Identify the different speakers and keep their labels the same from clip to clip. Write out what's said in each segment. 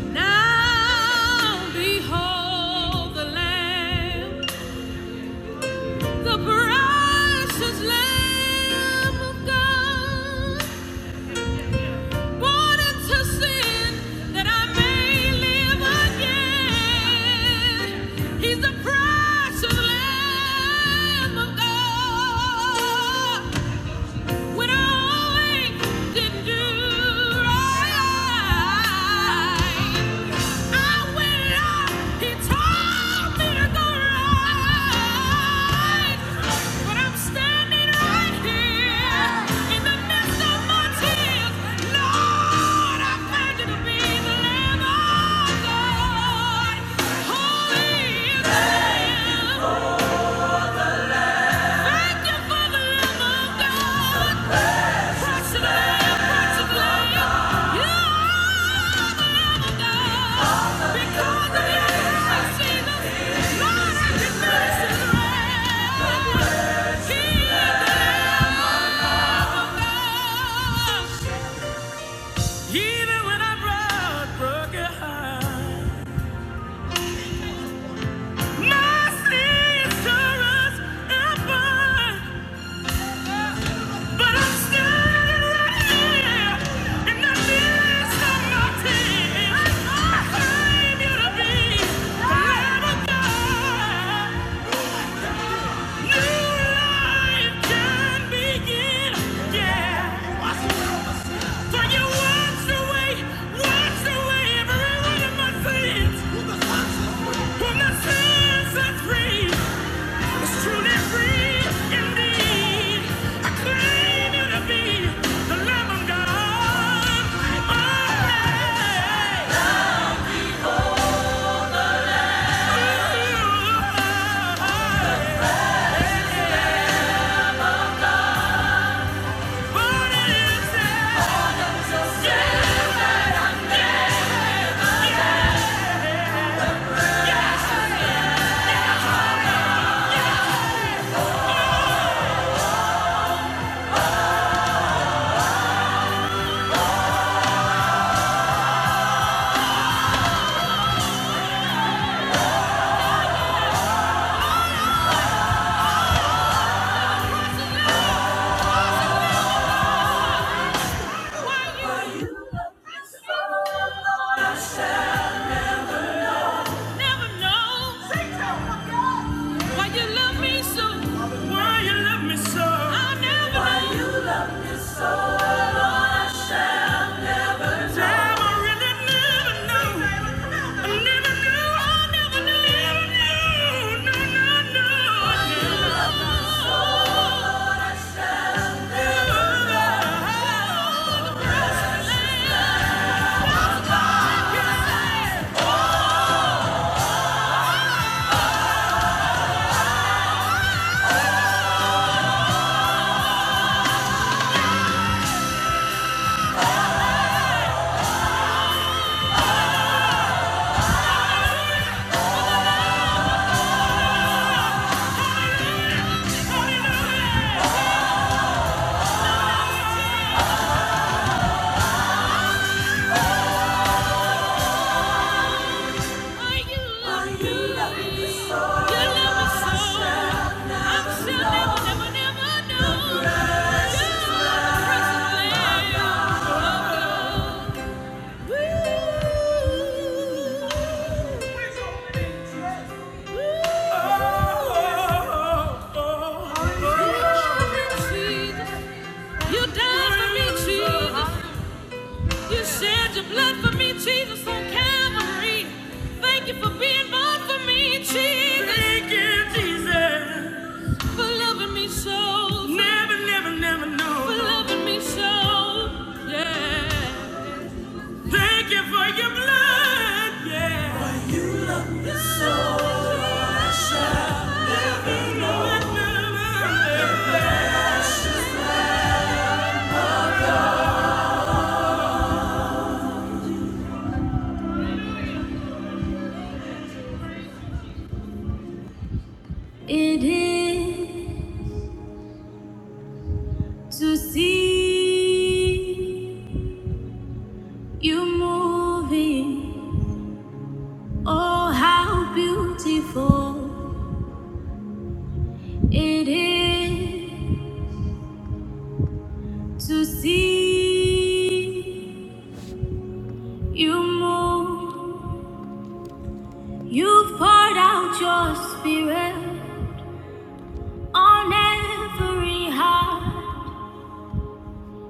Speaker 1: Now behold the Lamb, the precious Lamb of God, born into sin that I may live again. He's the precious Lamb of God. When I didn't do right, I went out. He told me to go right, but I'm standing right here in the midst of my tears. Lord, I thank you to be the Lamb of God, holy is the Lamb. Thank you for the Lamb of God. Even when I'm broke, broken heart, my sister's ever. But I'm standing right here in the midst of my tears. I claim you to be forever God. New life can begin, yeah. So you washed away, washed away every one of my sins. From the sins that free was truly free indeed. I claim you to be the Lamb of God. Born again. Ooh, born again. Why you never know why you love me so? Why you love me so? i Woo! You died for me, Jesus. You shed your blood for me, Jesus, on Calvary. Thank you for being born for me, Jesus. Thank you, Jesus. For loving me so. Never, never, never know. For loving me so. Yeah. Thank you for your blood. Yeah. Never, never, never. It is. to see you moving. Oh, how beautiful it is to see you move. You've poured out your spirit on every heart.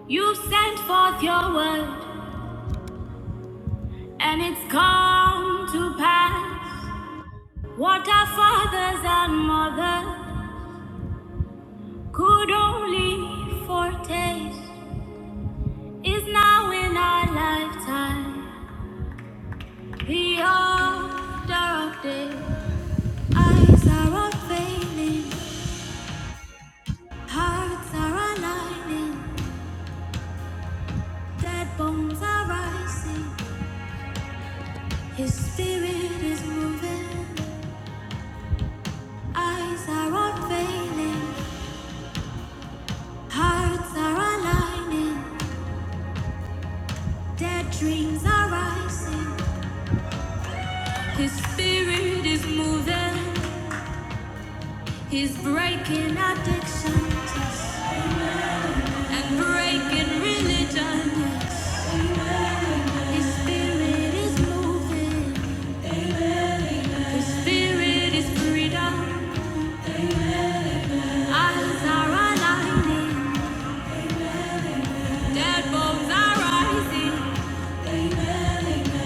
Speaker 1: You've sent forth your word, and it's come to pass. What our fathers and mothers Could only foretaste is now in our lifetime. The order of day. Eyes are unveiling, hearts are aligning, dead bones are rising. His spirit is moving. Eyes are unveiling, hearts are aligning, dead dreams are rising. His spirit is moving. He's breaking addiction. And breaking religion. His spirit is moving. His spirit is freedom. Eyes are aligning. Dead bones are rising.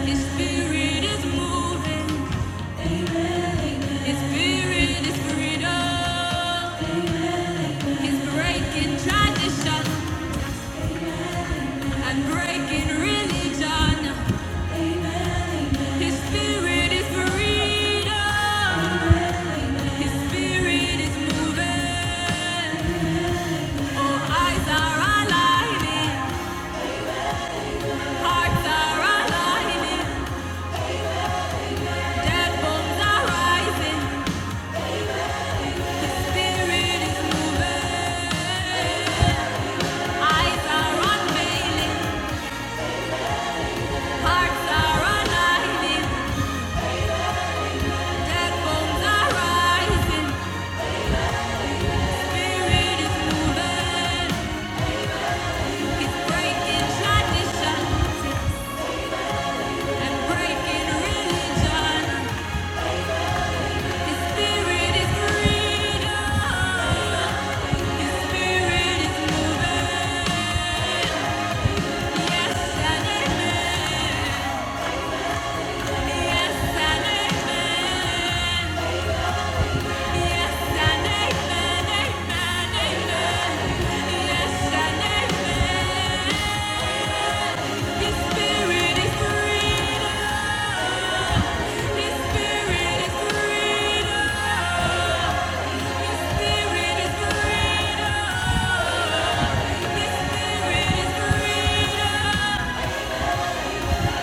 Speaker 1: His spirit is moving. His spirit is freedom. He's breaking tradition and breaking religion. His spirit is freedom. His spirit is moving. Eyes are aligning, hearts are aligning, dead bones are rising, spirit is moving. Eyes are unveiling, hearts are aligning, dead bones are rising, spirit is moving. It's breaking tradition and breaking religion. His spirit is freedom.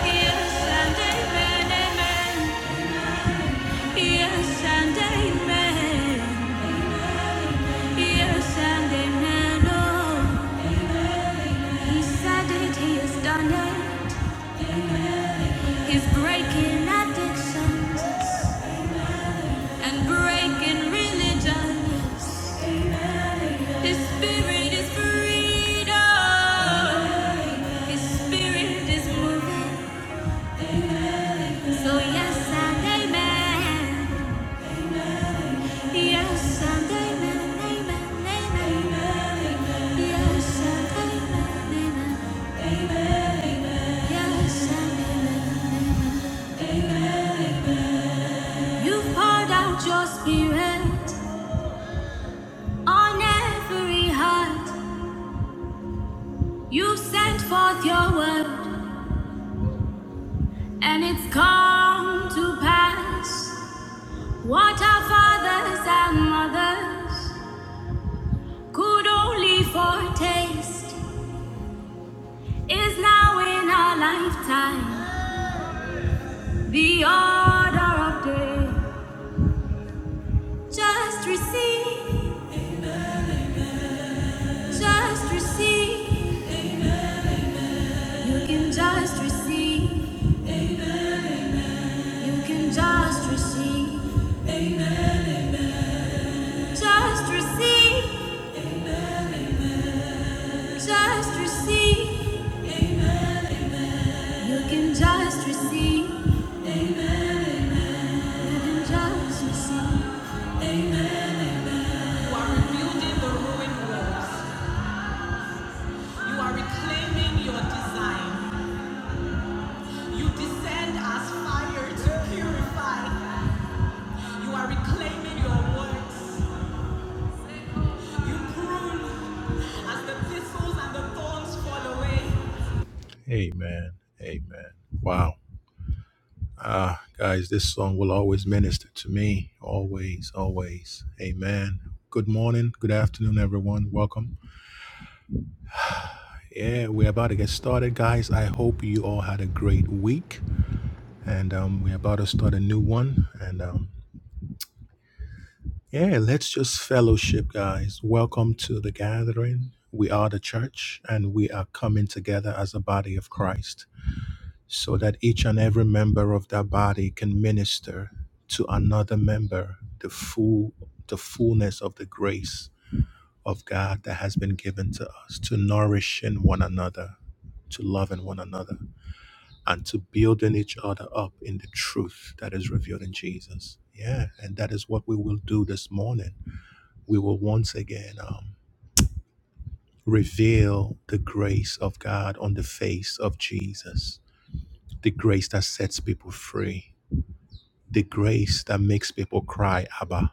Speaker 1: Yes, and amen, amen. Yes and amen. Yes and amen. Oh, he said it, he has done it. He's breaking addictions and breaking religions. His spirit is freedom. His spirit is moving. So yes and amen. Yes and amen. Amen. Amen. Yes and amen. Amen. Yes, You've poured out your spirit on every heart. You've sent forth your word, and it's come to pass. What our fathers and mothers could only foretaste is now in our lifetime the order of day. Just receive, just receive. You can just receive. You can just receive, just receive, just receive. You can just receive, you can just receive. You are rebuilding the ruined walls. You are reclaiming your design. You descend as fire to purify. You are reclaiming your words. You prune as the thistles and the thorns fall away. Amen. Amen. Wow. Ah, guys, this song will always minister to me. Always, always. Amen. Good morning, good afternoon, everyone. Welcome. Yeah, we're about to get started, guys. I hope you all had a great week. And um, we're about to start a new one. And um, yeah, let's just fellowship, guys. Welcome to the gathering. We are the church and we are coming together as a body of Christ. so that each and every member of that body can minister to another member the full the fullness of the grace of God that has been given to us to nourishing one another to loving one another and to building each other up in the truth that is revealed in Jesus. Yeah, and that is what we will do this morning. We will once again um, reveal the grace of God on the face of Jesus, the grace that sets people free the grace that makes people cry, Abba.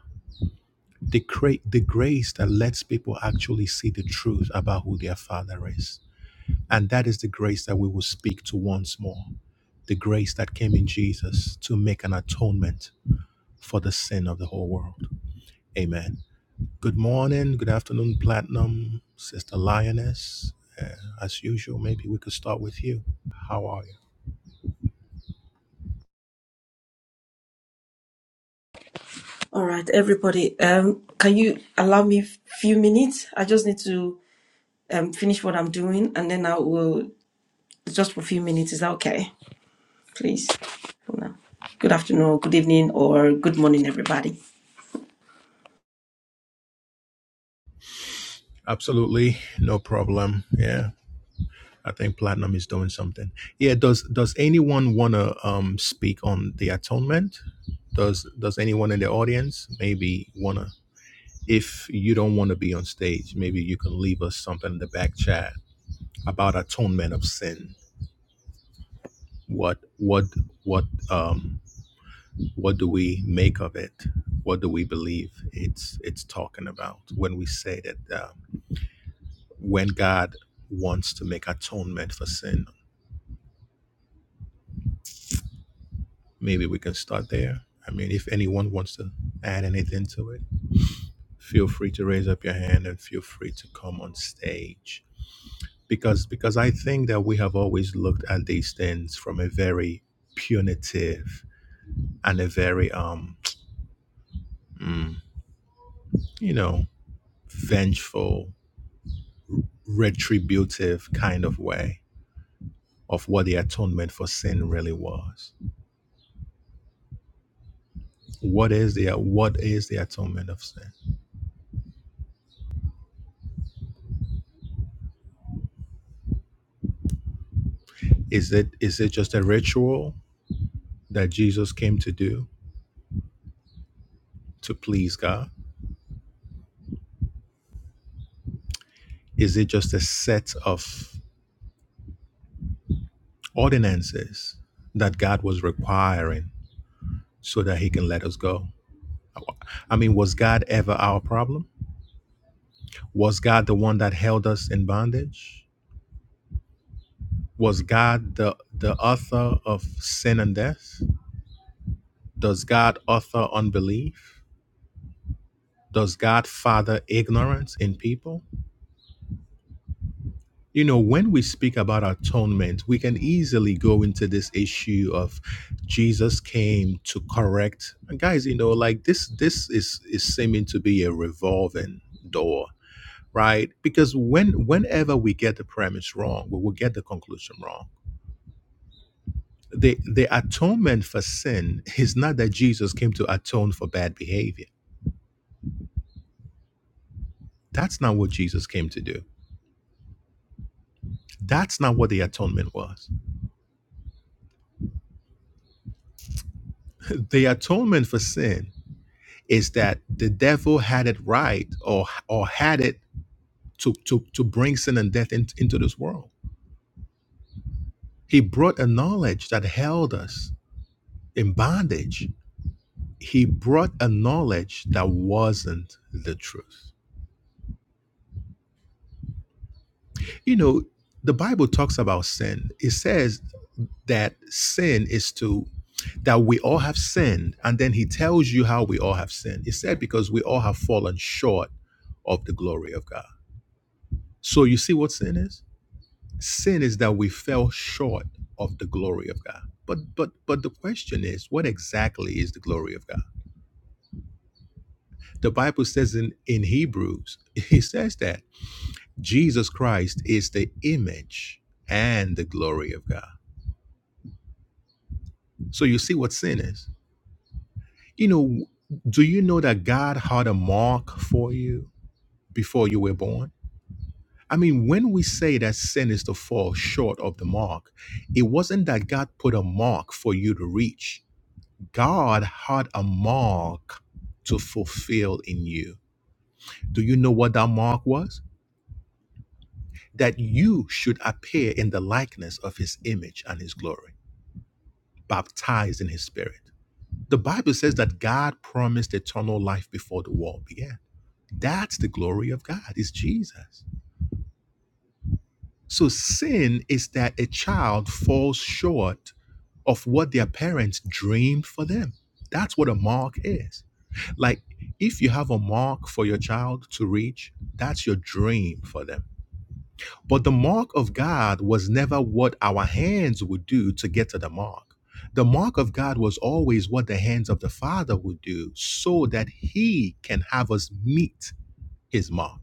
Speaker 1: The, cra- the grace that lets people actually see the truth about who their Father is. And that is the grace that we will speak to once more. The grace that came in Jesus to make an atonement for the sin of the whole world. Amen. Good morning, good afternoon, Platinum, Sister Lioness. Uh, as usual, maybe we could start with you. How are you?
Speaker 2: All right, everybody. Um, can you allow me a few minutes? I just need to um, finish what I'm doing, and then I will just for a few minutes. Is that okay? Please. For now. Good afternoon, good evening, or good morning, everybody.
Speaker 1: Absolutely, no problem. Yeah, I think Platinum is doing something. Yeah, does does anyone want to um speak on the atonement? Does does anyone in the audience maybe want to if you don't want to be on stage, maybe you can leave us something in the back chat about atonement of sin. What what what um what do we make of it? What do we believe it's it's talking about when we say that uh, when God wants to make atonement for sin Maybe we can start there. I mean, if anyone wants to add anything to it, feel free to raise up your hand and feel free to come on stage. Because because I think that we have always looked at these things from a very punitive and a very um mm, you know vengeful, retributive kind of way of what the atonement for sin really was. What is the what is the atonement of sin? Is it is it just a ritual that Jesus came to do? to please God? Is it just a set of ordinances that God was requiring so that He can let us go? I mean, was God ever our problem? Was God the one that held us in bondage? Was God the, the author of sin and death? Does God author unbelief? Does God father ignorance in people? You know, when we speak about atonement, we can easily go into this issue of Jesus came to correct. And guys, you know, like this this is is seeming to be a revolving door, right? Because when whenever we get the premise wrong, we will get the conclusion wrong. The the atonement for sin is not that Jesus came to atone for bad behavior. That's not what Jesus came to do. That's not what the atonement was. The atonement for sin is that the devil had it right or or had it to to to bring sin and death in- into this world. He brought a knowledge that held us in bondage. He brought a knowledge that wasn't the truth. You know, the Bible talks about sin. It says that sin is to that we all have sinned and then he tells you how we all have sinned. It said because we all have fallen short of the glory of God. So you see what sin is? Sin is that we fell short of the glory of God. But but but the question is, what exactly is the glory of God? The Bible says in, in Hebrews, it says that Jesus Christ is the image and the glory of God. So you see what sin is. You know, do you know that God had a mark for you before you were born? I mean, when we say that sin is to fall short of the mark, it wasn't that God put a mark for you to reach. God had a mark to fulfill in you. Do you know what that mark was? That you should appear in the likeness of his image and his glory, baptized in his spirit. The Bible says that God promised eternal life before the world began. That's the glory of God, is Jesus. So sin is that a child falls short of what their parents dreamed for them. That's what a mark is. Like if you have a mark for your child to reach, that's your dream for them. But the mark of God was never what our hands would do to get to the mark. The mark of God was always what the hands of the Father would do so that he can have us meet his mark.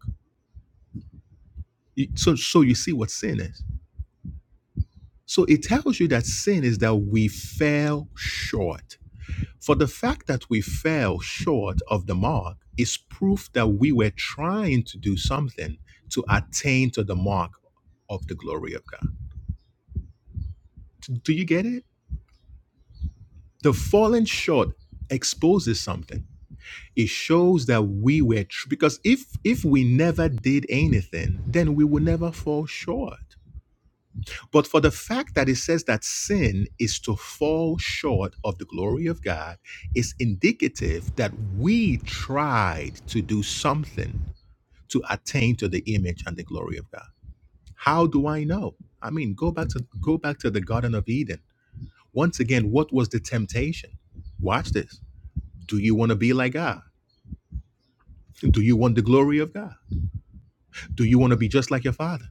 Speaker 1: You- So so you see what sin is. So it tells you that sin is that we fell short. For the fact that we fell short of the mark is proof that we were trying to do something to attain to the mark of the glory of God. Do you get it? The falling short exposes something. It shows that we were tr- because if if we never did anything, then we would never fall short. But for the fact that it says that sin is to fall short of the glory of God is indicative that we tried to do something to attain to the image and the glory of God. How do I know? I mean, go back to go back to the Garden of Eden. Once again, what was the temptation? Watch this. Do you want to be like God? Do you want the glory of God? Do you want to be just like your father?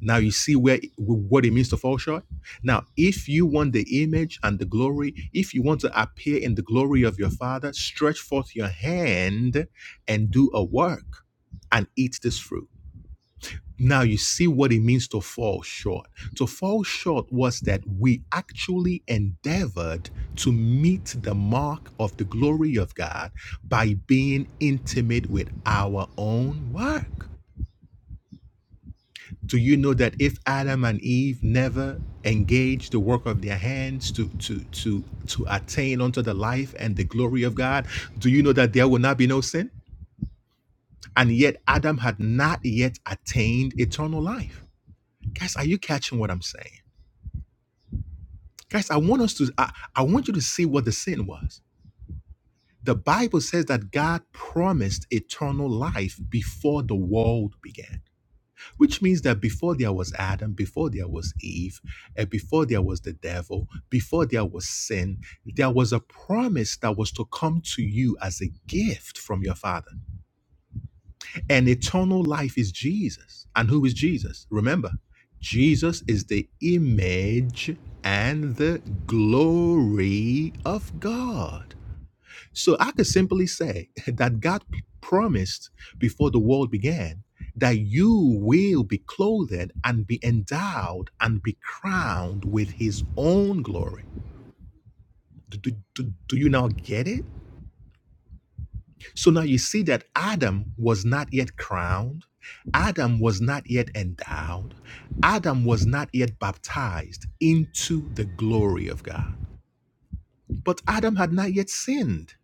Speaker 1: Now you see where what it means to fall short. Now, if you want the image and the glory, if you want to appear in the glory of your Father, stretch forth your hand and do a work and eat this fruit. Now you see what it means to fall short. To fall short was that we actually endeavored to meet the mark of the glory of God by being intimate with our own work. Do you know that if Adam and Eve never engaged the work of their hands to to to to attain unto the life and the glory of God, do you know that there will not be no sin? And yet Adam had not yet attained eternal life. Guys, are you catching what I'm saying? Guys, I want us to I, I want you to see what the sin was. The Bible says that God promised eternal life before the world began. which means that before there was Adam, before there was Eve, and before there was the devil, before there was sin, there was a promise that was to come to you as a gift from your Father. And eternal life is Jesus. And who is Jesus? Remember, Jesus is the image and the glory of God. So I could simply say that God promised before the world began that you will be clothed and be endowed and be crowned with his own glory. Do, do, do- do you now get it? So now you see that Adam was not yet crowned, Adam was not yet endowed, Adam was not yet baptized into the glory of God. But Adam had not yet sinned.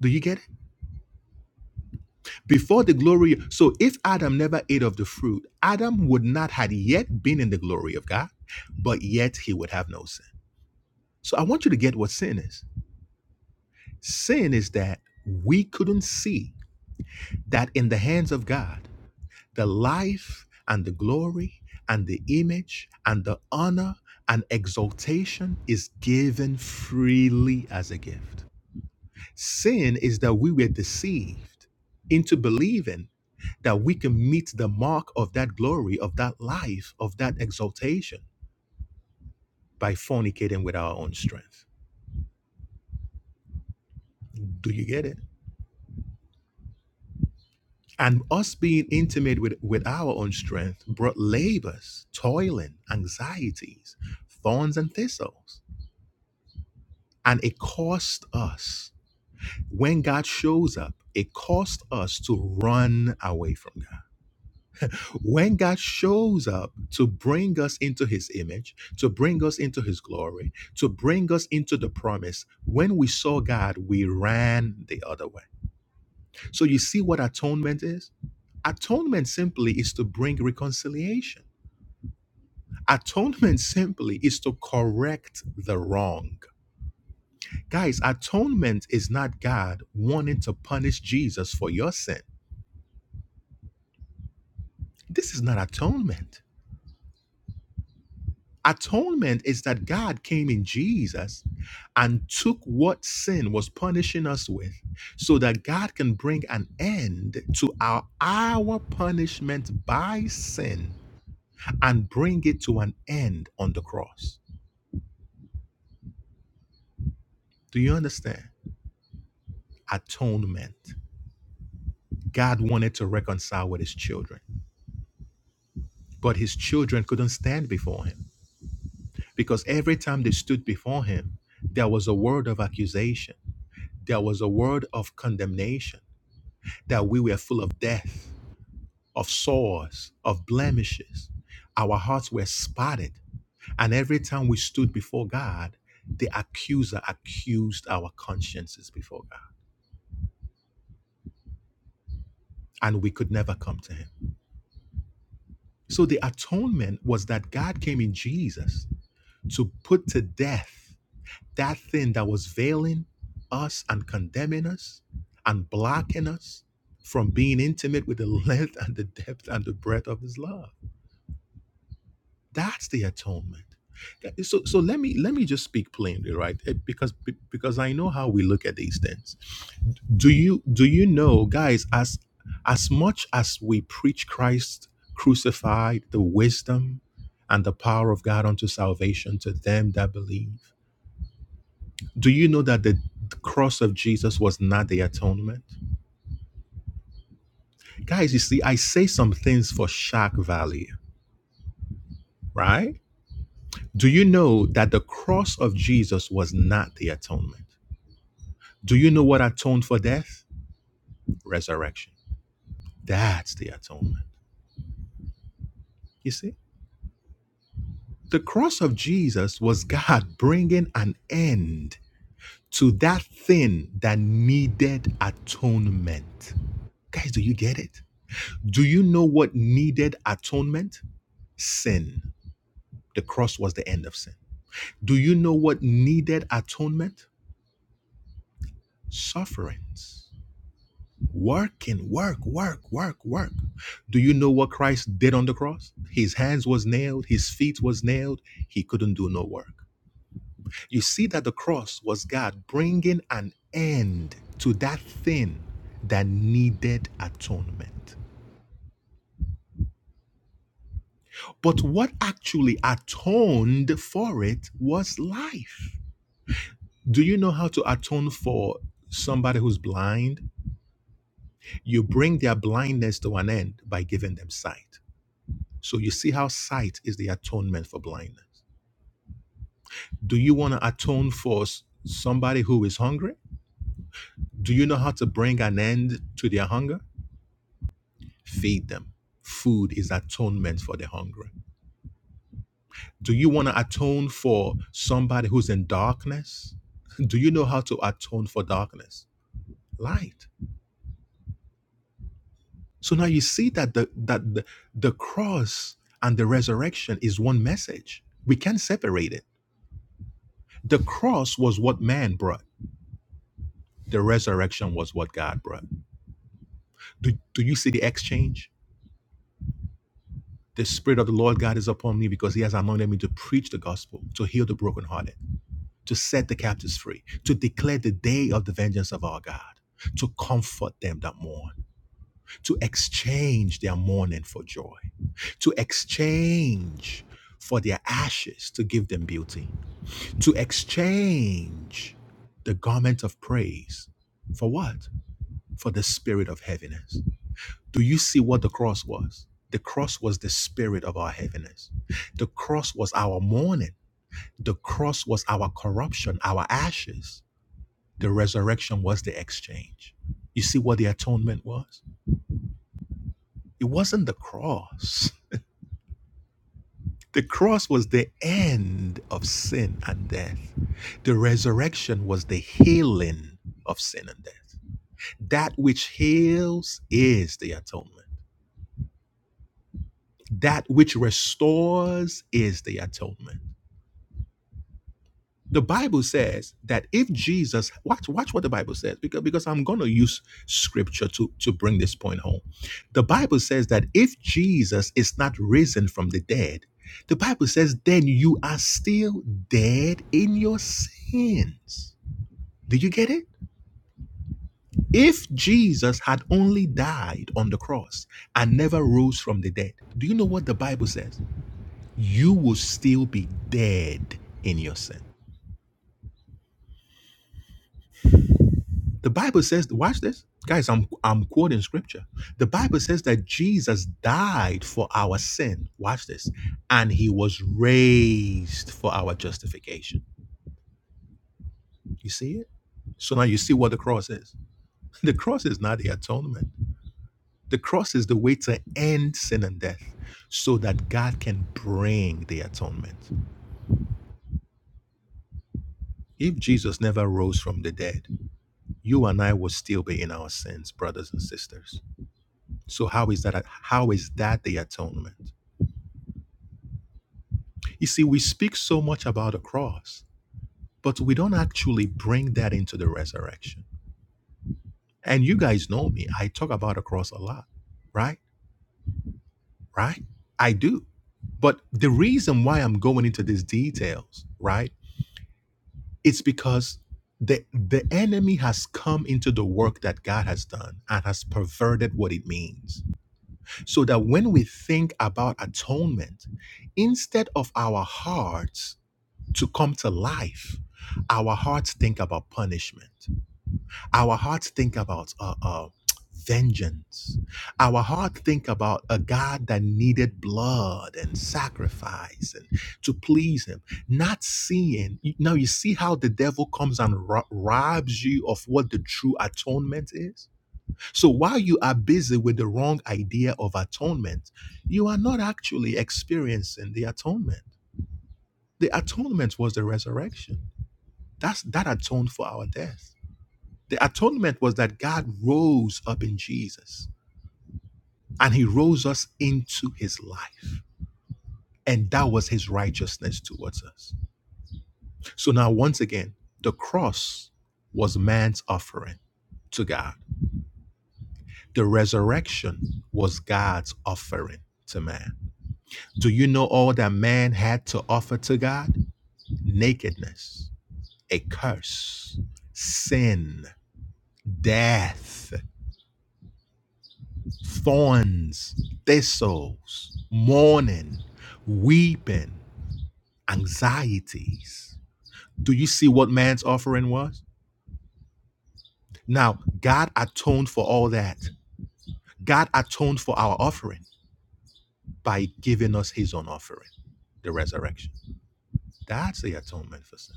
Speaker 1: Do you get it? before the glory so if adam never ate of the fruit adam would not had yet been in the glory of god but yet he would have no sin so i want you to get what sin is sin is that we couldn't see that in the hands of god the life and the glory and the image and the honor and exaltation is given freely as a gift Sin is that we were deceived into believing that we can meet the mark of that glory, of that life, of that exaltation by fornicating with our own strength. Do you get it? And us being intimate with, with our own strength brought labors, toiling, anxieties, thorns, and thistles. And it cost us, when God shows up, it cost us to run away from God. when God shows up to bring us into his image, to bring us into his glory, to bring us into the promise, when we saw God, we ran the other way. So you see what atonement is? Atonement simply is to bring reconciliation. Atonement simply is to correct the wrong. Guys, atonement is not God wanting to punish Jesus for your sin. This is not atonement. Atonement is that God came in Jesus and took what sin was punishing us with so that God can bring an end to our, our punishment by sin and bring it to an end on the cross. Do you understand? Atonement. God wanted to reconcile with his children, but his children couldn't stand before him because every time they stood before him, there was a word of accusation, there was a word of condemnation that we were full of death, of sores, of blemishes. Our hearts were spotted. And every time we stood before God, the accuser accused our consciences before God. And we could never come to him. So the atonement was that God came in Jesus to put to death that thing that was veiling us and condemning us and blocking us from being intimate with the length and the depth and the breadth of his love. That's the atonement. That- So, so let me let me just speak plainly, right? Eh, Because be- because I know how we look at these things. Do you do you know, guys? As as much as we preach Christ crucified, the wisdom and the power of God unto salvation to them that believe. Do you know that the cross of Jesus was not the atonement? Guys, you see, I say some things for shock value, right? Do you know that the cross of Jesus was not the atonement? Do you know what atoned for death? Resurrection. That's the atonement. You see, the cross of Jesus was God bringing an end to that thing that needed atonement. Guys, do you get it? Do you know what needed atonement? Sin. The cross was the end of sin. Do you know what needed atonement? Sufferings. Working, work, work, work, work. Do you know what Christ did on the cross? His hands was nailed, his feet was nailed. He couldn't do no work. You see that the cross was God bringing an end to that thing that needed atonement. But what actually atoned for it was life. Do you know how to atone for somebody who's blind? You bring their blindness to an end by giving them sight. So you see how sight is the atonement for blindness. Do you want to atone for s- somebody who is hungry? Do you know how to bring an end to their hunger? Feed them. Food is atonement for the hungry. Do you want to atone for somebody who's in darkness? Do you know how to atone for darkness? Light. So now you see that the that the, the cross and the resurrection is one message. We can't separate it. The cross was what man brought. The resurrection was what God brought. Do, do you see the exchange? The Spirit of the Lord God is upon me because He has anointed me to preach the gospel, to heal the brokenhearted, to set the captives free, to declare the day of the vengeance of our God, to comfort them that mourn, to exchange their mourning for joy, to exchange for their ashes to give them beauty, to exchange the garment of praise for what? For the spirit of heaviness Do you see what the cross was? The cross was the spirit of our heaviness. The cross was our mourning. The cross was our corruption, our ashes. The resurrection was the exchange. You see what the atonement was? It wasn't the cross. The cross was the end of sin and death. The resurrection was the healing of sin and death. That which heals is the atonement. That which restores is the atonement. the Bible says that if Jesus watch watch what the Bible says because because I'm going to use scripture to to bring this point home. The Bible says that if Jesus is not risen from the dead, the Bible says then you are still dead in your sins. Do you get it? If Jesus had only died on the cross and never rose from the dead, do you know what the Bible says? You will still be dead in your sin. The Bible says, watch this. Guys, I'm I'm quoting scripture. The Bible says that Jesus died for our sin. Watch this. And he was raised for our justification. You see it? So now you see what the cross is. The cross is not the atonement. The cross is the way to end sin and death so that God can bring the atonement. If Jesus never rose from the dead, you and I would still be in our sins, brothers and sisters. So how is that how is that the atonement? You see, we speak so much about the cross, but we don't actually bring that into the resurrection. And you guys know me, I talk about the cross a lot, right? Right? I do. But the reason why I'm going into these details, right? It's because the the enemy has come into the work that God has done and has perverted what it means. So that when we think about atonement, instead of our hearts to come to life, our hearts think about punishment. Our hearts think about uh, uh, vengeance. Our hearts think about a God that needed blood and sacrifice and to please Him. Not seeing now, you see how the devil comes and ro- robs you of what the true atonement is. So while you are busy with the wrong idea of atonement, you are not actually experiencing the atonement. The atonement was the resurrection. That's that atoned for our death. The atonement was that God rose up in Jesus and he rose us into his life. And that was his righteousness towards us. So now once again, the cross was man's offering to God. The resurrection was God's offering to man. Do you know all that man had to offer to God? Nakedness, a curse, sin, death. thorns, thistles, mourning, weeping, anxieties. Do you see what man's offering was? Now, God atoned for all that. God atoned for our offering by giving us his own offering, the resurrection. That's the atonement for sin.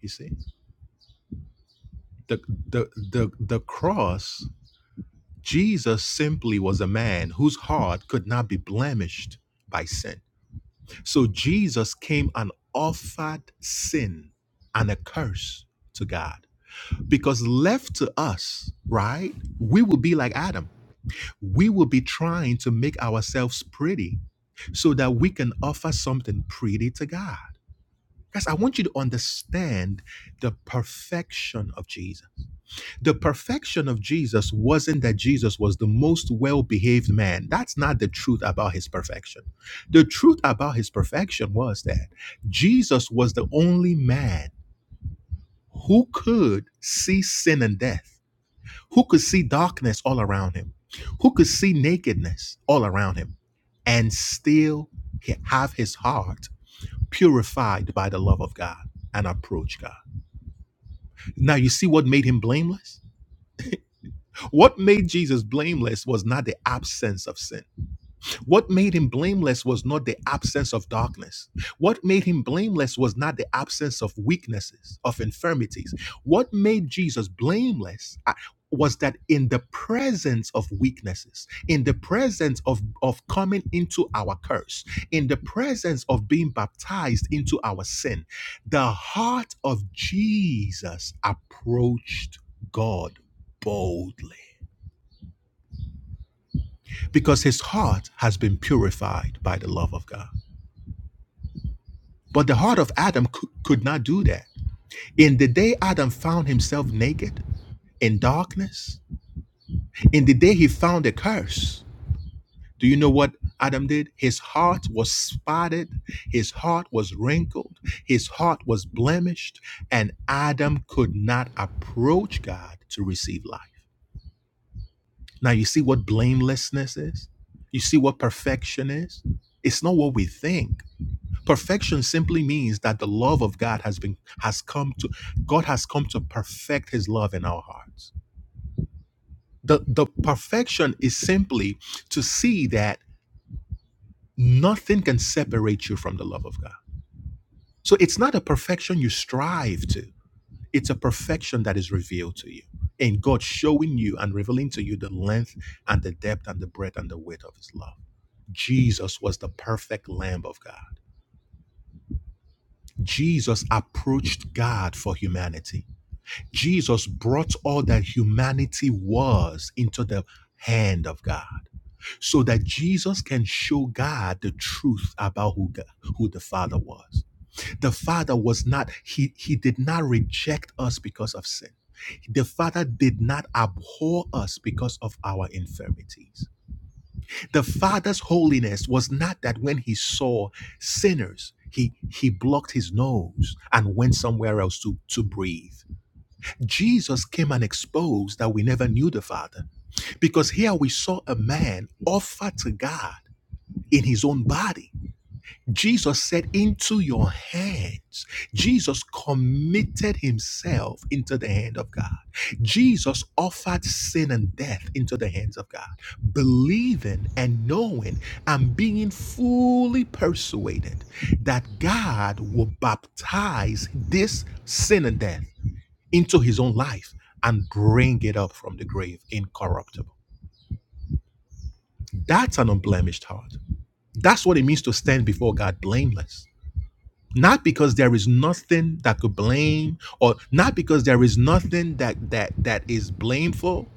Speaker 1: You see? The the the the cross, Jesus simply was a man whose heart could not be blemished by sin So Jesus came and offered sin and a curse to God. Because left to us, right, we will be like Adam. We will be trying to make ourselves pretty so that we can offer something pretty to God. Guys, I want you to understand the perfection of Jesus the perfection of Jesus wasn't that Jesus was the most well behaved man. That's not the truth about his perfection. The truth about his perfection was that Jesus was the only man who could see sin and death, who could see darkness all around him, who could see nakedness all around him, and still have his heart purified by the love of God and approach God. Now, you see what made him blameless? What made Jesus blameless was not the absence of sin. What made him blameless was not the absence of darkness. What made him blameless was not the absence of weaknesses, of infirmities. What made Jesus blameless uh, was that in the presence of weaknesses, in the presence of, of coming into our curse, in the presence of being baptized into our sin, the heart of Jesus approached God boldly because his heart has been purified by the love of God. But the heart of Adam could not do that. In the day Adam found himself naked in darkness, in the day he found a curse, do you know what Adam did? His heart was spotted, his heart was wrinkled, his heart was blemished, and Adam could not approach God to receive life. Now, you see what blamelessness is? You see what perfection is? It's not what we think. Perfection simply means that the love of God has been has come to God has come to perfect his love in our hearts. The the perfection is simply to see that nothing can separate you from the love of God. So it's not a perfection you strive to. It's a perfection that is revealed to you. And God showing you and revealing to you the length and the depth and the breadth and the width of his love. Jesus was the perfect lamb of God. Jesus approached God for humanity. Jesus brought all that humanity was into the hand of God so that Jesus can show God the truth about who God, who the Father was. The Father was not he he did not reject us because of sin. The Father did not abhor us because of our infirmities. The Father's holiness was not that when he saw sinners, he he blocked his nose and went somewhere else to to breathe. Jesus came and exposed that we never knew the Father. Because here we saw a man offer to God in his own body. Jesus said, Into your hands. Jesus committed himself into the hand of God. Jesus offered sin and death into the hands of God, believing and knowing and being fully persuaded that God will baptize this sin and death into his own life and bring it up from the grave incorruptible. That's an unblemished heart. That's what it means to stand before God blameless. Not because there is nothing that could blame, or not because there is nothing that that that is blameful,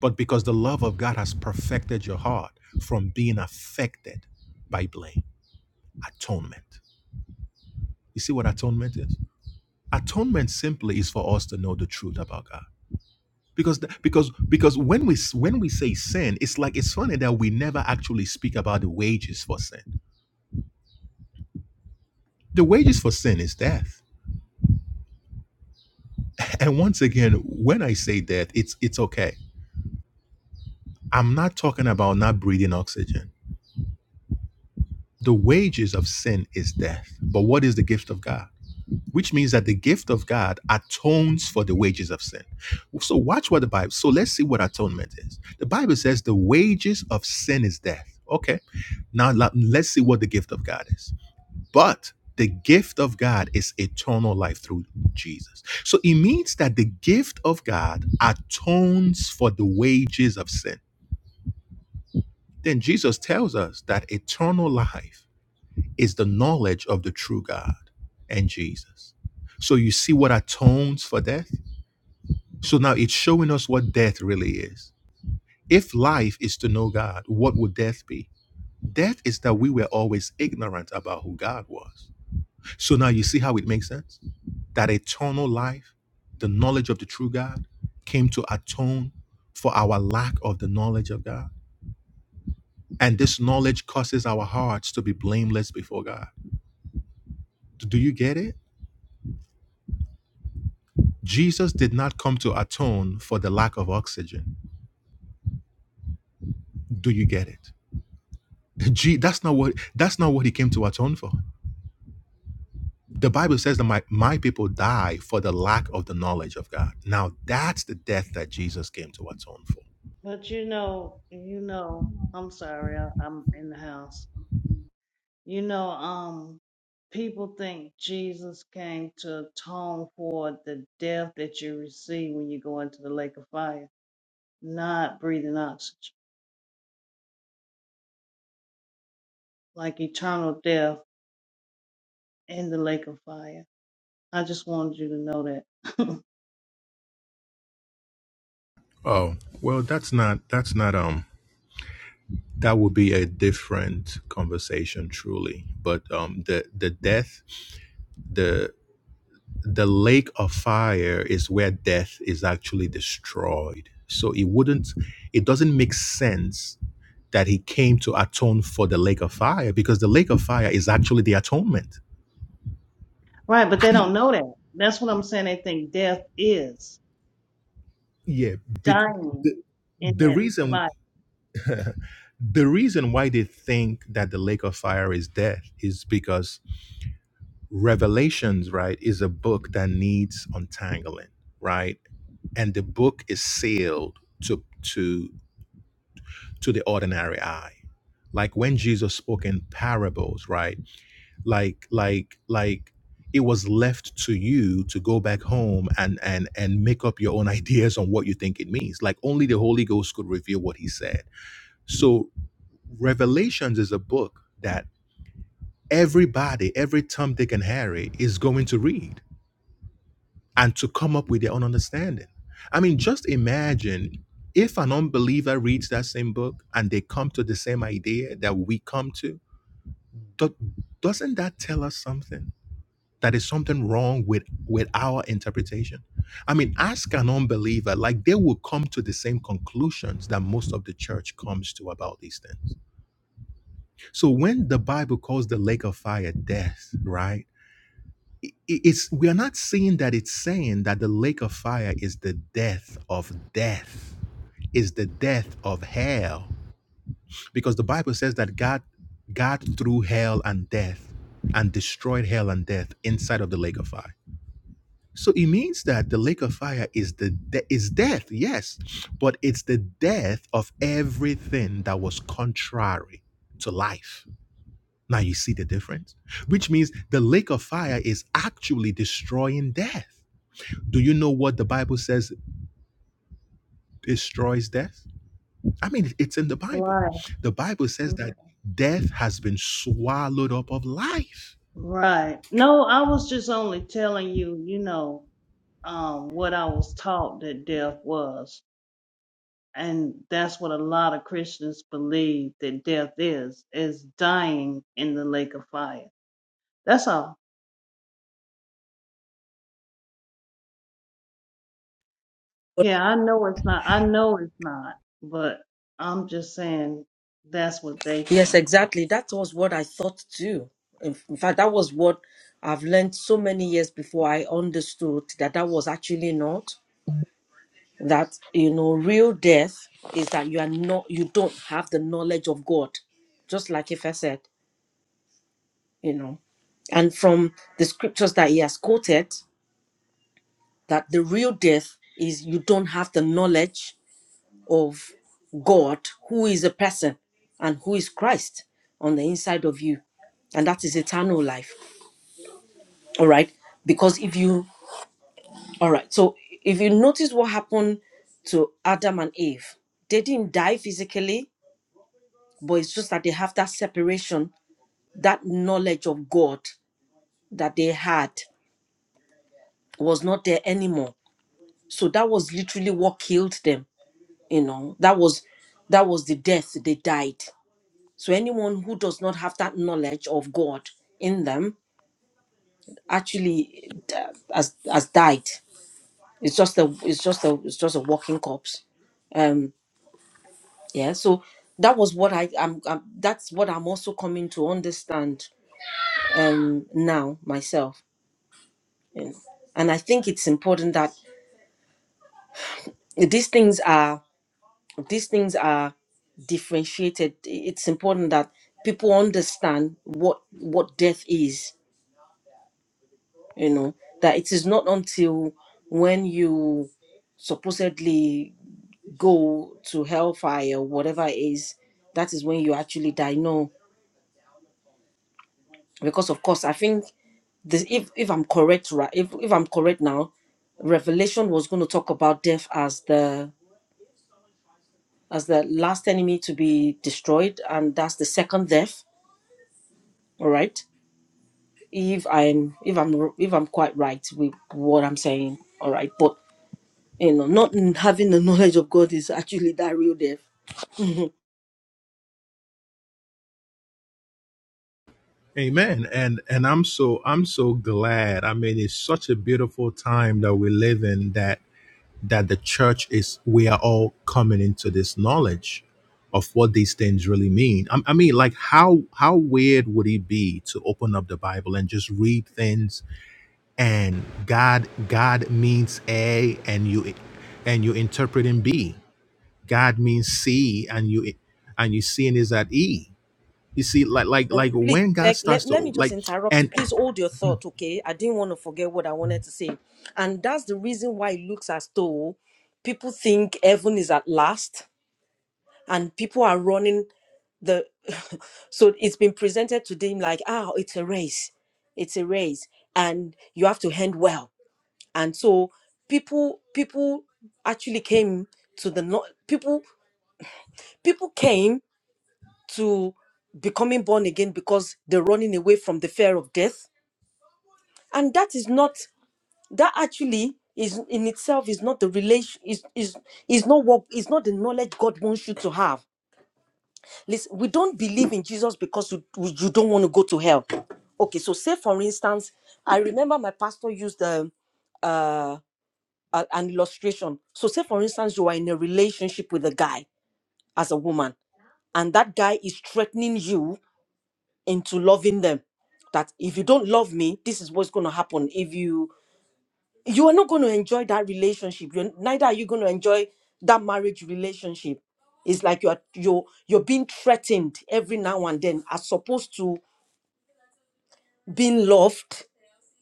Speaker 1: but because the love of God has perfected your heart from being affected by blame. Atonement. You see what atonement is? Atonement simply is for us to know the truth about God. because th- because because when we s- when we say sin it's like it's funny that we never actually speak about the wages for sin the wages for sin is death and once again when i say death it's it's okay i'm not talking about not breathing oxygen the wages of sin is death but what is the gift of god which means that the gift of god atones for the wages of sin so watch what the bible so let's see what atonement is the bible says the wages of sin is death okay now la- let's see what the gift of god is But the gift of God is eternal life through Jesus. So it means that the gift of God atones for the wages of sin. Then Jesus tells us that eternal life is the knowledge of the true God and Jesus. So you see what atones for death? So now it's showing us what death really is. If life is to know God, what would death be? Death is that we were always ignorant about who God was So now you see how it makes sense? That eternal life, the knowledge of the true God, came to atone for our lack of the knowledge of God. And this knowledge causes our hearts to be blameless before God. Do you get it? Jesus did not come to atone for the lack of oxygen. Do you get it? Gee, that's not what that's not what he came to atone for. The Bible says that my, my people die for the lack of the knowledge of God. Now that's the death that Jesus came to atone for.
Speaker 3: But you know, you know, I'm sorry, I, I'm in the house. You know, um, people think Jesus came to atone for the death that you receive when you go into the lake of fire, not breathing oxygen, like eternal death in the lake of fire. I just wanted you to know that.
Speaker 1: Oh, well, that's not that's not um that would be a different conversation truly. But um the the death the the lake of fire is where death is actually destroyed. So it wouldn't it doesn't make sense that he came to atone for the lake of fire because the lake of fire is actually the atonement.
Speaker 3: right, but they don't know that. That's what I'm saying. They think death is
Speaker 1: Yeah, big
Speaker 3: dying
Speaker 1: the,
Speaker 3: in
Speaker 1: the
Speaker 3: that
Speaker 1: reason the reason why they think that the lake of fire is death is because Revelations, right, is a book that needs untangling, right? And the book is sealed to to to the ordinary eye. Like when Jesus spoke in parables, right? Like like like it was left to you to go back home and and and make up your own ideas on what you think it means. Like only the Holy Ghost could reveal what he said. So Revelations is a book that everybody, every Tom, Dick, and Harry is going to read and to come up with their own understanding. I mean, just imagine if an unbeliever reads that same book and they come to the same idea that we come to, do- doesn't that tell us something? That is something wrong with, with our interpretation. I mean, ask an unbeliever, like they will come to the same conclusions that most of the church comes to about these things. So when the Bible calls the lake of fire death, right? it's we are not seeing that it's saying that the lake of fire is the death of death is the death of hell because the bible says that god god threw hell and death and destroyed hell and death inside of the lake of fire so it means that the lake of fire is the de- is death yes but it's the death of everything that was contrary to life now you see the difference which means the lake of fire is actually destroying death do you know what the Bible says destroys death? I mean, it's in the Bible.
Speaker 3: fire.
Speaker 1: The Bible says that death has been swallowed up of life.
Speaker 3: Right. No, I was just only telling you, you know, um, what I was taught that death was. And that's what a lot of Christians believe that death is, is dying in the lake of fire. That's all. Yeah, I know it's not. I know it's not. But I'm just saying that's what they
Speaker 2: Yes,
Speaker 3: think.
Speaker 2: exactly. That was what I thought too. In in fact, that was what I've learned so many years before I understood that that was actually not that you know real death is that you are not you don't have the knowledge of God, just like if I said. you know and from the scriptures that he has quoted that the real death is you don't have the knowledge of god who is a person and who is christ on the inside of you and that is eternal life all right because if you all right so if you notice what happened to adam and eve they didn't die physically but it's just that they have that separation that knowledge of god that they had was not there anymore so that was literally what killed them you know that was that was the death they died so anyone who does not have that knowledge of god in them actually uh, has has died it's just a it's just a it's just a walking corpse um yeah so that was what i am that's what i'm also coming to understand um now myself you know. and i think it's important that these things are. these things are differentiated it's important that people understand what what death is you know that it is not until when you supposedly go to hellfire or whatever it is that is when you actually die no because of course i think this if if i'm correct right if, if i'm correct now revelation was going to talk about death as the as the last enemy to be destroyed and that's the second death all right if I'm if I'm if I'm quite right with what I'm saying, all right. But you know, not having the knowledge of God is actually that real death.
Speaker 1: Amen. And and I'm so I'm so glad. I mean, it's such a beautiful time that we live in that that the church is we are all coming into this knowledge of what these things really mean. I, I mean, like how how weird would it be to open up the Bible and just read things and god god means a and you and you interpret in b god means c and you and you seeing is at e you see like like
Speaker 2: Um,
Speaker 1: like
Speaker 2: please,
Speaker 1: when god
Speaker 2: Beck,
Speaker 1: starts
Speaker 2: let, let
Speaker 1: to
Speaker 2: me just
Speaker 1: like
Speaker 2: interrupt you.
Speaker 1: and
Speaker 2: Please hold your thought, okay? I didn't want to forget what I wanted to say. And that's the reason why it looks as though people think heaven is at last and people are running the. so it's been presented to them like, ah, it's a race. It's a race. And you have to end well and so people people actually came to the no- people people came to becoming born again because they're running away from the fear of death and that is not that actually is in itself is not the relation is is is not what is not the knowledge god wants you to have listen we don't believe in jesus because you, you don't want to go to hell okay so say for instance i remember my pastor used the uh, a- an illustration. So, say for instance, you are in a relationship with a guy as a woman, and that guy is threatening you into loving them. That if you don't love me, this is what's going to happen. If you you are not going to enjoy that relationship, you're, neither are you going to enjoy that marriage relationship. It's like you're you're you're being threatened every now and then, as opposed to being loved,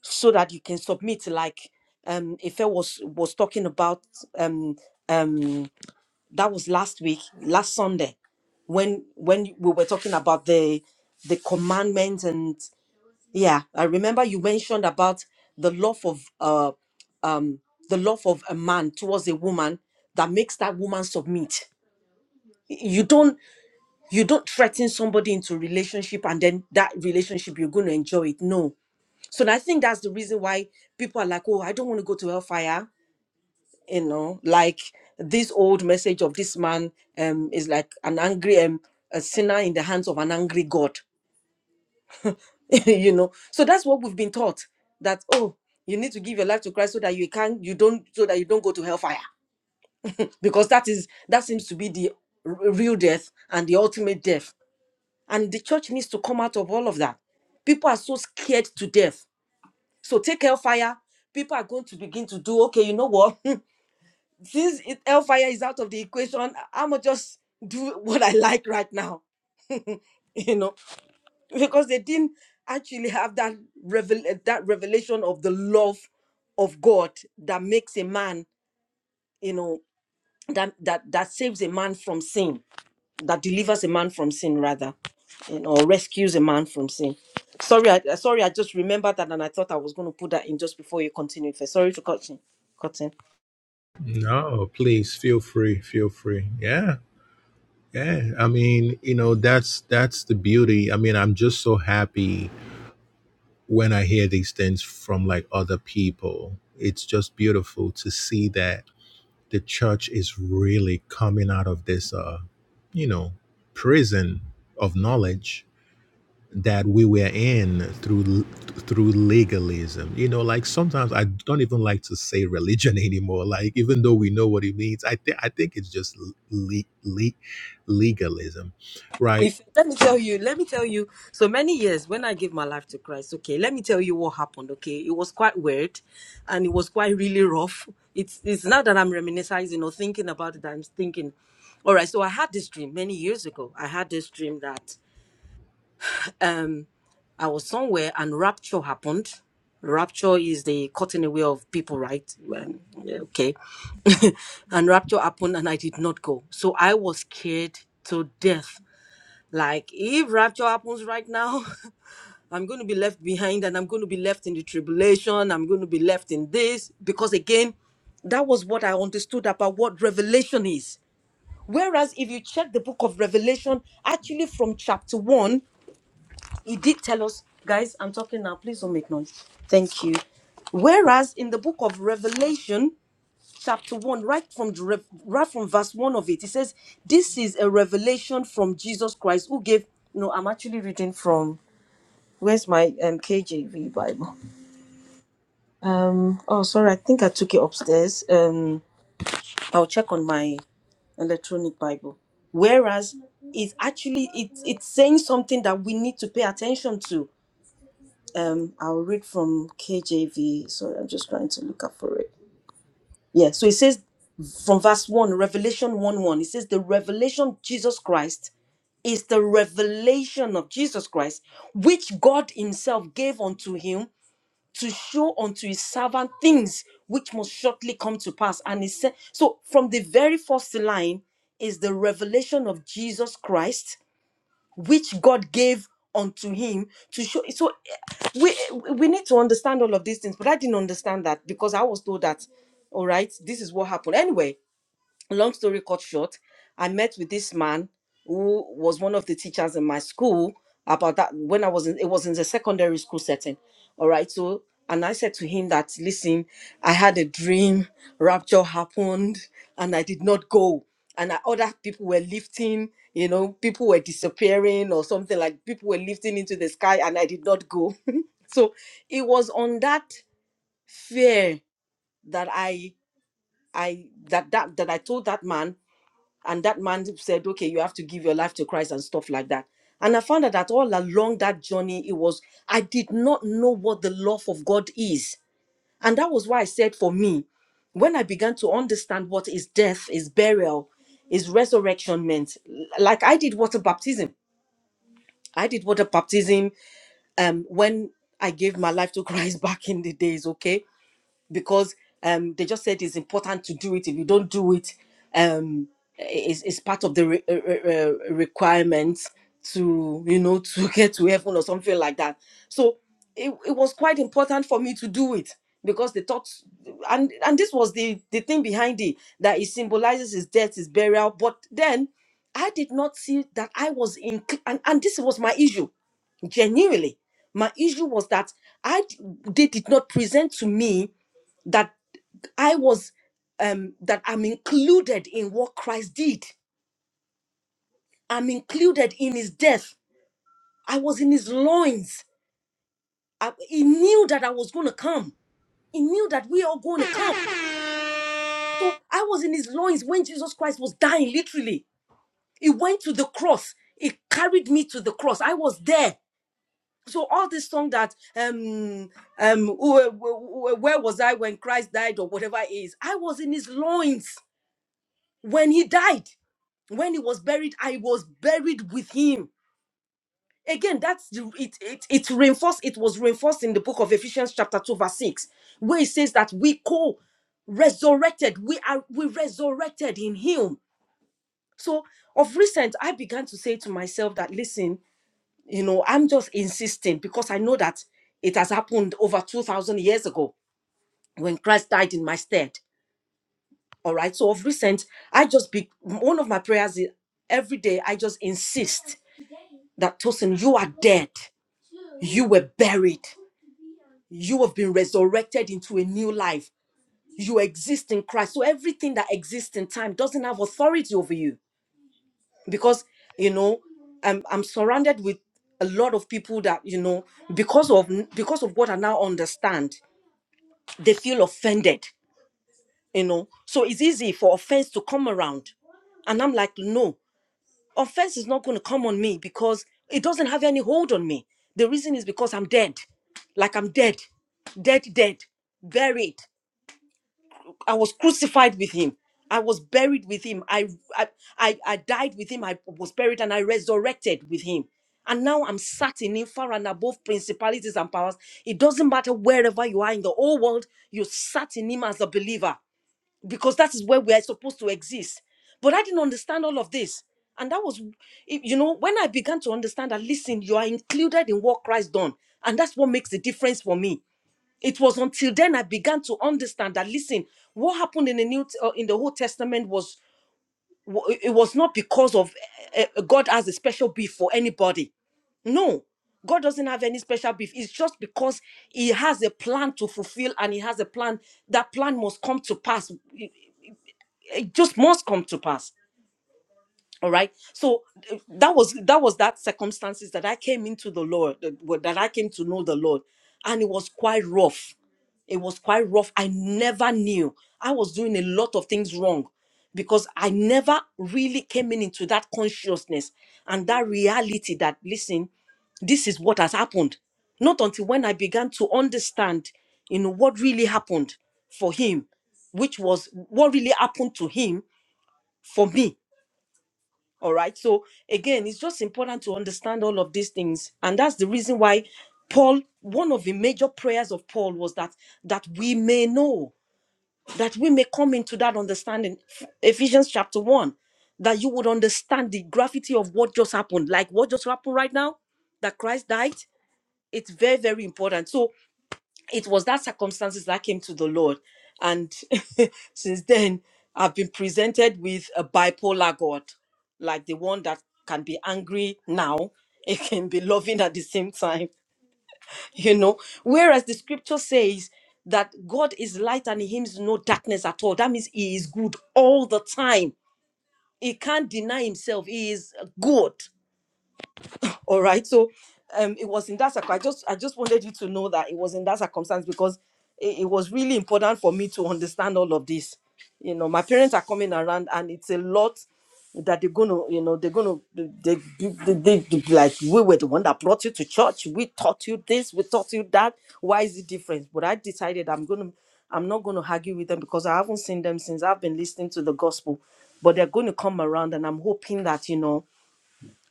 Speaker 2: so that you can submit. Like um, Ife was was talking about um um that was last week last sunday when when we were talking about the the commandments and yeah i remember you mentioned about the love of uh um the love of a man towards a woman that makes that woman submit you don't you don't threaten somebody into relationship and then that relationship you're going to enjoy it no so i think that's the reason why people are like oh i don't want to go to hellfire you know like this old message of this man um is like an angry um a sinner in the hands of an angry god you know so that's what we've been taught that oh you need to give your life to christ so that you can you don't so that you don't go to hellfire because that is that seems to be the r- real death and the ultimate death and the church needs to come out of all of that people are so scared to death so take hellfire people are going to begin to do okay you know what since it, hellfire is out of the equation, I'm gonna just do what I like right now, you know, because they didn't actually have that revel that revelation of the love of God that makes a man, you know, that that that saves a man from sin, that delivers a man from sin rather, you know, or rescues a man from sin. Sorry, I, sorry, I just remembered that and I thought I was going to put that in just before you continue. Sorry to cut in, cut in.
Speaker 1: no please feel free feel free yeah yeah i mean you know that's that's the beauty i mean i'm just so happy when i hear these things from like other people it's just beautiful to see that the church is really coming out of this, uh, you know, prison of knowledge that we were in through through legalism. You know, like sometimes I don't even like to say religion anymore. Like even though we know what it means, I think I think it's just le- le- legalism, right?
Speaker 2: If let me tell you, let me tell you. So many years when I gave my life to Christ, okay, let me tell you what happened. Okay, it was quite weird, and it was quite really rough. It's it's not that I'm reminiscing or thinking about it. I'm thinking, all right. So I had this dream many years ago. I had this dream that um I was somewhere and rapture happened. Rapture is the cutting away of people, right? When- yeah, okay, and rapture happened, and I did not go. So I was scared to death like, if rapture happens right now, I'm going to be left behind and I'm going to be left in the tribulation. I'm going to be left in this. Because again, that was what I understood about what revelation is. Whereas if you check the book of Revelation, actually from chapter one, it did tell us, guys, I'm talking now, please don't make noise. Thank you. Whereas in the book of Revelation, chapter 1 right from the rev- right from verse 1 of it it says this is a revelation from jesus christ who gave no i'm actually reading from where's my um kjv bible um oh sorry i think i took it upstairs um i'll check on my electronic bible whereas it's actually it, it's saying something that we need to pay attention to um i'll read from kjv sorry i'm just trying to look up for it Yeah, so it says from verse 1, Revelation 1 1, it says, The revelation of Jesus Christ is the revelation of Jesus Christ, which God Himself gave unto Him to show unto His servant things which must shortly come to pass. And He said, So from the very first line is the revelation of Jesus Christ which God gave unto him to show. So eh, we eh, we need to understand all of these things, but I didn't understand that because I was told that, all right, this is what happened. Anyway, long story cut short, I met with this man who was one of the teachers in my school about that when I was in it was in the secondary school setting. All right. So and I said to him that listen, I had a dream, rapture happened, and I did not go. And I, other people were lifting, you know, people were disappearing or something like people were lifting into the sky, and I did not go. so it was on that fear that I I that that that I told that man and that man said okay you have to give your life to christ and stuff like that and i found out that all along that journey it was i did not know what the love of god is and that was why i said for me when i began to understand what is death is burial is resurrection meant like i did water baptism i did water baptism um when i gave my life to christ back in the days okay because um, they just said it's important to do it. If you don't do it, um, it's, it's part of the re- uh, uh, uh, requirements to you know to get to heaven or something like that. So it, it was quite important for me to do it because they thought, and and this was the the thing behind it that it symbolizes his death, his burial. But then I did not see that I was in, and and this was my issue, genuinely. My issue was that I d- they did not present to me that I was um that I'm included in what Christ did. I'm included in his death. I was in his loins. I, he knew that I was going to come. He knew that we are going to come. So I was in his loins when Jesus Christ was dying literally. He went to the cross. He carried me to the cross. I was there. So all this song that um um wh- wh- wh- where was I when Christ died or whatever it is, I was in his loins when he died. when he was buried i was buried with him again that's the- it it, it reinforced it was reinforced in the book of ephesians chapter 2 verse 6 where it says that we co resurrected we are we resurrected in him so of recent i began to say to myself that listen you know i'm just insisting because i know that it has happened over 2000 years ago when christ died in my stead all right so of recent i just be one of my prayers is every day i just insist that Tosin, you are dead. You were buried. You have been resurrected into a new life. You exist in Christ. So everything that exists in time doesn't have authority over you. Because, you know, I'm, I'm surrounded with a lot of people that, you know, because of because of what I now understand, they feel offended, you know. So it's easy for offense to come around. And I'm like, no. Offense is not going to come on me because it doesn't have any hold on me. The reason is because I'm dead. Like I'm dead, dead, dead, buried. I was crucified with him. I was buried with him. I, I, I, I died with him. I was buried and I resurrected with him. And now I'm sat in him far and above principalities and powers. It doesn't matter wherever you are in the whole world, you sat in him as a believer because that is where we are supposed to exist. But I didn't understand all of this. And that was, you know, when I began to understand that, listen, you are included in what Christ done. And that's what makes the difference for me. It was until then I began to understand that, listen, what happened in the New, uh, in the Old Testament was, wa- it was not because of uh, uh, God has a special beef for anybody. No, God doesn't have any special beef. It's just because He has a plan to fulfill and He has a plan. That plan must come to pass it just must come to pass all right so uh, that was that was that circumstances that i came into the lord that well, that i came to know the lord and it was quite rough it was quite rough i never knew i was doing a lot of things wrong because i never really came in into that consciousness and that reality that listen this is what has happened not until when i began to understand you know what really happened for him which was what really happened to him for me all right so again it's just important to understand all of these things and that's the reason why paul one of the major prayers of paul was that that we may know that we may come into that understanding ephesians chapter 1 that you would understand the gravity of what just happened like what just happened right now that christ died it's very very important so it was that circumstances that came to the Lord. And since then, I've been presented with a bipolar God, like the one that can be angry now, it can be loving at the same time, you know. Whereas the scripture says that God is light and in him is no darkness at all. That means he is good all the time. He can't deny himself. He is good. All right. So um, it was in that circ- I just I just wanted you to know that it was in that circumstance because it, it was really important for me to understand all of this. You know, my parents are coming around, and it's a lot that they're gonna, you know, they're gonna, they, they, they, they, they- like we were the one that brought you to church. We taught you this, we taught you that. Why is it different? But I decided I'm gonna, I'm not gonna argue with them because I haven't seen them since I've been listening to the gospel. But they're going to come around, and I'm hoping that you know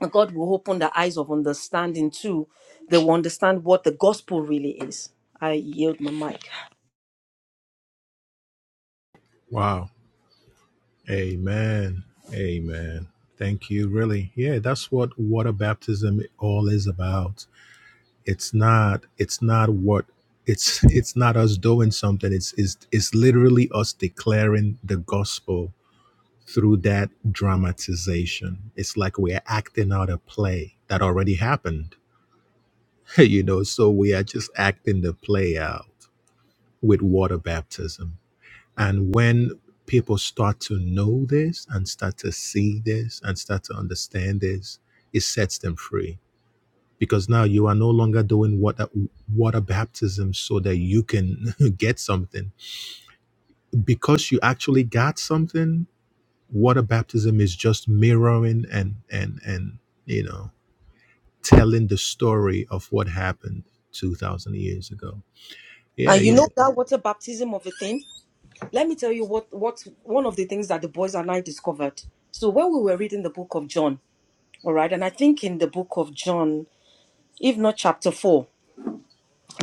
Speaker 2: God will open the eyes of understanding too. They will understand what the gospel really is. I yield my mic.
Speaker 1: Wow. Amen. Amen. Thank you. Really, yeah. That's what water baptism all is about it's not it's not what it's it's not us doing something it's it's it's literally us declaring the gospel through that dramatization it's like we're acting out a play that already happened you know so we are just acting the play out with water baptism and when people start to know this and start to see this and start to understand this it sets them free because now you are no longer doing water water baptism so that you can get something because you actually got something water baptism is just mirroring and and and you know telling the story of what happened 2000 years ago yeah
Speaker 2: And you
Speaker 1: you,
Speaker 2: know that water baptism of a thing? Let me tell you what, what one of the things that the boys and I discovered. So when we were reading the book of John, all right, and I think in the book of John, if not chapter four,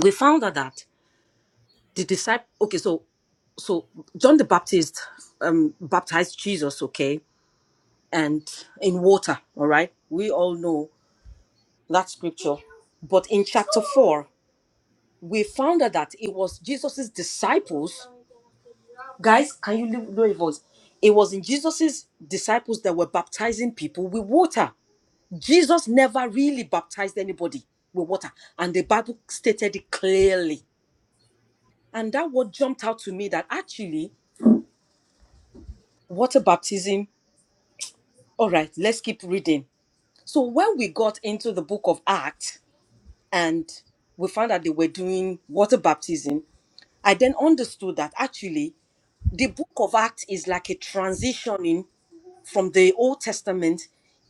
Speaker 2: we found out that the disciple okay, so so John the Baptist um baptized Jesus, okay, and in water, all right. We all know that scripture. But in chapter 4, we found out that it was Jesus's disciples. Guys, can you lo- lower your voice? It was in Jesus's disciples that were baptizing people with water. Jesus never really baptized anybody with water. And the Bible stated it clearly. And that what jumped out to me that actually water baptism, all right, let's keep reading. So when we got into the book of Acts and we found that they were doing water baptism, I then understood that actually the book of Acts is like a transitioning from the Old Testament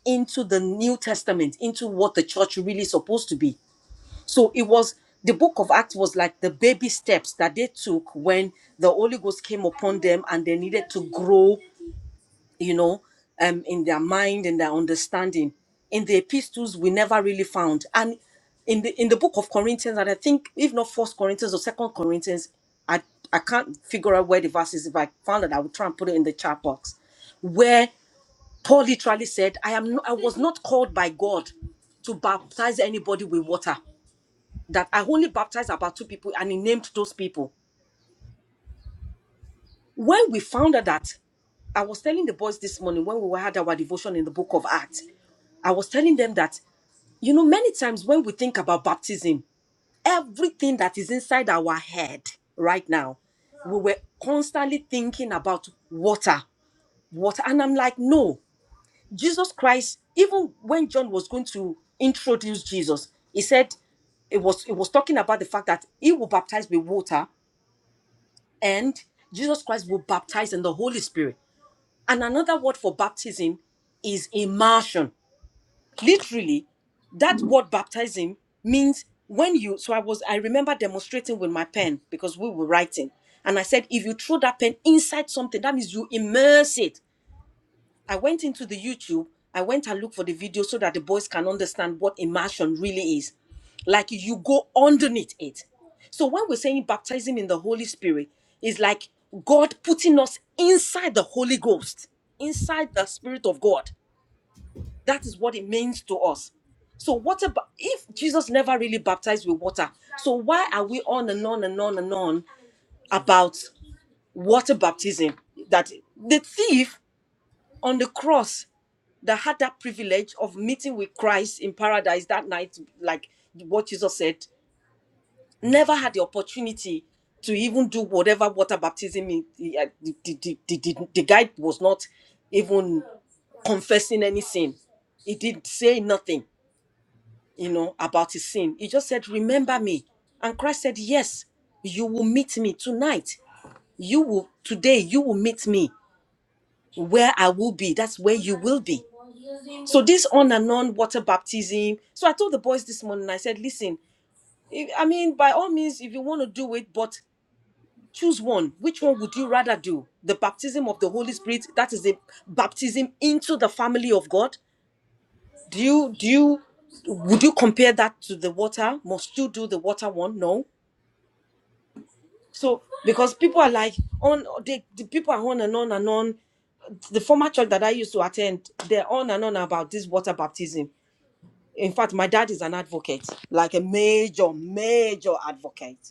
Speaker 2: into the New Testament, into what the church really supposed to be. So it was the book of Acts was like the baby steps that they took when the Holy Ghost came upon them and they needed to grow you know, um, in their mind, in their understanding. In the epistles, we never really found. And in the in the book of Corinthians, and I think if not First Corinthians or Second Corinthians, I I can't figure out where the verse is. If I found it, I would try and put it in the chat box, where Paul literally said, "I am no- I was not called by God to baptize anybody with water. That I only baptized about two people, and he named those people." When we found out that I was telling the boys this morning when we had our devotion in the book of Acts. I was telling them that, you know, many times when we think about baptism, everything that is inside our head right now, we were constantly thinking about water, water. And I'm like, no, Jesus Christ, even when John was going to introduce Jesus, he said, it was it was talking about the fact that he will baptize with water and Jesus Christ will baptize in the Holy Spirit. And another word for baptism is immersion literally that word baptism means when you so i was i remember demonstrating with my pen because we were writing and i said if you throw that pen inside something that means you immerse it i went into the youtube i went and looked for the video so that the boys can understand what immersion really is like you go underneath it so when we're saying baptism in the holy spirit is like god putting us inside the holy ghost inside the spirit of god that is what it means to us. So what about if Jesus never really baptized with water? So why are we on and on and on and on about water baptism? That the thief on the cross that had that privilege of meeting with Christ in paradise that night, like what Jesus said, never had the opportunity to even do whatever water baptism he, he- uh, the, the, the, the, the the guy was not even confessing any sin. He did say nothing. you know, about his sin. He just said, Remember me. And Christ said, Yes, you will meet me tonight. You will, today, you will meet me where I will be. That's where you will be. So, this on and on water baptism. So, I told the boys this morning, I said, Listen, if, I mean, by all means, if you want to do it, but choose one. Which one would you rather do? The baptism of the Holy Spirit, that is the baptism into the family of God. Do you, do you, would you compare that to the water? Must you do the water one? No So because people are like on they the people are on and on and on. The former church that I used to attend, they're on and on about this water baptism. In fact, my dad is an advocate, like a major, major advocate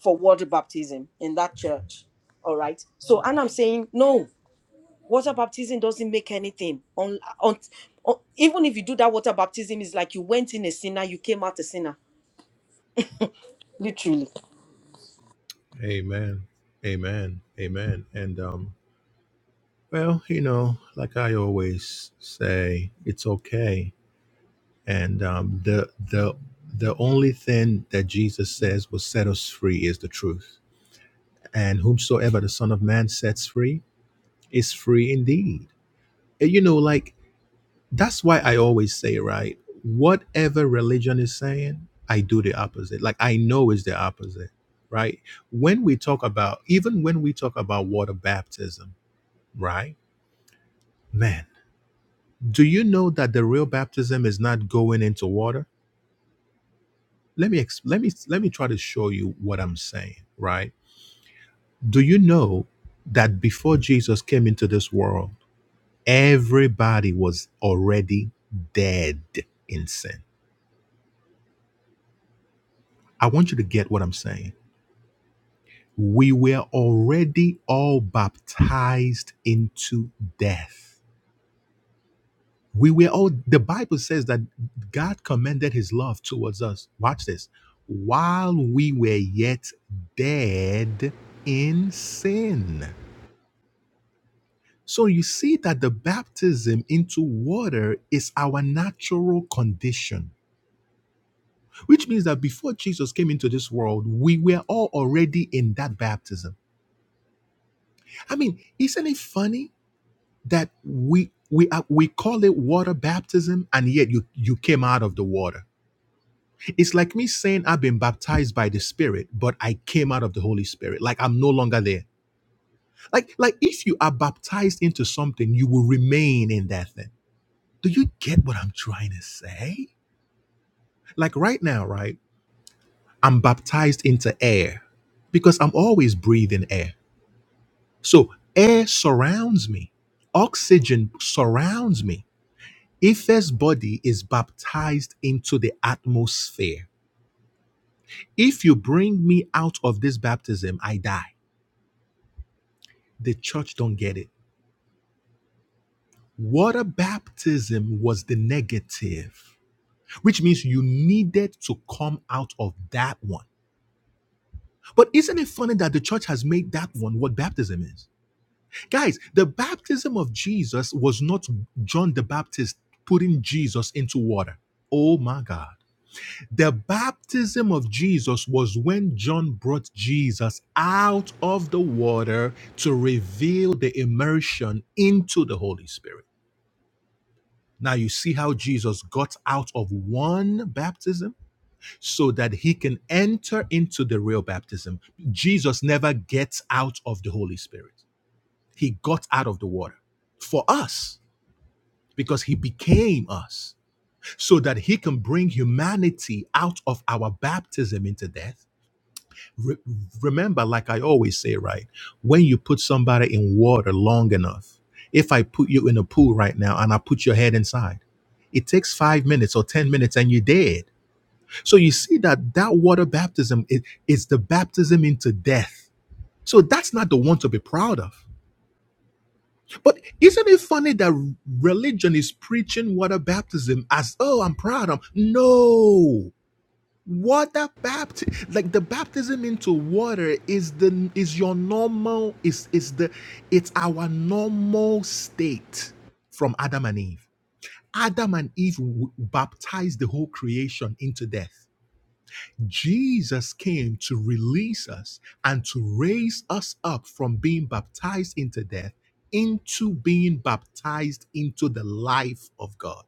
Speaker 2: for water baptism in that church. All right. So and I'm saying no, water baptism doesn't make anything. On, on, on even if you do that water baptism, it's like you went in a sinner, you came out a sinner. Literally
Speaker 1: amen amen amen and um well you know like i always say it's okay And um, the the the only thing that Jesus says will set us free is the truth. And whomsoever the Son of Man sets free is free indeed. And You know, like that's why I always say, right? Whatever religion is saying, I do the opposite. Like I know is the opposite, right? When we talk about, even when we talk about water baptism, right? Man, do you know that the real baptism is not going into water? let me ex- let me let me try to show you what I'm saying, right? Do you know that before Jesus came into this world, everybody was already dead in sin? I want you to get what I'm saying. We were already all baptized into death. We were all the Bible says that God commended his love towards us. Watch this. While we were yet dead in sin So you see that the baptism into water is our natural condition, which means that before Jesus came into this world, we were all already in that baptism. I mean, isn't it funny that we we are, we call it water baptism and yet you you came out of the water. It's like me saying I've been baptized by the Spirit, but I came out of the Holy Spirit. Like I'm no longer there. Like like if you are baptized into something, you will remain in that thing. Do you get what I'm trying to say? Like right now, right? I'm baptized into air because I'm always breathing air. So air surrounds me, oxygen surrounds me. Ife's body is baptized into the atmosphere. If you bring me out of this baptism, I die. The church don't get it. Water baptism was the negative, which means you needed to come out of that one. But isn't it funny that the church has made that one what baptism is? Guys, the baptism of Jesus was not John the Baptist putting Jesus into water. Oh my God. The baptism of Jesus was when John brought Jesus out of the water to reveal the immersion into the Holy Spirit. Now you see how Jesus got out of one baptism so that he can enter into the real baptism. Jesus never gets out of the Holy Spirit, he got out of the water for us. because he became us so that he can bring humanity out of our baptism into death. Re- remember, like I always say, right? When you put somebody in water long enough, if I put you in a pool right now and I put your head inside, it takes five minutes or 10 minutes and you're dead. So you see that that water baptism is, is the baptism into death. So that's not the one to be proud of. But isn't it funny that religion is preaching water baptism as, oh, I'm proud of? No. Water baptism, like the baptism into water is the is your normal, is is the it's our normal state from Adam and Eve. Adam and Eve w- baptized the whole creation into death. Jesus came to release us and to raise us up from being baptized into death into being baptized into the life of God.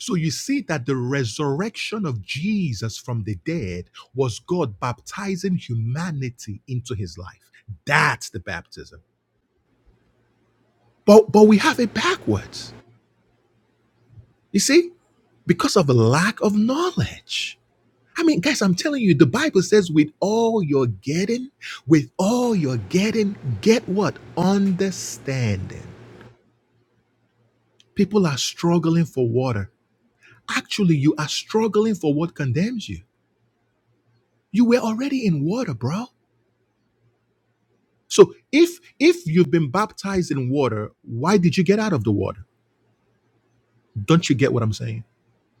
Speaker 1: So you see that the resurrection of Jesus from the dead was God baptizing humanity into his life. That's the baptism. But but we have it backwards. You see? Because of a lack of knowledge. I mean, guys, I'm telling you, the Bible says, with all you're getting, with all you're getting, get what? Understanding. People are struggling for water. Actually, you are struggling for what condemns you. You were already in water, bro. So if if you've been baptized in water, why did you get out of the water? Don't you get what I'm saying?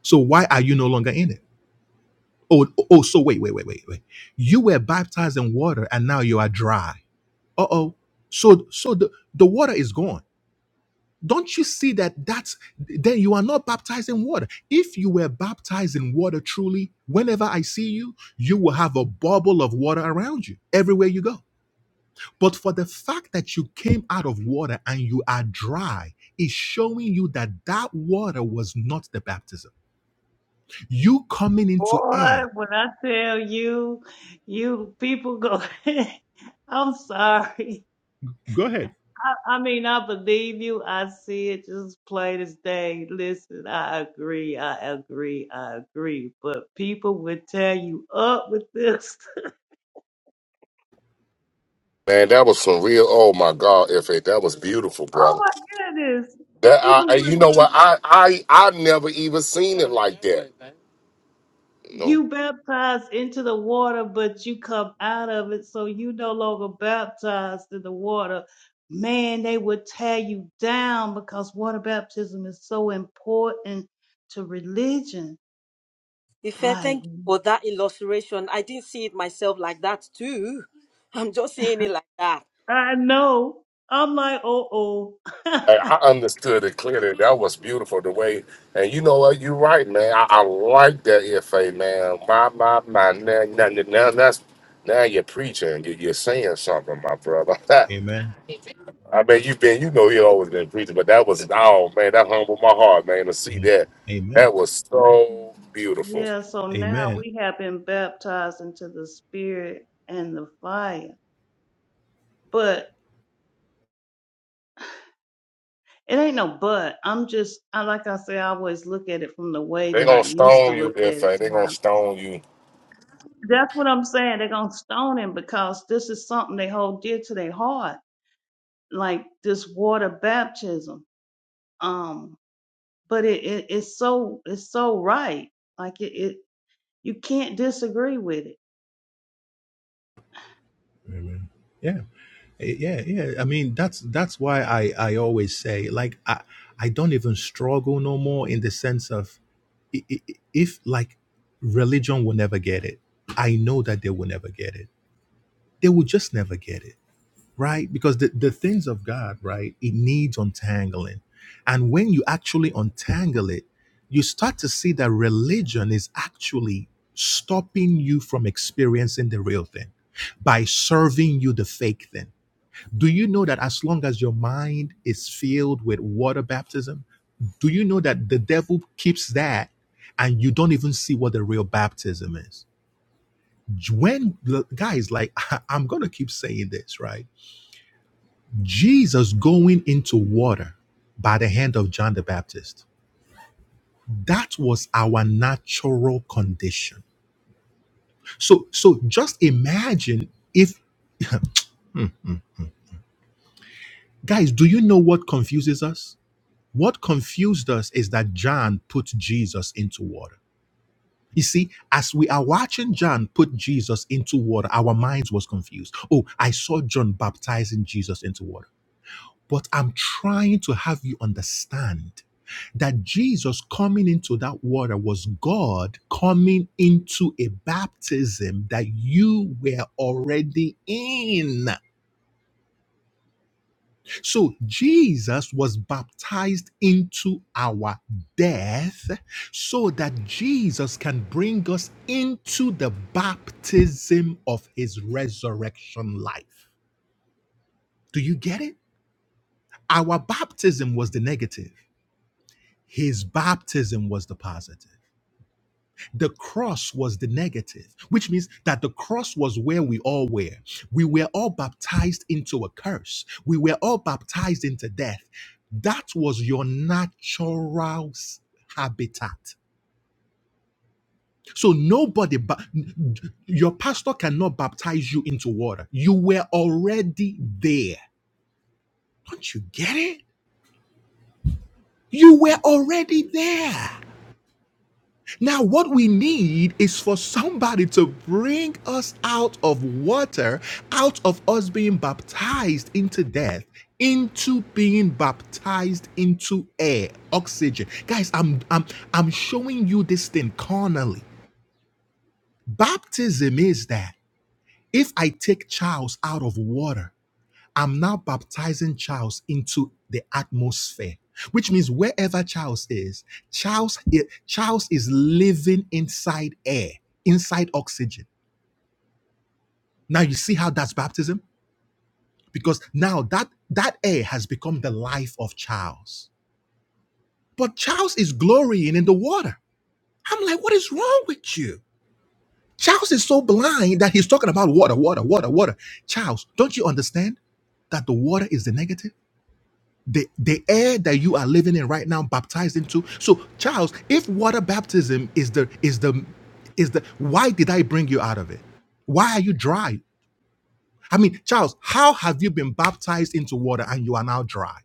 Speaker 1: So why are you no longer in it? Oh, oh, so wait, wait, wait, wait, wait. You were baptized in water and now you are dry. uh-oh so so the, the water is gone don't you see that that's then you are not baptized in water if you were baptized in water truly whenever i see you you will have a bubble of water around you everywhere you go but for the fact that you came out of water and you are dry is showing you that that water was not the baptism you coming into
Speaker 3: Boy,
Speaker 1: air
Speaker 3: when I tell you, you people go, I'm sorry.
Speaker 1: go ahead
Speaker 3: I, I mean, I believe you. I see it just plain as day. Listen, I agree. I agree. I agree. But people would tear you up with this.
Speaker 4: Man, that was some real. Oh my God, F.A., that was beautiful,
Speaker 3: Oh
Speaker 4: brother.
Speaker 3: my goodness.
Speaker 4: That I, I-
Speaker 3: People
Speaker 4: you
Speaker 3: would,
Speaker 4: know what? I, I, I never even seen it like that. You know,
Speaker 3: you baptized into the water, but you come out of it. So you no longer baptized in the water. Man, they would tear you down because water baptism is so important to religion.
Speaker 2: Ife,
Speaker 3: Like,
Speaker 2: thank you for that illustration. I didn't see it myself like that too. I'm just saying it like that.
Speaker 3: I know. I'm like, oh, oh.
Speaker 4: I, I understood it clearly. That was beautiful the way. And you know what? You're right, man. I, I like that F.A. man. My, my, my. Now, now, now that's now you're preaching. You, you're saying something, my brother.
Speaker 1: amen
Speaker 4: I mean, you've been, you know, you always been preaching, but that was, oh man, that humbled my heart, man, to see that.
Speaker 1: amen
Speaker 4: That was so beautiful.
Speaker 3: yeah, so now
Speaker 1: amen
Speaker 3: we have been baptized into the spirit and the fire. But it ain't no but. I'm just, I like I say, I always look at it from the way
Speaker 4: They
Speaker 3: that
Speaker 4: gonna
Speaker 3: I used to
Speaker 4: stone you,
Speaker 3: look at
Speaker 4: if
Speaker 3: it.
Speaker 4: they
Speaker 3: To
Speaker 4: gonna
Speaker 3: how
Speaker 4: stone you.
Speaker 3: That's what I'm saying. They're going to stone him because this is something they hold dear to their heart, like this water baptism. Um, but it, it it's so it's so right. Like it, it you can't disagree with it.
Speaker 1: Amen. Yeah. Eh, Yeah, yeah. I mean, that's that's why I I always say like I I don't even struggle no more in the sense of i- i- if like religion will never get it. I know that they will never get it. They will just never get it right? Because the, the things of God, right, it needs untangling. And when you actually untangle it, you start to see that religion is actually stopping you from experiencing the real thing by serving you the fake thing. Do you know that as long as your mind is filled with water baptism, do you know that the devil keeps that and you don't even see what the real baptism is? When guys, like, I'm gonna keep saying this, right? Jesus going into water by the hand of John the Baptist. That was our natural condition. So so just imagine if guys, do you know what confuses us? What confused us is that John put Jesus into water. You see, as we are watching John put Jesus into water, our minds was confused. Oh, I saw John baptizing Jesus into water. But I'm trying to have you understand that Jesus coming into that water was God coming into a baptism that you were already in. So Jesus was baptized into our death so that Jesus can bring us into the baptism of his resurrection life. Do you get it? Our baptism was the negative. His baptism was the positive. The cross was the negative, which means that the cross was where we all were. We were all baptized into a curse. We were all baptized into death. That was your natural s- habitat. So nobody, ba- your pastor cannot baptize you into water. You were already there. Don't you get it? You were already there. Now, what we need is for somebody to bring us out of water, out of us being baptized into death, into being baptized into air, oxygen. Guys, I'm I'm I'm showing you this thing carnally. Baptism is that if I take Charles out of water, I'm now baptizing Charles into the atmosphere, which means wherever Charles is, Charles, Charles is living inside air, inside oxygen. Now you see how that's baptism? Because now that that air has become the life of Charles. But Charles is glorying in the water. I'm like, what is wrong with you? Charles is so blind that he's talking about water, water, water, water. Charles, don't you understand that the water is the negative? the the air that you are living in right now baptized into so charles if water baptism is the is the is the why did i bring you out of it why are you dry i mean charles how have you been baptized into water and you are now dry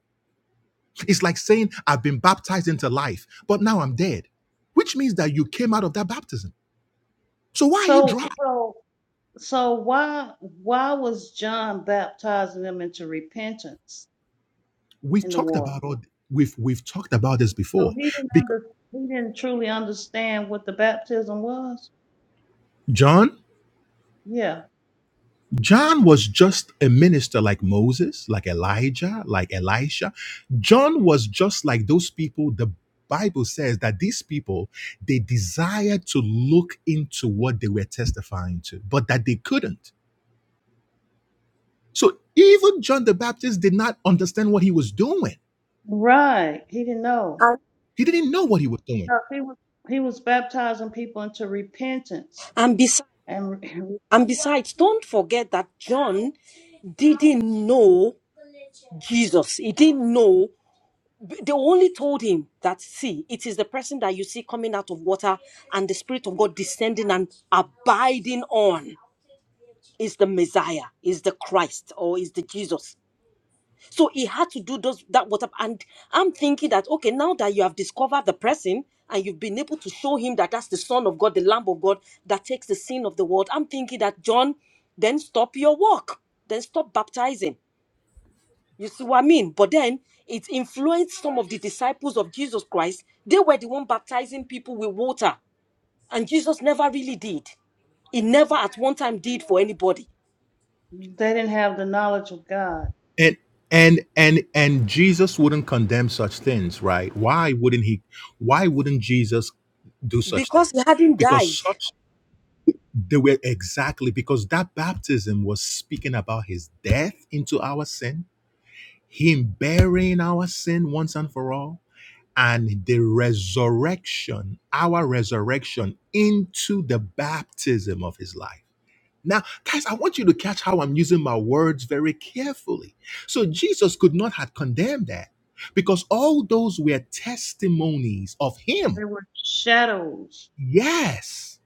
Speaker 1: it's like saying i've been baptized into life but now i'm dead which means that you came out of that baptism so why are you
Speaker 3: So
Speaker 1: dry
Speaker 3: so so why why was John baptizing them into repentance
Speaker 1: we've
Speaker 3: in the
Speaker 1: talked
Speaker 3: water?
Speaker 1: about all we've we've talked about this
Speaker 3: So
Speaker 1: before
Speaker 3: he didn't
Speaker 1: because
Speaker 3: under, he didn't truly understand what the baptism was.
Speaker 1: john
Speaker 3: Yeah,
Speaker 1: John was just a minister like Moses, like Elijah, like Elisha. John was just like those people. The Bible says that these people, they desired to look into what they were testifying to, but that they couldn't. So even John the Baptist did not understand what he was doing.
Speaker 3: right. He didn't know.
Speaker 2: And,
Speaker 1: He didn't know what he was doing.
Speaker 3: No, he was he was baptizing people into repentance,
Speaker 2: and besides,
Speaker 3: and re-
Speaker 2: and besides, don't forget that John didn't know Jesus. He didn't know. They only told him that, see, it is the person that you see coming out of water and the Spirit of God descending and abiding on is the Messiah, is the Christ, or is the Jesus. So he had to do those that WhatsApp. And I'm thinking that okay, now that you have discovered the person and you've been able to show him that that's the Son of God, the Lamb of God that takes the sin of the world. I'm thinking that John, then stop your work, then stop baptizing. You see what I mean? But then it influenced some of the disciples of Jesus Christ. They were the one baptizing people with water, and Jesus never really did. He never at one time did for anybody
Speaker 3: they didn't have the knowledge of God.
Speaker 1: And and and and Jesus wouldn't condemn such things, right? Why wouldn't he why wouldn't Jesus do such
Speaker 2: because he
Speaker 1: things?
Speaker 2: hadn't
Speaker 1: Because
Speaker 2: died.
Speaker 1: such They were exactly because that baptism was speaking about his death into our sin, him bearing our sin once and for all, and the resurrection, our resurrection into the baptism of his life. Now, guys, I want you to catch how I'm using my words very carefully. So Jesus could not have condemned that because all those were testimonies of
Speaker 3: They
Speaker 1: him.
Speaker 3: were shadows.
Speaker 1: Yes.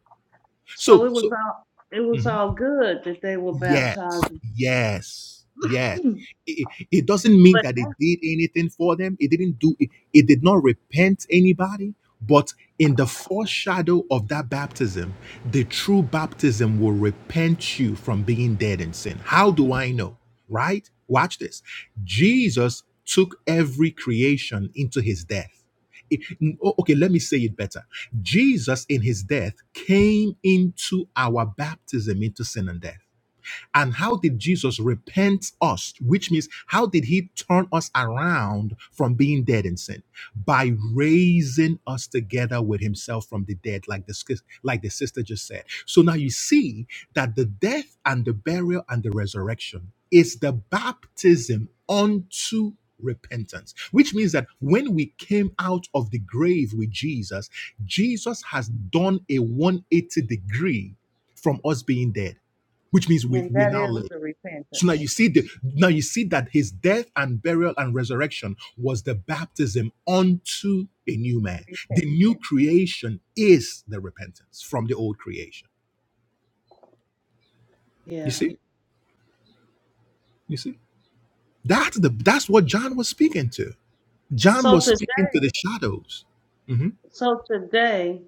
Speaker 3: So
Speaker 1: So,
Speaker 3: it was
Speaker 1: so,
Speaker 3: all it was
Speaker 1: mhm.
Speaker 3: all good that they were
Speaker 1: Yes,
Speaker 3: baptizing,
Speaker 1: yes, yes.
Speaker 3: but
Speaker 1: It, it doesn't mean that it did anything for them. It didn't do it, it did not repent anybody. But in the foreshadow of that baptism, the true baptism will repent you from being dead in sin. How do I know? Right? Watch this. Jesus took every creation into his death. It- n- o- okay, let me say it better. Jesus in his death came into our baptism into sin and death. And how did Jesus repent us? Which means, how did he turn us around from being dead in sin? By raising us together with himself from the dead, like the, sis- like the sister just said. So now you see that the death and the burial and the resurrection is the baptism unto repentance, which means that when we came out of the grave with Jesus, Jesus has done a 180 degree from us being dead which means we,
Speaker 3: and
Speaker 1: we
Speaker 3: that
Speaker 1: now
Speaker 3: is
Speaker 1: live.
Speaker 3: the
Speaker 1: So now
Speaker 3: repentance.
Speaker 1: you see the now you see that his death and burial and resurrection was the baptism unto a new man.
Speaker 3: Okay.
Speaker 1: The new creation is the repentance from the old creation. You
Speaker 3: Yeah.
Speaker 1: see? You see? That's the that's what John was speaking to. John
Speaker 3: So
Speaker 1: was speaking to
Speaker 3: today,
Speaker 1: the shadows. Mhm.
Speaker 3: so today,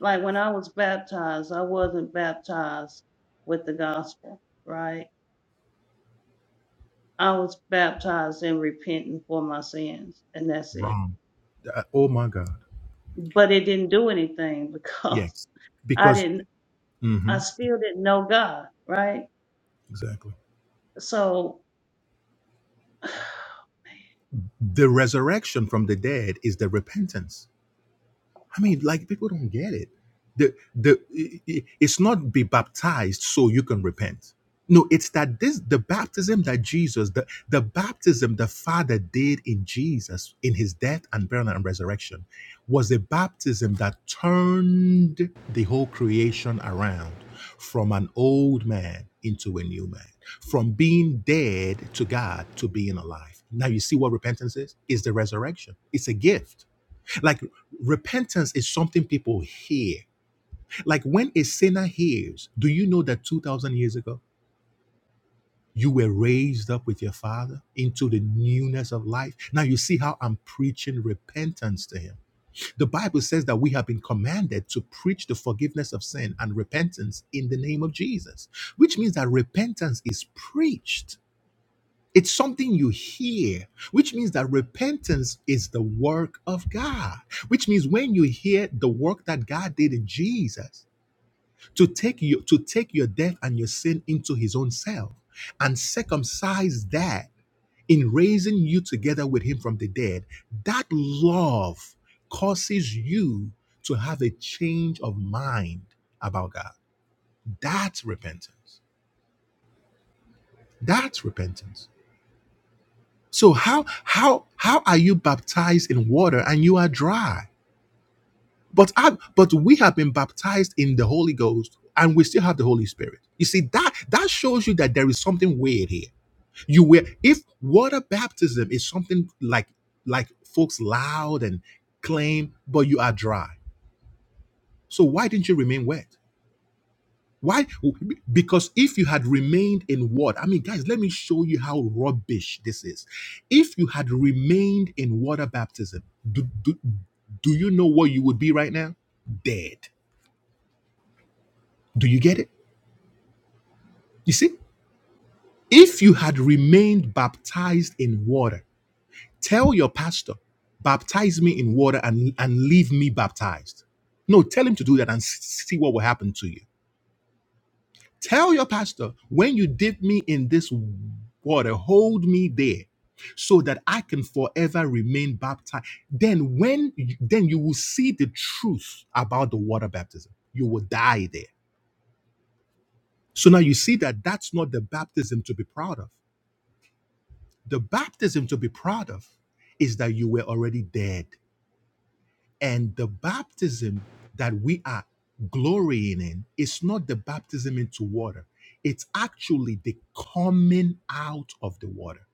Speaker 3: like when I was baptized, I wasn't baptized with the gospel, right? I was baptized in repenting for my sins, and that's it.
Speaker 1: Wrong. Uh, oh my God.
Speaker 3: But it didn't do anything because
Speaker 1: Yes.
Speaker 3: I
Speaker 1: Because
Speaker 3: didn't, I
Speaker 1: mhm,
Speaker 3: still didn't know God, right?
Speaker 1: exactly.
Speaker 3: So Man.
Speaker 1: The resurrection from the dead is the repentance I mean, like people don't get it. The the i- i- it's not be baptized so you can repent. No, it's that this the baptism that Jesus, the, the baptism the Father did in Jesus in his death and burial and resurrection was a baptism that turned the whole creation around from an old man into a new man, from being dead to God to being alive. Now you see what repentance is? It's the resurrection. It's a gift. Like repentance is something people hear. Like when a sinner hears, do you know that 2,000 years ago, you were raised up with your father into the newness of life? Now you see how I'm preaching repentance to him. The Bible says that we have been commanded to preach the forgiveness of sin and repentance in the name of Jesus, which means that repentance is preached. It's something you hear, which means that repentance is the work of God. Which means when you hear the work that God did in Jesus to take you to take your death and your sin into his own self and circumcise that in raising you together with him from the dead, that love causes you to have a change of mind about God. That's repentance. That's repentance. So how how how are you baptized in water and you are dry? But I but we have been baptized in the Holy Ghost and we still have the Holy Spirit. You see that that shows you that there is something weird here. You were if water baptism is something like like folks loud and claim, but you are dry. So why didn't you remain wet? Why? Because if you had remained in what? I mean, guys, let me show you how rubbish this is. If you had remained in water baptism, do, do, do you know what you would be right now? Dead. Do you get it? You see? If you had remained baptized in water, tell your pastor, baptize me in water and, and leave me baptized. No, tell him to do that and see what will happen to you Tell your pastor, when you dip me in this water, hold me there so that I can forever remain baptized. Then when then you will see the truth about the water baptism. You will die there. So now you see that that's not the baptism to be proud of. The baptism to be proud of is that you were already dead And the baptism that we are glorying in is not the baptism into water, it's actually the coming out of the water.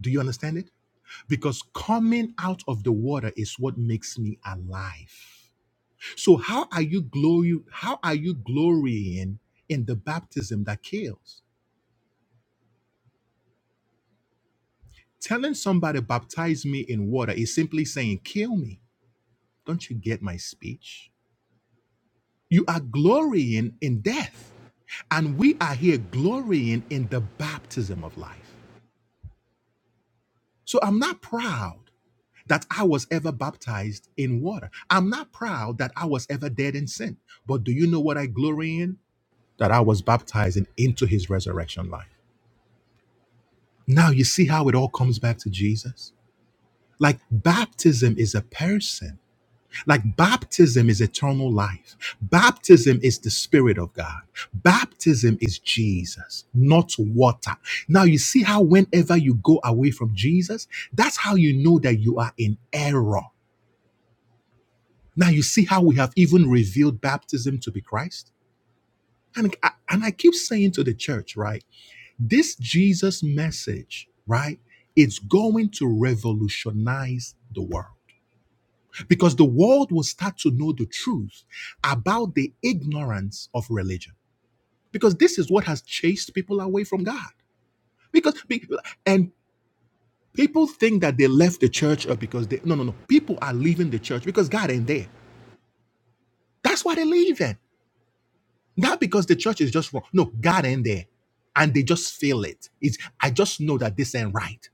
Speaker 1: Do you understand it? Because coming out of the water is what makes me alive. So how are you glory how are you glorying in the baptism that kills? Telling somebody baptize me in water is simply saying kill me. Don't you get my speech? You are glorying in death And we are here glorying in the baptism of life. So I'm not proud that I was ever baptized in water. I'm not proud that I was ever dead in sin. But do you know what I glory in? That I was baptized in- into his resurrection life. Now you see how it all comes back to Jesus? Like baptism is a person. Like baptism is eternal life. Baptism is the Spirit of God. Baptism is Jesus, not water. Now, you see how whenever you go away from Jesus, that's how you know that you are in error. Now, you see how we have even revealed baptism to be Christ? And I, and I keep saying to the church, right? This Jesus message, right? It's going to revolutionize the world. because the world will start to know the truth about the ignorance of religion because this is what has chased people away from god because be- and people think that they left the church uh, because they no no no people are leaving the church because god ain't there that's why they're leaving not because the church is just wrong no god ain't there and they just feel it it's i just know that this ain't right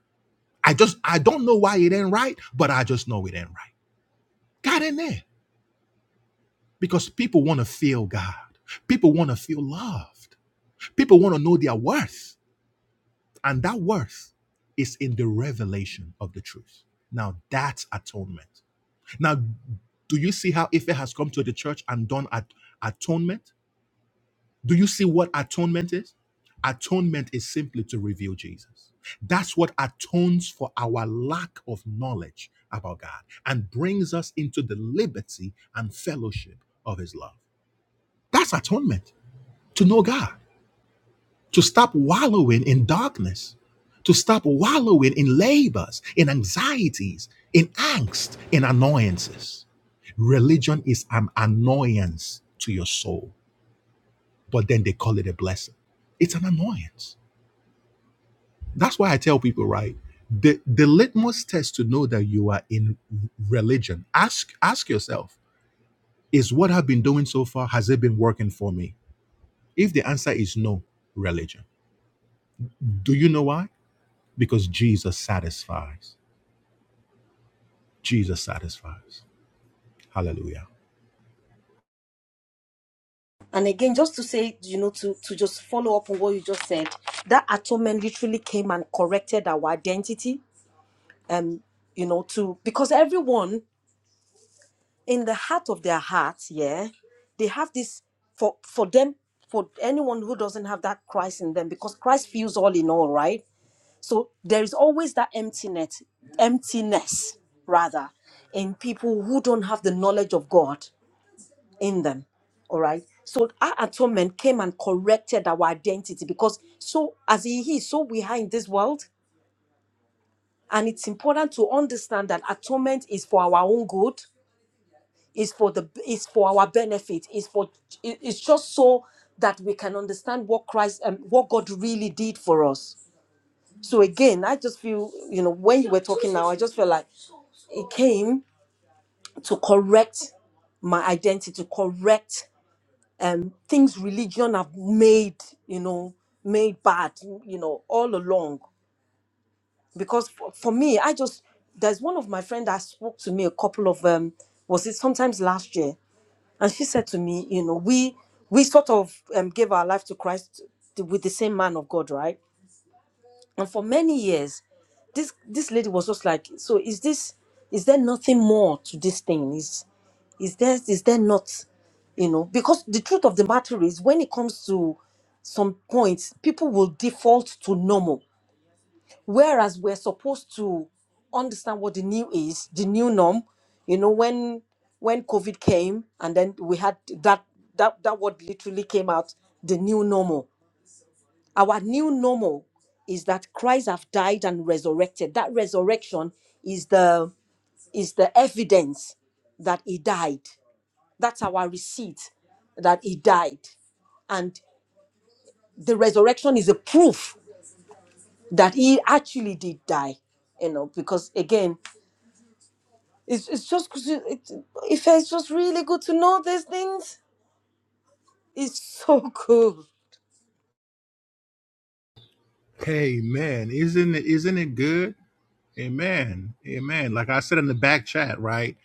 Speaker 1: i just i don't know why it ain't right but i just know it ain't right god ain't there because people want to feel God. People want to feel loved. People want to know their worth. And that worth is in the revelation of the truth. Now that's atonement. Now, do you see how Ife has come to the church and done at- atonement? Do you see what atonement is? Atonement is simply to reveal Jesus. That's what atones for our lack of knowledge about God and brings us into the liberty and fellowship of his love. That's atonement. to know God, to stop wallowing in darkness, to stop wallowing in labors, in anxieties, in angst, in annoyances. Religion is an annoyance to your soul, but then they call it a blessing. It's an annoyance. That's why I tell people, right? The, the litmus test to know that you are in religion, ask ask yourself, is what I've been doing so far, has it been working for me? If the answer is no, religion. Do you know why? because Jesus satisfies. Jesus satisfies. Hallelujah.
Speaker 2: And again, just to say, you know, to, to just follow up on what you just said, that atonement literally came and corrected our identity. Um, you know, to because everyone in the heart of their heart, yeah, they have this for for them, for anyone who doesn't have that Christ in them, because Christ fills all in all, right? So there is always that emptiness, emptiness rather, in people who don't have the knowledge of God in them. All right. So our atonement came and corrected our identity because so as he he is, so we are in this world. And it's important to understand that atonement is for our own good, is for the is for our benefit, is for it- it's just so that we can understand what Christ and what God really did for us. So again, I just feel, you know, when you were talking now, I just felt like it came to correct my identity, to correct um, things religion have made, you know, made bad, you know, all along. Because for, for me, I just there's one of my friend that spoke to me a couple of um was it sometimes last year, and she said to me, you know, we we sort of um, gave our life to Christ with the same man of God, right? And for many years, this this lady was just like, so is this is there nothing more to this thing? Is is there is there not? You know, because the truth of the matter is when it comes to some points, people will default to normal. Whereas we're supposed to understand what the new is, the new norm. You know, when when COVID came and then we had that that that word literally came out, the new normal. Our new normal is that Christ have died and resurrected. That resurrection is the is the evidence that he died. That's our receipt that he died. And the resurrection is a proof that he actually did die. You know, because again, it's, it's just it, if it's just really good to know these things. It's so cool.
Speaker 1: Amen. Isn't it isn't it good? Amen. Amen. Like I said in the back chat, right?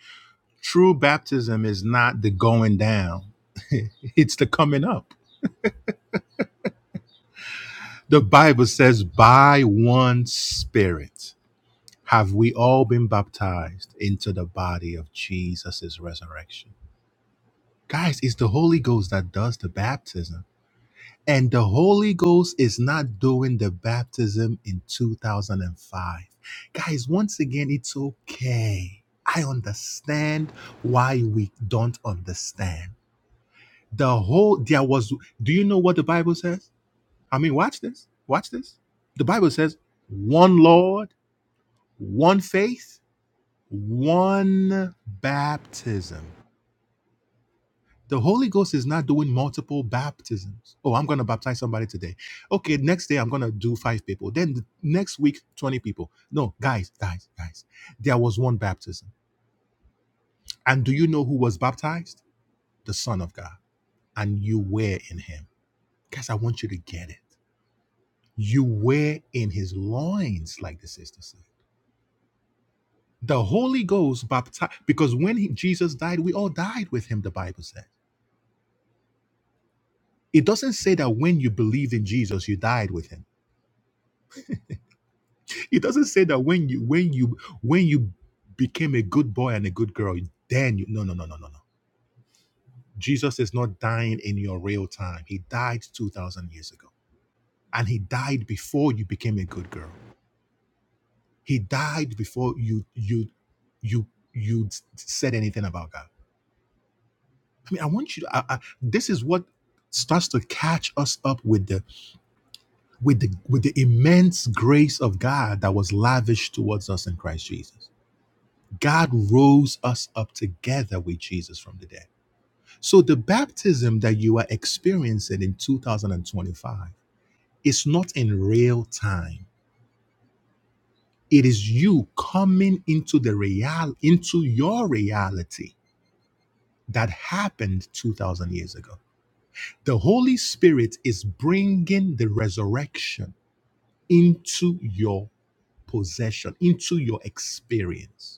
Speaker 1: True baptism is not the going down. it's the coming up. The Bible says, by one spirit have we all been baptized into the body of Jesus' resurrection. Guys, it's the Holy Ghost that does the baptism. And the Holy Ghost is not doing the baptism in 2005. Guys, once again, it's okay. I understand why we don't understand. The whole, there was, do you know what the Bible says? I mean, watch this. Watch this. The Bible says, one Lord, one faith, one baptism. The Holy Ghost is not doing multiple baptisms. Oh, I'm going to baptize somebody today. Okay, next day I'm going to do five people. Then the next week, 20 people. No, guys, guys, guys. There was one baptism. And do you know who was baptized? The Son of God. And you were in him. Guys, I want you to get it. You were in his loins, like the sister said. The Holy Ghost baptized, because when he, Jesus died, we all died with him, the Bible said It doesn't say that when you believed in Jesus, you died with him. It doesn't say that when you when you when you became a good boy and a good girl, then you no no no no no no. Jesus is not dying in your real time. He died 2000 years ago. And he died before you became a good girl. He died before you you you you said anything about God. I mean, I want you to I, I, this is what starts to catch us up with the with the with the immense grace of God that was lavished towards us in Christ Jesus. God rose us up together with Jesus from the dead. So the baptism that you are experiencing in 2025 is not in real time. It is you coming into the real into your reality that happened 2000 years ago. The Holy Spirit is bringing the resurrection into your possession, into your experience.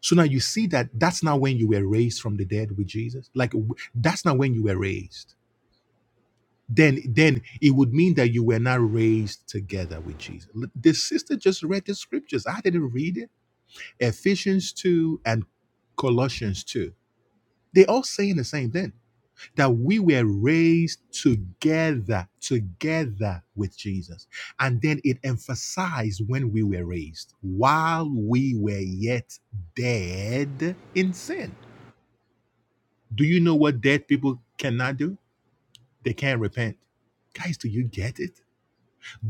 Speaker 1: So now you see that that's not when you were raised from the dead with Jesus. Like w- that's not when you were raised. Then then it would mean that you were not raised together with Jesus. L- The sister just read the scriptures. I didn't read it. Ephesians 2 and Colossians 2. They all saying the same thing that we were raised together, together with Jesus. And then it emphasized when we were raised, while we were yet dead in sin. Do you know what dead people cannot do? They can't repent. Guys, do you get it?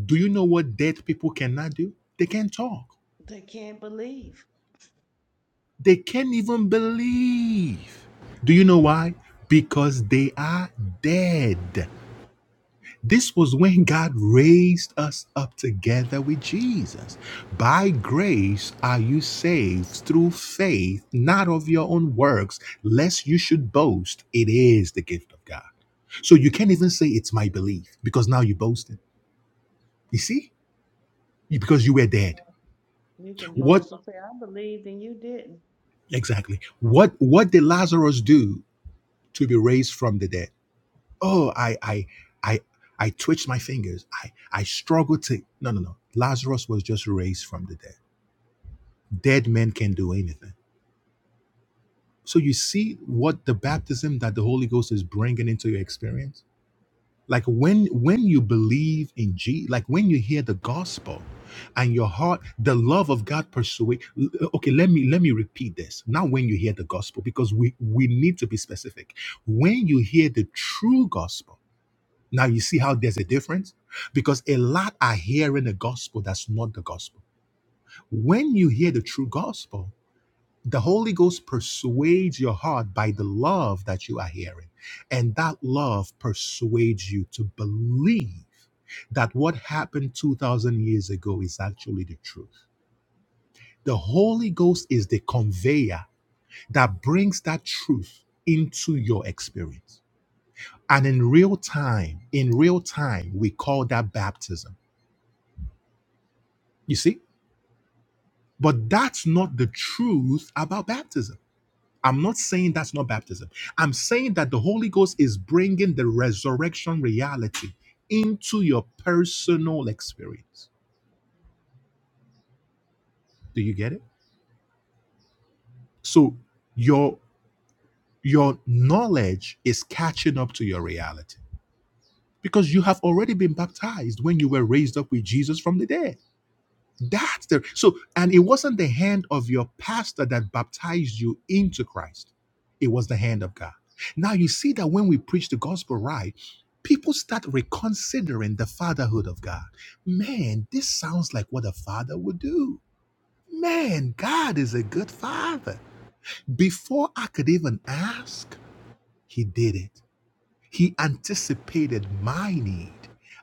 Speaker 1: Do you know what dead people cannot do? They can't talk.
Speaker 3: They can't believe.
Speaker 1: They can't even believe. Do you know why? Because they are dead. This was when God raised us up together with Jesus. By grace are you saved through faith, not of your own works, lest you should boast. It is the gift of God. So you can't even say it's my belief because now you boasted. You see? Because you were dead.
Speaker 3: You can
Speaker 1: What
Speaker 3: boast and say, I believed and you didn't.
Speaker 1: exactly? What what did Lazarus do to be raised from the dead? Oh, I I I I twitched my fingers. I I struggled to No, no, no. Lazarus was just raised from the dead. dead men can do anything. So you see what the baptism that the Holy Ghost is bringing into your experience. Like when when you believe in G, like when you hear the gospel, and your heart, the love of God persuade. Okay, let me let me repeat this. Not when you hear the gospel, because we we need to be specific. When you hear the true gospel, now you see how there's a difference, because a lot are hearing the gospel that's not the gospel. When you hear the true gospel, The Holy Ghost persuades your heart by the love that you are hearing. And that love persuades you to believe that what happened 2,000 years ago is actually the truth. The Holy Ghost is the conveyor that brings that truth into your experience. And in real time, in real time, we call that baptism. You see? But that's not the truth about baptism. I'm not saying that's not baptism. I'm saying that the Holy Ghost is bringing the resurrection reality into your personal experience. Do you get it? So your your knowledge is catching up to your reality because you have already been baptized when you were raised up with Jesus from the dead. That's the so, and it wasn't the hand of your pastor that baptized you into Christ, it was the hand of God. Now, you see that when we preach the gospel right, people start reconsidering the fatherhood of God. Man, this sounds like what a father would do. Man, God is a good father. Before I could even ask, He did it. He anticipated my need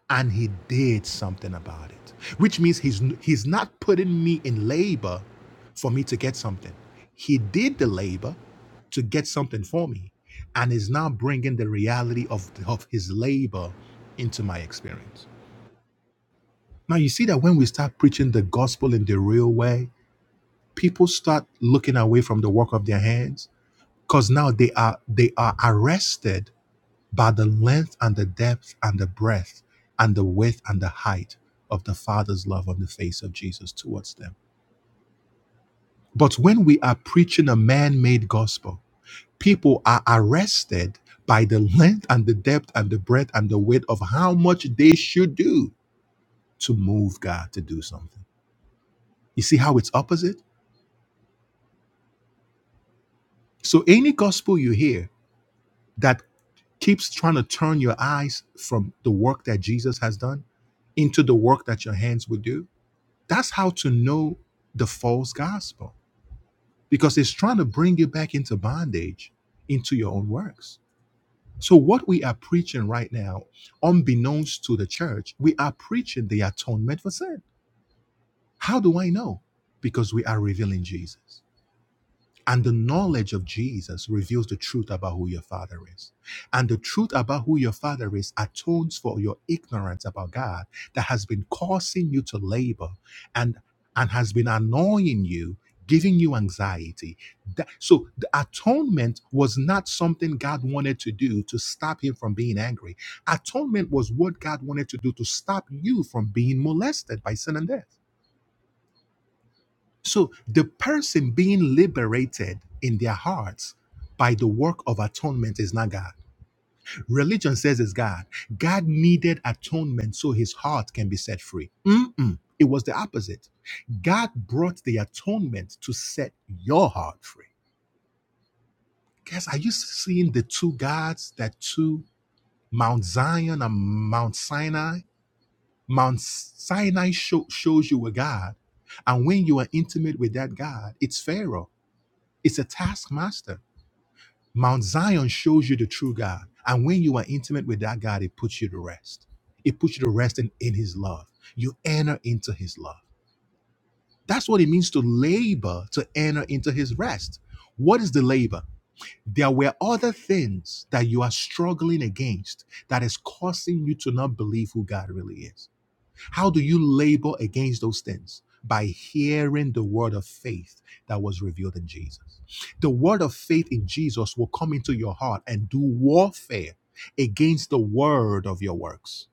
Speaker 1: and he did something about it, which means he's, he's not putting me in labor for me to get something. He did the labor to get something for me and is now bringing the reality of, of his labor into my experience. Now, you see that when we start preaching the gospel in the real way, people start looking away from the work of their hands because now they are they are arrested by the length and the depth and the breadth and the width and the height of the Father's love on the face of Jesus towards them. But when we are preaching a man made gospel, people are arrested by the length and the depth and the breadth and the width of how much they should do to move God to do something. You see how it's opposite? So, any gospel you hear that keeps trying to turn your eyes from the work that Jesus has done into the work that your hands would do That's how to know the false gospel because it's trying to bring you back into bondage, into your own works. So, what we are preaching right now, unbeknownst to the church, we are preaching the atonement for sin. How do I know? Because we are revealing Jesus. And the knowledge of Jesus reveals the truth about who your father is. And the truth about who your father is atones for your ignorance about God that has been causing you to labor and, and has been annoying you, giving you anxiety. That- so the atonement was not something God wanted to do to stop him from being angry. Atonement was what God wanted to do to stop you from being molested by sin and death. So the person being liberated in their hearts by the work of atonement is not God. Religion says it's God. God needed atonement so his heart can be set free. Mm-mm. It was the opposite. God brought the atonement to set your heart free. Guys, are you seeing the two gods that two Mount Zion and Mount Sinai? Mount Sinai show, shows you a God. And when you are intimate with that God, it's Pharaoh. It's a taskmaster. Mount Zion shows you the true God. And when you are intimate with that God, it puts you to rest. It puts you to rest in, in his love. You enter into his love. That's what it means to labor to enter into his rest. What is the labor? There were other things that you are struggling against that is causing you to not believe who God really is how do you labor against those things? By hearing the word of faith that was revealed in Jesus. The word of faith in Jesus will come into your heart and do warfare against the word of your works.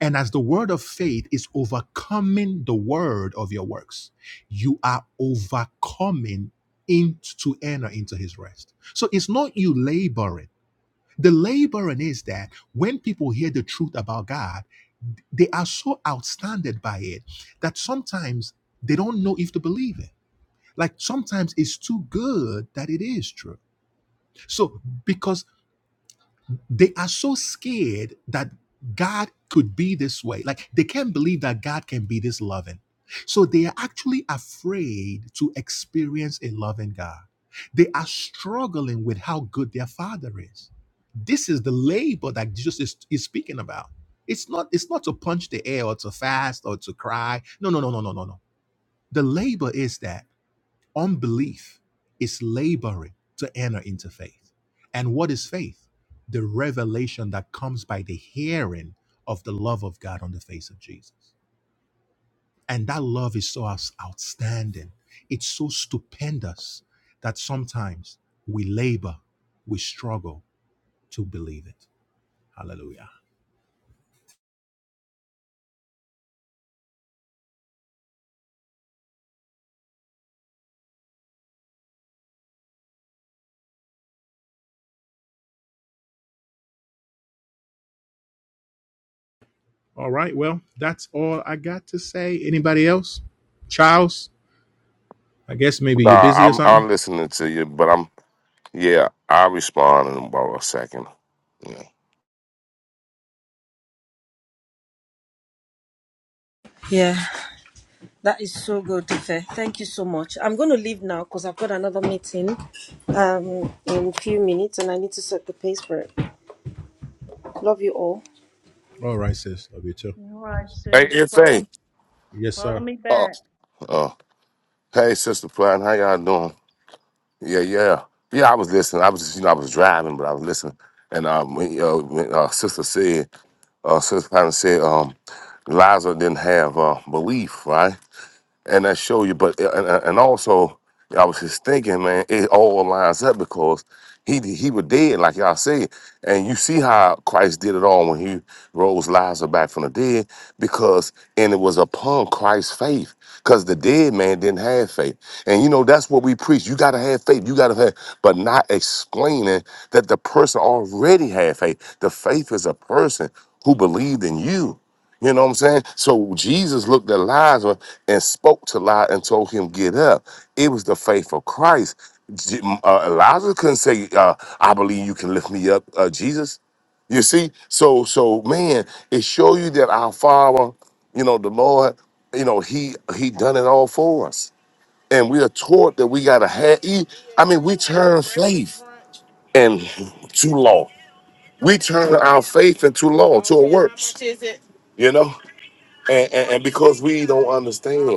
Speaker 1: And as the word of faith is overcoming the word of your works, you are overcoming in, to enter into his rest. So it's not you laboring. The laboring is that when people hear the truth about God, they are so outstanded by it that sometimes they don't know if to believe it. Like sometimes it's too good that it is true. So because they are so scared that God could be this way. Like they can't believe that God can be this loving. So they are actually afraid to experience a loving God. They are struggling with how good their father is. This is the labor that Jesus is, is speaking about. It's not, it's not to punch the air or to fast or to cry. No, no, no, no, no, no, no. The labor is that. Unbelief is laboring to enter into faith. And what is faith? The revelation that comes by the hearing of the love of God on the face of Jesus. And that love is so outs- outstanding. It's so stupendous that sometimes we labor, we struggle to believe it. Hallelujah. All right. Well, that's all I got to say. Anybody else? Charles, I guess maybe you're
Speaker 4: Nah,
Speaker 1: busy or
Speaker 4: I'm
Speaker 1: something.
Speaker 4: I'm listening to you, but I'm yeah, I'll respond in about a second. Yeah.
Speaker 2: Yeah, that is so good, Ife. Thank you so much. I'm going to leave now because I've got another meeting um, in a few minutes and I need to set the pace for it. Love you all.
Speaker 1: All right, sis. Love you too.
Speaker 3: All right,
Speaker 4: Hey,
Speaker 3: sis,
Speaker 4: if
Speaker 3: follow
Speaker 4: hey,
Speaker 1: Yes,
Speaker 3: follow
Speaker 1: sir.
Speaker 3: me
Speaker 4: uh,
Speaker 3: back.
Speaker 4: uh, hey, sister Platt, how y'all doing? Yeah, yeah, yeah. I was listening. I was just, you know, I was driving, but I was listening. And um, when, uh, when uh, sister said, uh, sister Platt said, um, Liza didn't have uh, belief, right? and that show you. But and, and also, I was just thinking, man, it all lines up because he he was dead, like y'all said, and you see how Christ did it all when he rose Lazarus back from the dead, because and it was upon Christ's faith, because the dead man didn't have faith, and you know that's what we preach. You gotta have faith. You gotta have, but not explaining that the person already had faith. The faith is a person who believed in you. You know what I'm saying? So Jesus looked at Lazarus and spoke to Lazarus and told him, Get up. It was the faith of Christ. J- Uh, Lazarus couldn't say, uh, I believe you can lift me up, uh, Jesus. You see? So, so man, it show you that our Father, you know, the Lord, you know, He He done it all for us. And we are taught that we gotta have he- I mean, we turn faith and to law. We turn our faith into law, to a works. You know? And, and, and because we don't All understand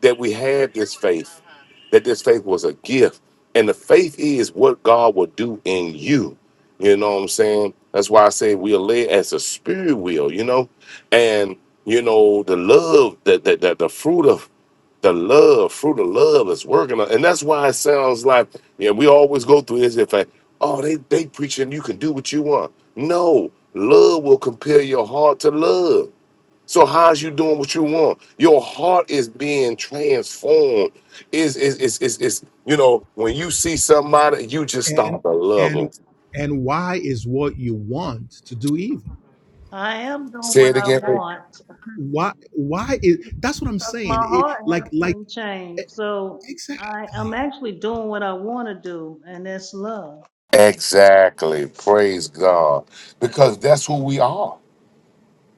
Speaker 4: that we had this faith, Uh-huh. that this faith was a gift. And the faith is what God will do in you. You know what I'm saying? That's why I say we are led as a spirit will, you know? And, you know, the love, that the, the, the the fruit of the love, fruit of love is working on. And that's why it sounds like, yeah, we always go through this. If I, oh, they, they preaching you can do what you want. No, love will compel your heart to love. So how's you doing what you want? Your heart is being transformed. Is is is is is you know when you see somebody, you just
Speaker 1: and
Speaker 4: start to love
Speaker 1: and
Speaker 4: them.
Speaker 1: and why is what you want to do evil
Speaker 3: I am doing
Speaker 4: Say
Speaker 3: what
Speaker 4: it
Speaker 3: I
Speaker 4: again.
Speaker 3: want.
Speaker 1: why why is that's what i'm
Speaker 3: 'cause
Speaker 1: saying
Speaker 3: my
Speaker 1: it,
Speaker 3: heart has
Speaker 1: like like
Speaker 3: been
Speaker 1: e-
Speaker 3: changed. So I, I'm
Speaker 1: exactly
Speaker 3: actually doing what I want to do, and that's love.
Speaker 4: Exactly. Praise God, because that's who we are.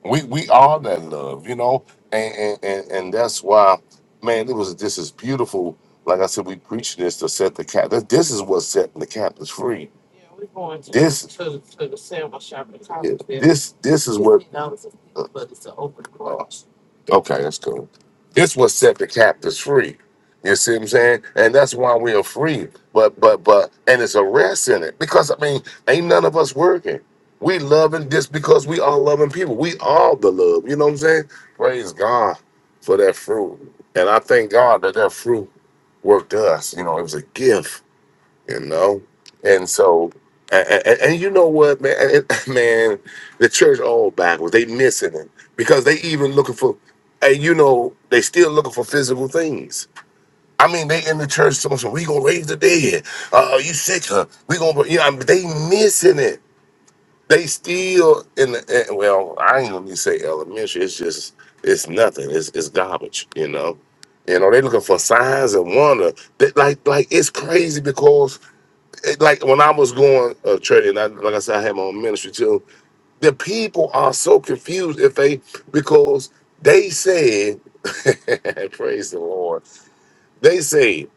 Speaker 4: We we are that love, you know, and and and, and that's why, man. It was this is beautiful. Like I said, we preaching this to set the cap. This, this is what's setting the captives free. Yeah, we're going to this to, to the sandwich shop in Cottonville. This this is what. $15 a piece, But it's an open porch. Oh, okay, that's cool. This what set the captives free. You see what I'm saying? And that's why we are free. But but but and it's a rest in it because I mean, ain't none of us working we loving this because we are loving people. We are the love. You know what I'm saying? Praise God for that fruit. And I thank God that that fruit worked us. You know, it was a gift, you know? And so, and, and, and you know what, man? And- and- man, the church all backwards. They missing it because they even looking for, and you know, they still looking for physical things. I mean, they in the church, so so we gonna raise the dead. Uh, uh, you sick, huh? We gonna, you know, I mean, they missing it. They still in the eh, well, I ain't gonna need say elementary. It's just it's nothing. It's it's garbage, you know. You know, they looking for signs and wonder. They, like like it's crazy because it, like when I was going uh training, and I, like I said, I had my own ministry too. The people are so confused if they because they said praise the Lord they say,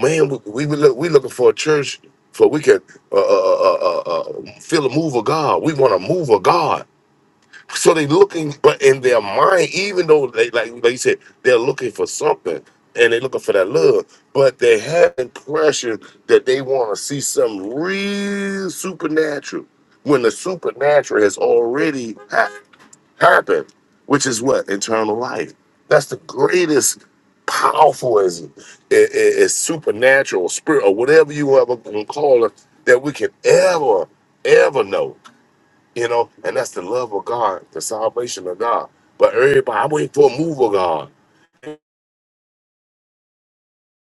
Speaker 4: man, we we, we look, we looking for a church for we can uh, uh, uh, uh, uh, uh, feel a move of God. We want a move of God. So they looking, but in their mind, even though they like like you said, they're looking for something and they looking for that love, but they have impression that they want to see something real supernatural when the supernatural has already happened happen, which is what eternal life. That's the greatest, powerful, is is is supernatural spirit or whatever you ever gonna call it that we can ever ever know. You know, and that's the love of God, the salvation of God. But everybody, I'm waiting for a move of God.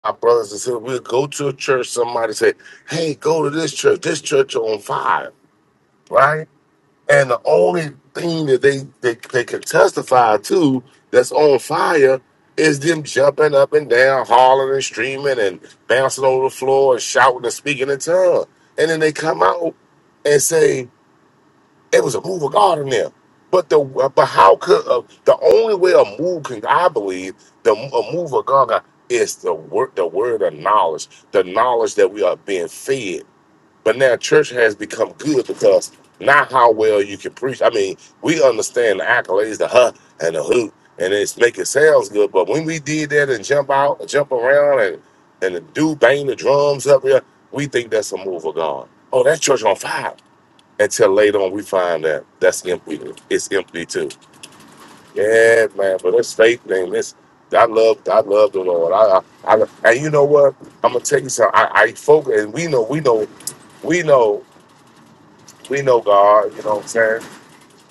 Speaker 4: My brothers and sisters, we'll go to a church. Somebody say, "Hey, go to this church. This church on fire." Right? And the only thing that they, they, they can testify to that's on fire is them jumping up and down, hollering and screaming and bouncing over the floor and shouting and speaking in tongues. And then they come out and say, it was a move of God in there. But the but how could uh, the only way a move can I believe the a move of God is the word the word of knowledge the knowledge that we are being fed but now church has become good because not how well you can preach. I mean, we understand the accolades, the huh and the who, and it's make it sounds good. But when we did that and jump out, jump around, and and the dude bang the drums up here, we think that's a move of God. Oh, that church on fire. Until later on, we find that that's empty. It's empty too. Yeah, man. But it's faith thing. It's I love, I love the Lord. I, I, I and you know what? I'm gonna tell you something. I, I focus, and we know, we know, we know. We know God, you know what I'm saying?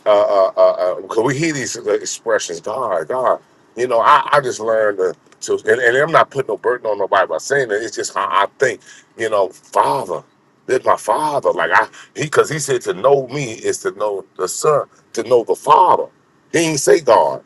Speaker 4: Uh, uh, uh, uh, 'cause we hear these expressions, God, God. You know, I, I just learned to, to and, and I'm not putting no burden on nobody by saying that. It's just how I think, you know, Father, there's my Father. Like, I, he, because he said to know me is to know the Son, to know the Father. He ain't say God.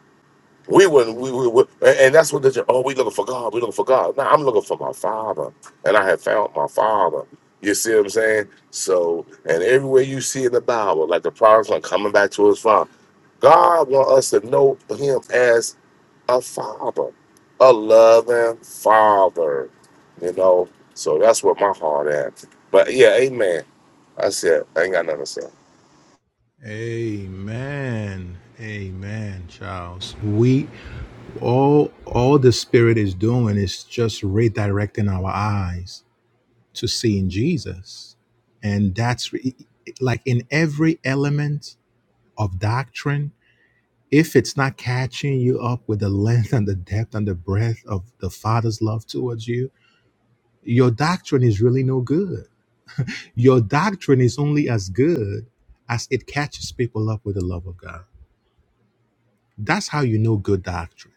Speaker 4: We wouldn't. We, we, we and and that's what they say. Oh, we looking for God. We looking for God. No, I'm looking for my Father, and I have found my Father. You see what I'm saying? So, and everywhere you see in the Bible, like the prodigal son coming back to his father, God want us to know Him as a Father, a loving Father. You know. So that's what my heart at. But yeah, Amen. I said I ain't got nothing to say.
Speaker 1: amen amen charles we all all the spirit is doing is just redirecting our eyes to seeing jesus and that's re- like in every element of doctrine if it's not catching you up with the length and the depth and the breadth of the Father's love towards you, your doctrine is really no good. Your doctrine is only as good as it catches people up with the love of God. That's how you know good doctrine.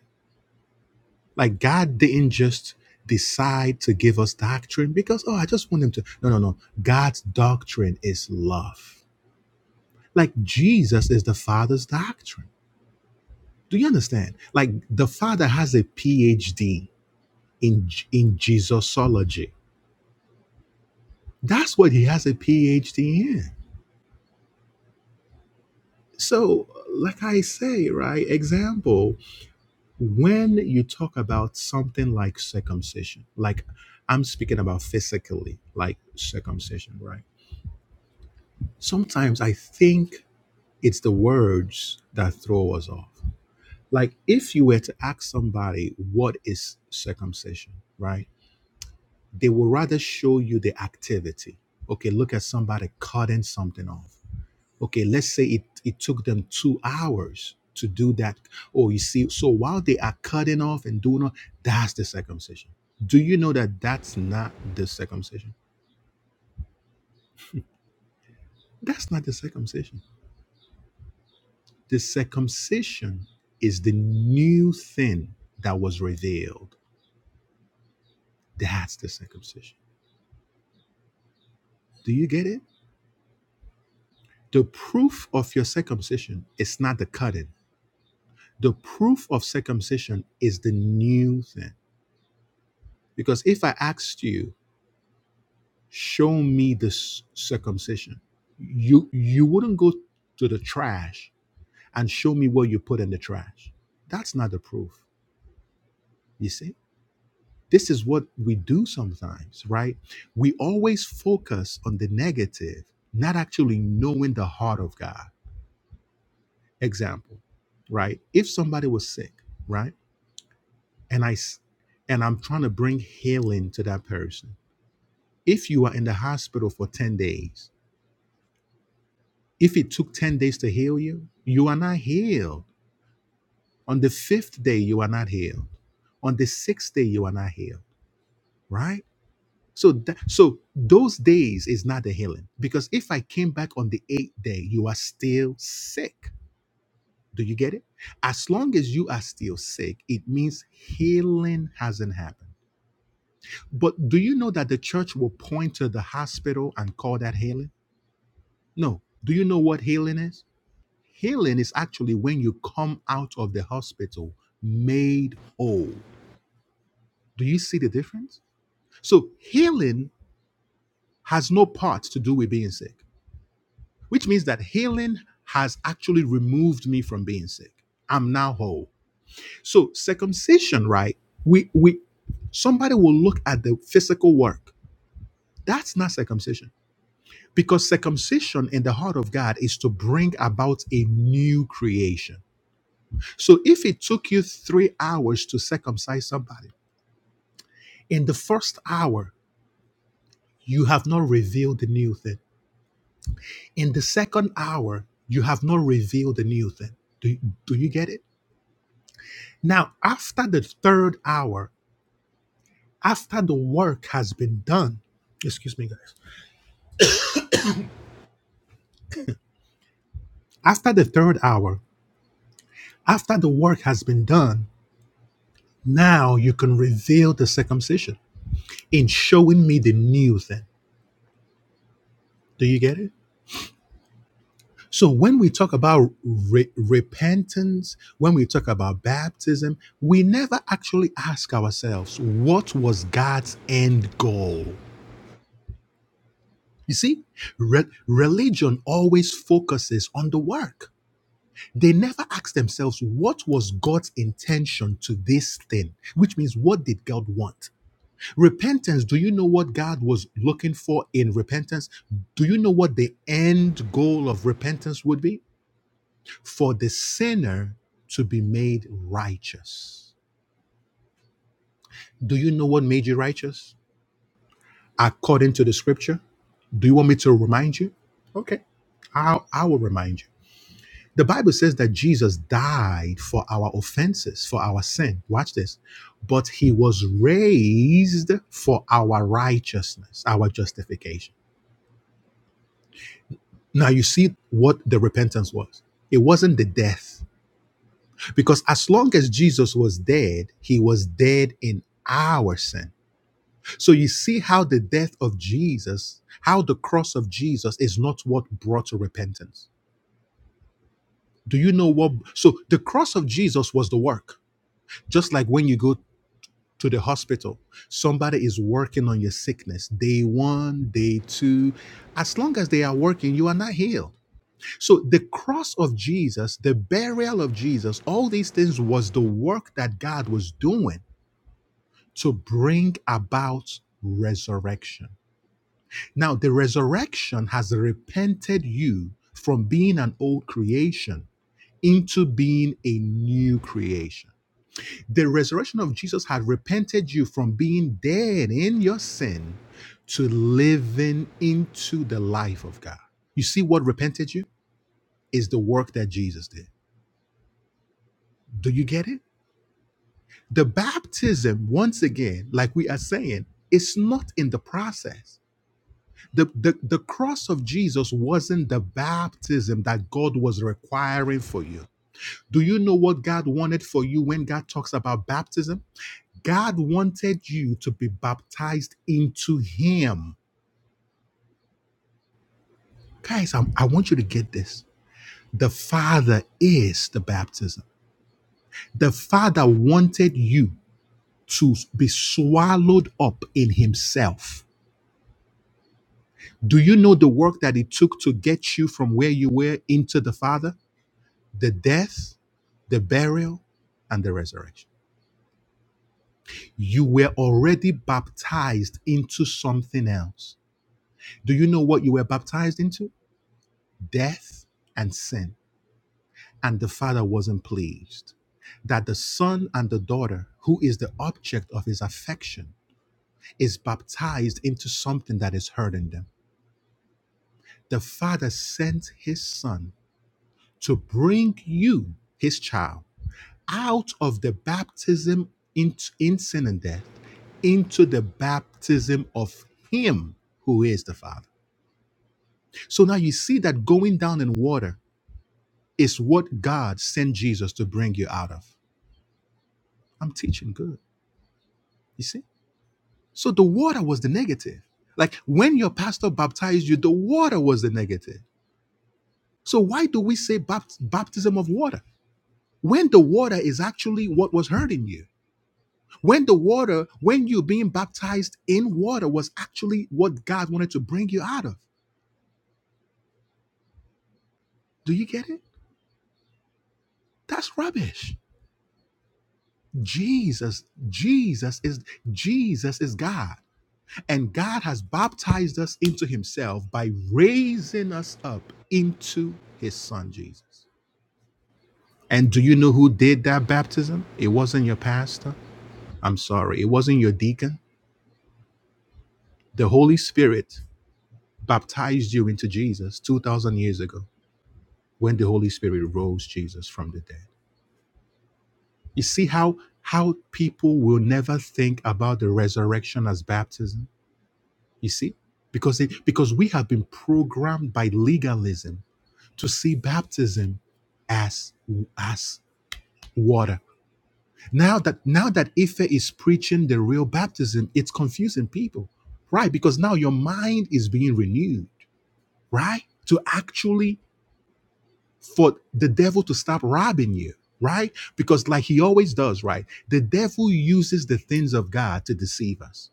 Speaker 1: Like God didn't just decide to give us doctrine because, oh, I just want him to. No, no, no. God's doctrine is love. Like Jesus is the Father's doctrine. Do you understand? Like the Father has a PhD in in Jesusology. That's what he has a PhD in. So, like I say, right? Example, when you talk about something like circumcision, like I'm speaking about physically, like circumcision, right? Sometimes I think it's the words that throw us off. Like if you were to ask somebody what is circumcision, right? They will rather show you the activity. Okay, look at somebody cutting something off okay let's say it it took them two hours to do that oh you see so while they are cutting off and doing all that's the circumcision do you know that that's not the circumcision that's not the circumcision the circumcision is the new thing that was revealed that's the circumcision do you get it the proof of your circumcision is not the cutting the proof of circumcision is the new thing because if i asked you show me this circumcision. You you wouldn't go to the trash and show me what you put in the trash. That's not the proof. You see? This is what we do sometimes, right? We always focus on the negative, not actually knowing the heart of God. Example, right? If somebody was sick, right? And I s- and I'm trying to bring healing to that person. If you are in the hospital for 10 days If it took 10 days to heal you, you are not healed. On the fifth day, you are not healed. On the sixth day, you are not healed, right? So, that, so those days is not the healing because if I came back on the eighth day, you are still sick. Do you get it? As long as you are still sick, it means healing hasn't happened. But do you know that the church will point to the hospital and call that healing? No. Do you know what healing is? Healing is actually when you come out of the hospital made whole. Do you see the difference? So, healing has no part to do with being sick, which means that healing has actually removed me from being sick. I'm now whole. So, circumcision, right? We, we, somebody will look at the physical work. That's not circumcision. Because circumcision in the heart of God is to bring about a new creation. So if it took you three hours to circumcise somebody, in the first hour, you have not revealed the new thing. In the second hour, you have not revealed the new thing. Do, do you get it? Now, after the third hour, after the work has been done, excuse me, guys, after the third hour, after the work has been done, now you can reveal the circumcision in showing me the new thing. Do you get it? So when we talk about re- repentance, when we talk about baptism, we never actually ask ourselves what was God's end goal. You see, re- religion always focuses on the work. They never ask themselves what was God's intention to this thing, which means what did God want? Repentance, do you know what God was looking for in repentance? Do you know what the end goal of repentance would be? for the sinner to be made righteous. Do you know what made you righteous? According to the scripture? Do you want me to remind you? Okay, I, I will remind you. The Bible says that Jesus died for our offenses, for our sin. Watch this. But he was raised for our righteousness, our justification. Now you see what the repentance was. It wasn't the death. Because as long as Jesus was dead, he was dead in our sin So you see how the death of Jesus, how the cross of Jesus is not what brought repentance. Do you know what? So the cross of Jesus was the work. Just like when you go to the hospital, somebody is working on your sickness day one, day two. As long as they are working, you are not healed. So the cross of Jesus, the burial of Jesus, all these things was the work that God was doing to bring about resurrection. Now, the resurrection has repented you from being an old creation into being a new creation. The resurrection of Jesus had repented you from being dead in your sin to living into the life of God. You see what repented you is the work that Jesus did. Do you get it? The baptism, once again, like we are saying, is not in the process the, the, the cross of Jesus wasn't the baptism that God was requiring for you. Do you know what God wanted for you when God talks about baptism? God wanted you to be baptized into Him. Guys, I'm- I want you to get this. The Father is the baptism. The Father wanted you to be swallowed up in Himself. Do you know the work that it took to get you from where you were into the Father? the death, the burial, and the resurrection. You were already baptized into something else. Do you know what you were baptized into? Death and sin. And the Father wasn't pleased that the Son and the daughter, who is the object of his affection, is baptized into something that is hurting them. The Father sent his Son to bring you, his child out of the baptism in, in sin and death into the baptism of Him who is the Father. So now you see that going down in water is what God sent Jesus to bring you out of. I'm teaching good. You see? So the water was the negative. Like when your pastor baptized you, the water was the negative. So why do we say bapt- baptism of water? When the water is actually what was hurting you When the water, when you being baptized in water, was actually what God wanted to bring you out of. Do you get it? That's rubbish. Jesus, Jesus is Jesus is God. And God has baptized us into himself by raising us up into his son Jesus. And do you know who did that baptism? It wasn't your pastor. I'm sorry. It wasn't your deacon. The Holy Spirit baptized you into Jesus 2000 years ago. when the Holy Spirit rose Jesus from the dead. You see how how people will never think about the resurrection as baptism. You see, because it, because we have been programmed by legalism to see baptism as as water. Now that now that Ife is preaching the real baptism, it's confusing people, right? Because now your mind is being renewed, right? To actually for the devil to stop robbing you, right? Because, like he always does, right? The devil uses the things of God to deceive us.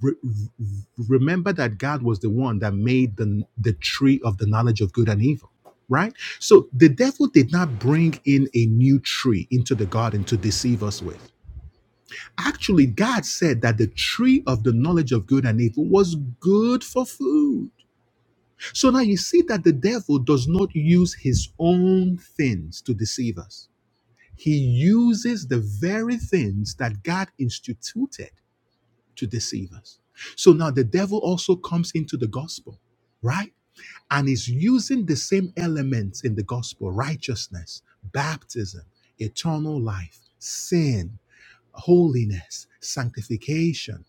Speaker 1: Re- remember that God was the one that made the, the tree of the knowledge of good and evil, right? So the devil did not bring in a new tree into the garden to deceive us with. Actually, God said that the tree of the knowledge of good and evil was good for food. So now you see that the devil does not use his own things to deceive us. He uses the very things that God instituted to deceive us. So now the devil also comes into the gospel, right? And is using the same elements in the gospel righteousness, baptism, eternal life, sin, holiness, sanctification,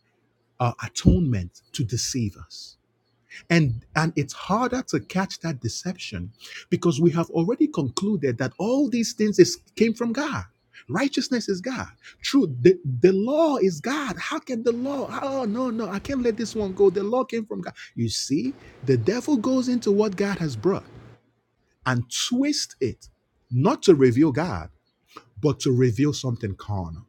Speaker 1: uh, atonement to deceive us. And, and it's harder to catch that deception because we have already concluded that all these things is, came from God. Righteousness is God. Truth, the, the law is God. How can the law? Oh, no, no, I can't let this one go. The law came from God. You see, the devil goes into what God has brought and twists it, not to reveal God, but to reveal something carnal.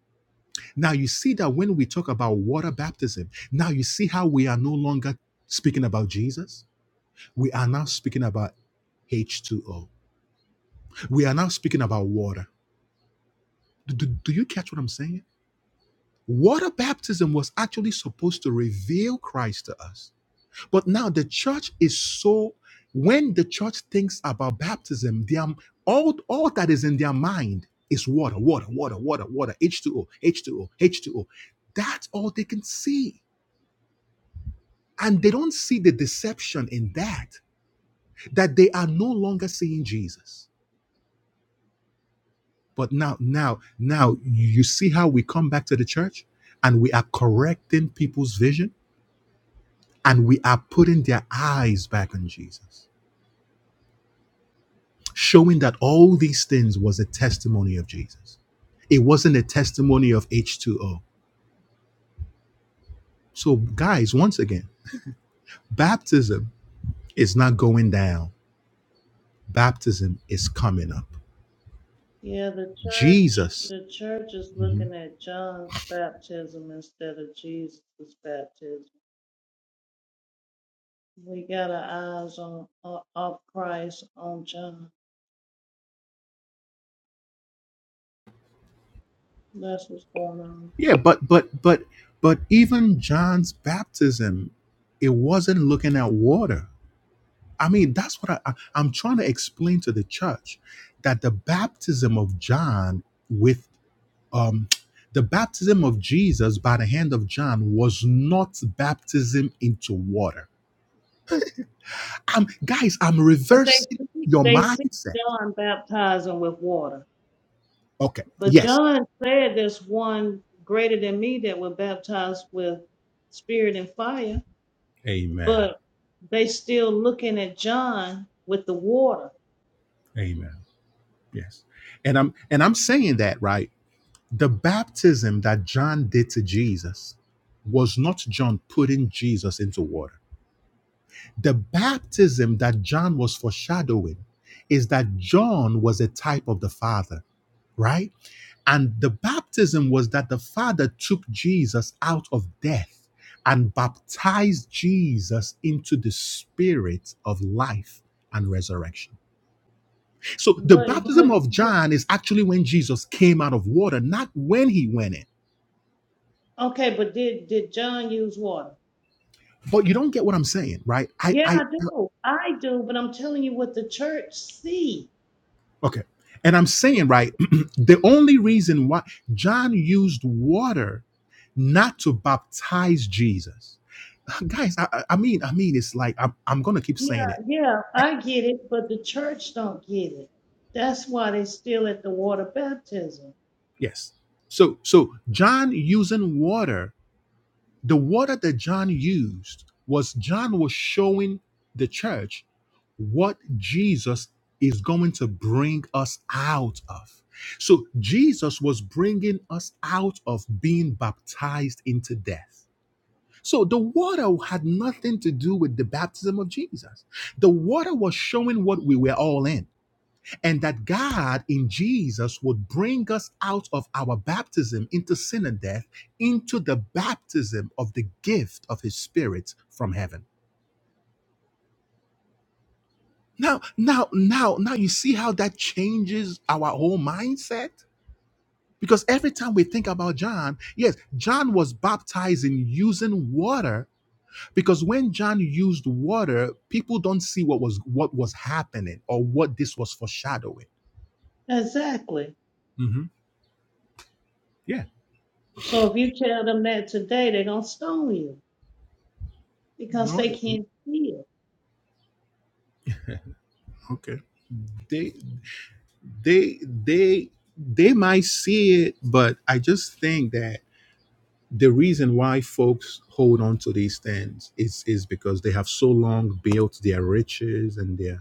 Speaker 1: Now, you see that when we talk about water baptism, now you see how we are no longer speaking about Jesus we are now speaking about H2O. We are now speaking about water. Do, do, do you catch what I'm saying? Water baptism was actually supposed to reveal Christ to us. But now the church is so, when the church thinks about baptism, their, all, all that is in their mind is water, water, water, water, water, H2O, H2O, H2O. That's all they can see. And they don't see the deception in that, that they are no longer seeing Jesus But now, now, now, you see how we come back to the church and we are correcting people's vision and we are putting their eyes back on Jesus, showing that all these things was a testimony of Jesus. It wasn't a testimony of H2O. So, guys, once again, baptism is not going down, baptism is coming up.
Speaker 3: Yeah, the church,
Speaker 1: Jesus.
Speaker 3: the church is looking at John's baptism instead of Jesus' baptism. We got our eyes on o- off Christ on John. That's what's going on.
Speaker 1: Yeah, but, but, but, but even John's baptism, it wasn't looking at water I mean, that's what I, I, I'm trying to explain to the church that the baptism of John with um, the baptism of Jesus by the hand of John was not baptism into water. I'm, guys, I'm
Speaker 3: But they
Speaker 1: reversing
Speaker 3: see-
Speaker 1: your
Speaker 3: they see
Speaker 1: mindset.
Speaker 3: John baptizing with water,
Speaker 1: Okay.
Speaker 3: but
Speaker 1: Yes.
Speaker 3: John said, "There's one greater than me that will baptize with spirit and fire."
Speaker 1: Amen.
Speaker 3: but they still looking at John with the water.
Speaker 1: Amen. Yes. And I'm and I'm saying that right. The baptism that John did to Jesus was not John putting Jesus into water The baptism that John was foreshadowing is that John was a type of the Father, right? And the baptism was that the Father took Jesus out of death and baptized Jesus into the spirit of life and resurrection. So the
Speaker 3: But but
Speaker 1: baptism of John is actually when Jesus came out of water, not when he went in.
Speaker 3: okay, but did did John use water?
Speaker 1: But you don't get what I'm saying, right? I,
Speaker 3: Yeah, I
Speaker 1: I
Speaker 3: do. I do, but I'm telling you what the church see.
Speaker 1: Okay. And I'm
Speaker 3: The-
Speaker 1: saying, right, the only reason why John used water not to baptize Jesus. Guys, I, I I mean, I mean, it's like I'm, I'm gonna keep saying
Speaker 3: Yeah,
Speaker 1: it.
Speaker 3: yeah, I get it, but the church don't get it. That's why they still at the water baptism.
Speaker 1: Yes. So so John using water The water that John used was John was showing the church what Jesus is going to bring us out of. So Jesus was bringing us out of being baptized into death. So the water had nothing to do with the baptism of Jesus. The water was showing what we were all in and that God in Jesus would bring us out of our baptism into sin and death into the baptism of the gift of his spirit from heaven. Now, now, now, now you see how that changes our whole mindset? Because every time we think about John, yes, John was baptized in using water because when John used water, people don't see what was what was happening or what this was foreshadowing.
Speaker 3: Exactly.
Speaker 1: Mhm. Yeah.
Speaker 3: So if you tell them that today, they're gonna stone you because
Speaker 1: No.
Speaker 3: they
Speaker 1: they-
Speaker 3: can't see it.
Speaker 1: Okay. They they they they might see it but i just think that the reason why folks hold on to these things is is because they have so long built their riches and their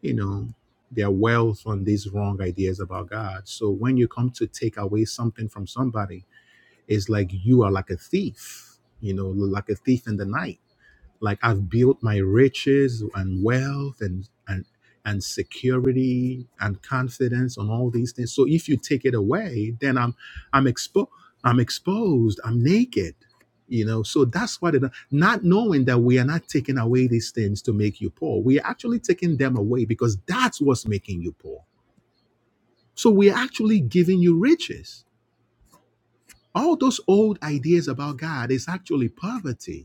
Speaker 1: you know their wealth on these wrong ideas about god so when you come to take away something from somebody it's like you are like a thief you know like a thief in the night like I've built my riches and wealth and and and security and confidence on all these things. So if you take it away, then I'm I'm exposed. I'm exposed. I'm naked. You know, so that's what it not knowing that we are not taking away these things to make you poor. We are actually taking them away because that's what's making you poor. So we are actually giving you riches. All those old ideas about God is actually poverty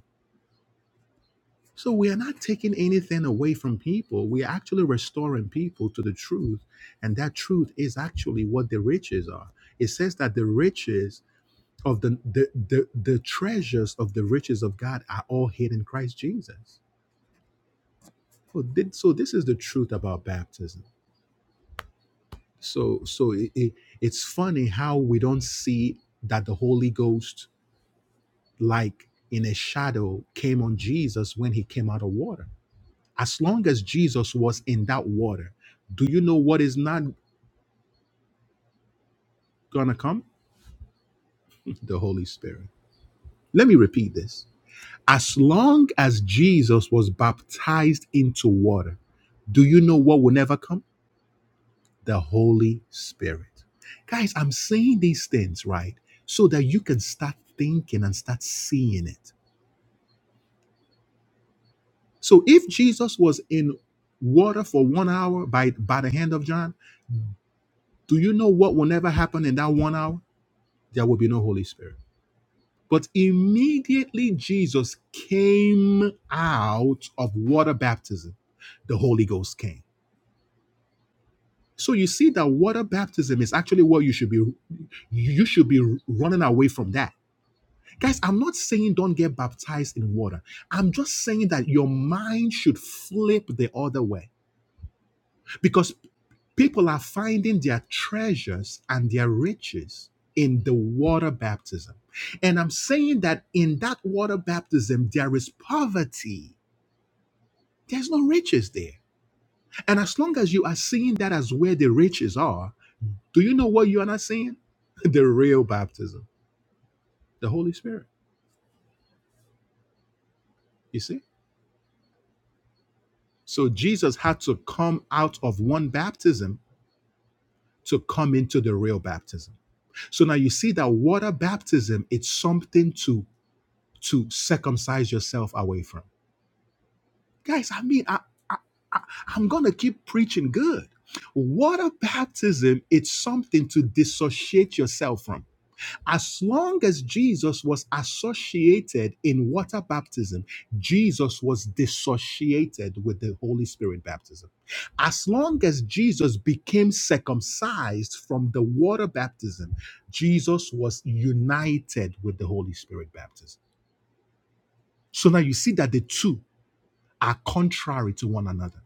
Speaker 1: So we are not taking anything away from people. We are actually restoring people to the truth. And that truth is actually what the riches are. It says that the riches of the the the, the treasures of the riches of God are all hid in Christ Jesus. So thi- so this is the truth about baptism. So so it, it- it's funny how we don't see that the Holy Ghost like in a shadow came on Jesus when he came out of water As long as Jesus was in that water, do you know what is not going to come? The Holy Spirit. Let me repeat this. As long as Jesus was baptized into water, do you know what will never come? The Holy Spirit. Guys, I'm saying these things, right? So that you can start thinking and start seeing it. So if Jesus was in water for one hour by, by the hand of John, do you know what will never happen in that one hour? There will be no Holy Spirit. But immediately Jesus came out of water baptism, the Holy Ghost came. So you see that water baptism is actually what you should be you should be running away from that. Guys, I'm not saying don't get baptized in water. I'm just saying that your mind should flip the other way because people are finding their treasures and their riches in the water baptism. And I'm saying that in that water baptism, there is poverty, there's no riches there. And as long as you are seeing that as where the riches are, do you know what you are not seeing? The real baptism, the Holy Spirit. You see? So Jesus had to come out of one baptism to come into the real baptism. So now you see that water baptism, it's something to to circumcise yourself away from. Guys, I mean, I, I, I, I'm going to keep preaching good. Water baptism, it's something to dissociate yourself from. As long as Jesus was associated in water baptism, Jesus was dissociated with the Holy Spirit baptism. As long as Jesus became circumcised from the water baptism, Jesus was united with the Holy Spirit baptism. So now you see that the two are contrary to one another.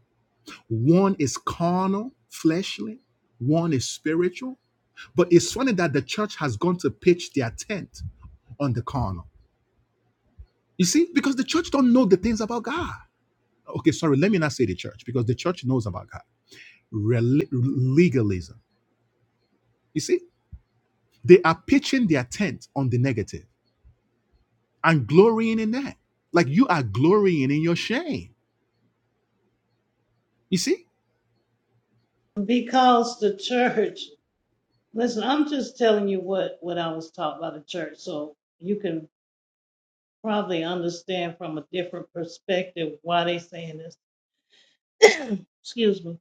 Speaker 1: One is carnal, fleshly, one is spiritual. But it's funny that the church has gone to pitch their tent on the carnal. You see, because the church don't know the things about God. Okay, sorry, let me not say the church because the church knows about God. Rel- legalism. You see, they are pitching their tent on the negative and glorying in that. Like you are glorying in your shame. You see?
Speaker 3: Because the church Listen, I'm just telling you what, what I was taught by the church, so you can probably understand from a different perspective why they saying this. Excuse me.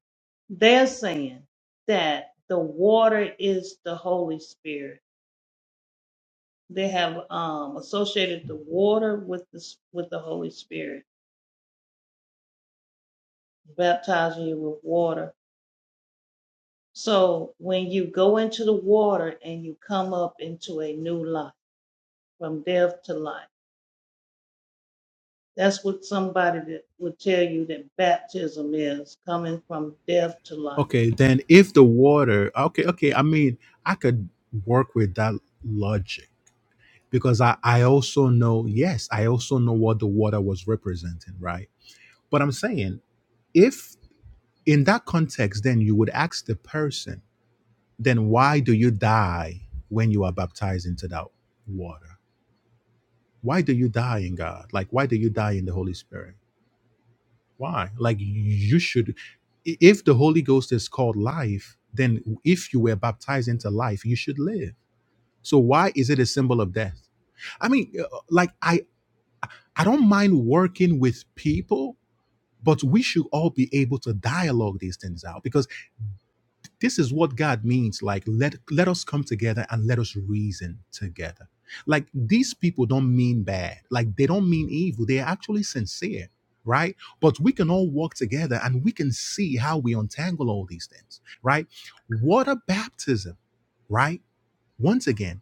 Speaker 3: They're saying that the water is the Holy Spirit. They have um, associated the water with the s- with the Holy Spirit, baptizing you with water. So when you go into the water and you come up into a new life, from death to life. That's what somebody that would tell you that baptism is coming from death to life.
Speaker 1: Okay, then if the water, okay, okay, I mean, I could work with that logic because I, I also know, yes, I also know what the water was representing, right? But I'm saying, if in that context, then you would ask the person, then why do you die when you are baptized into that water? Why do you die in God? Like, why do you die in the Holy Spirit? Why? Like you should if the Holy Ghost is called life, then if you were baptized into life, you should live. So why is it a symbol of death? I mean, uh, like I I don't mind working with people, but we should all be able to dialogue these things out because this is what god means like let let us come together and let us reason together like these people don't mean bad like they don't mean evil they're actually sincere right but we can all work together and we can see how we untangle all these things right water baptism right once again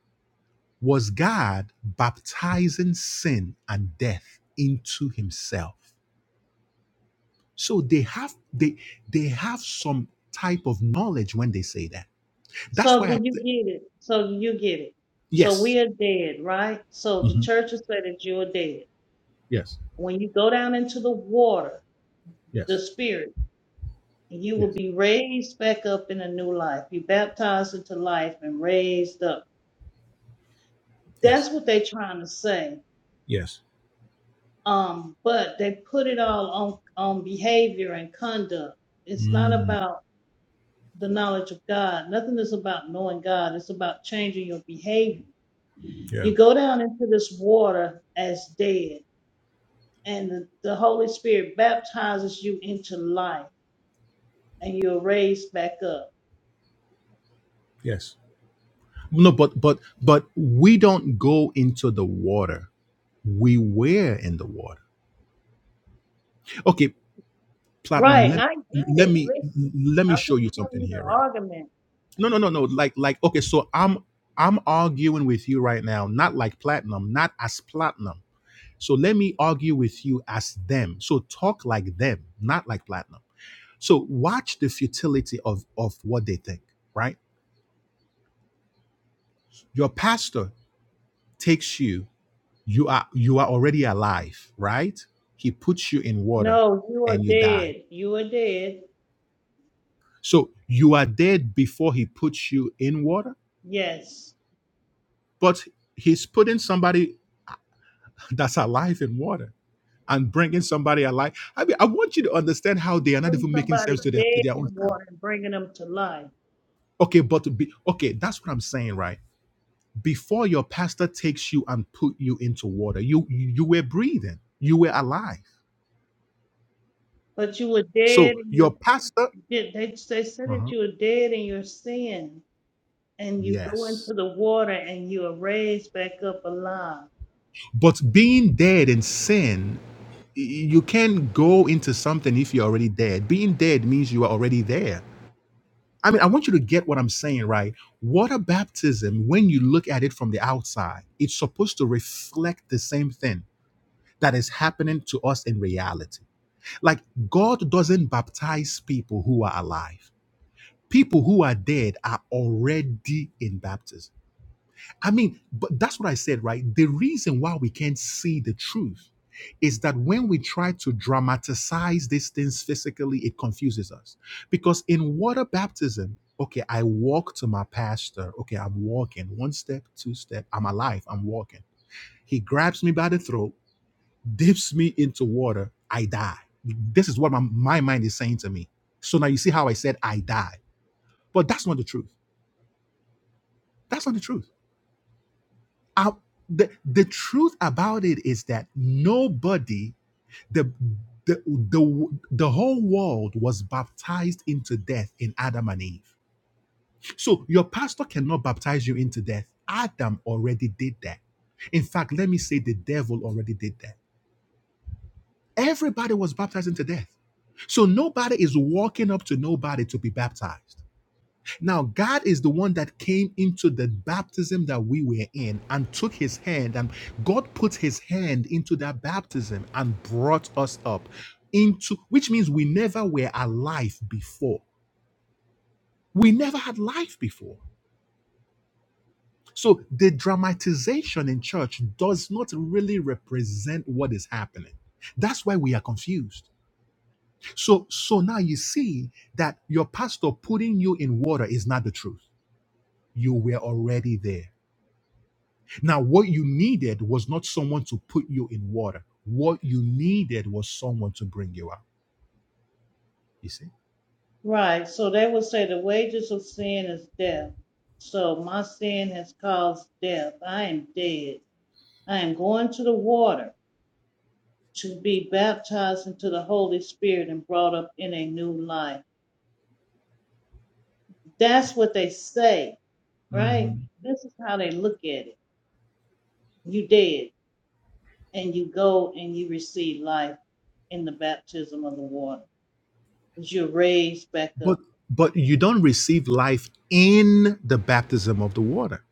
Speaker 1: was god baptizing sin and death into himself so they have they they have some type of knowledge when they say that that's
Speaker 3: So
Speaker 1: why
Speaker 3: do
Speaker 1: I,
Speaker 3: you get it? So do you get it? So
Speaker 1: Yes.
Speaker 3: we are dead, right? So the
Speaker 1: hmm
Speaker 3: church will say that you are dead.
Speaker 1: Yes.
Speaker 3: When you go down into the water, the
Speaker 1: Yes.
Speaker 3: spirit, you will
Speaker 1: Yes.
Speaker 3: be raised back up in a new life. You baptized into life and raised up. That's
Speaker 1: Yes.
Speaker 3: what they're trying to say.
Speaker 1: Yes.
Speaker 3: Um, but they put it all on on behavior and conduct. It's not
Speaker 1: Mm,
Speaker 3: about the knowledge of God. Nothing is about knowing God. It's about changing your behavior.
Speaker 1: yeah.
Speaker 3: You go down into this water as dead, and the, the Holy Spirit baptizes you into life, and you're raised back up.
Speaker 1: Yes. No, but but but we don't go into the water. We were in the water. Okay, platinum.
Speaker 3: Right,
Speaker 1: Let
Speaker 3: I get
Speaker 1: let
Speaker 3: it.
Speaker 1: me
Speaker 3: Listen,
Speaker 1: let me
Speaker 3: I'm
Speaker 1: show
Speaker 3: just
Speaker 1: you
Speaker 3: telling
Speaker 1: something
Speaker 3: you
Speaker 1: here,
Speaker 3: the
Speaker 1: right?
Speaker 3: argument.
Speaker 1: No, no, no, no. Like like okay. So I'm I'm arguing with you right now, not like platinum, not as platinum. So let me argue with you as them. So talk like them, not like platinum. So watch the futility of, of what they think, right? Your pastor takes you, you are you are already alive, right? He puts you in water
Speaker 3: No, you are
Speaker 1: and you die.
Speaker 3: dead. You are dead.
Speaker 1: So you are dead before he puts you in water,
Speaker 3: Yes.
Speaker 1: but he's putting somebody that's alive in water and bringing somebody alive. I mean, I want you to understand how they are not
Speaker 3: Putting
Speaker 1: even making
Speaker 3: somebody
Speaker 1: sense to their, to
Speaker 3: dead
Speaker 1: their
Speaker 3: in the
Speaker 1: own self.
Speaker 3: water and bringing them to life.
Speaker 1: Okay, but to be okay, that's what I'm saying, right? before your pastor takes you and put you into water you you were breathing you were alive
Speaker 3: But you were dead
Speaker 1: so
Speaker 3: in your,
Speaker 1: your pastor
Speaker 3: they, they said that
Speaker 1: Uh-huh.
Speaker 3: you were dead in your sin and you go
Speaker 1: yes
Speaker 3: into the water and you are raised back up alive.
Speaker 1: but being dead in sin y- you can't go into something if you're already dead being dead means you are already there i mean i want you to get what i'm saying right water baptism when you look at it from the outside it's supposed to reflect the same thing that is happening to us in reality like god doesn't baptize people who are alive People who are dead are already in baptism. I mean, but that's what I said, right? The reason why we can't see the truth is that when we try to dramatize these things physically, it confuses us. Because in water baptism, okay, I walk to my pastor. Okay, I'm walking one step, two step. I'm alive. I'm walking. He grabs me by the throat, dips me into water. I die. This is what my, my mind is saying to me. So now you see how I said I die. But that's not the truth. That's not the truth. I, the, the truth about it is that nobody, the, the, the, the whole world was baptized into death in Adam and Eve. So your pastor cannot baptize you into death. Adam already did that. In fact, let me say the devil already did that. Everybody was baptized into death. So nobody is walking up to nobody to be baptized. Now, God is the one that came into the baptism that we were in and took his hand, and God put his hand into that baptism and brought us up into, which means we never were alive before. We never had life before. So the dramatization in church does not really represent what is happening. That's why we are confused. So, so now you see that your pastor putting you in water is not the truth. You were already there Now, what you needed was not someone to put you in water. What you needed was someone to bring you out. You see?
Speaker 3: Right. So they will say the wages of sin is death. So my sin has caused death. I am dead. I am going to the water to be baptized into the Holy Spirit and brought up in a new life. That's what they say, right?
Speaker 1: hmm
Speaker 3: This is how they look at it. You dead and you go and you receive life in the baptism of the water. 'cause You're raised back up.
Speaker 1: But but you don't receive life in the baptism of the water.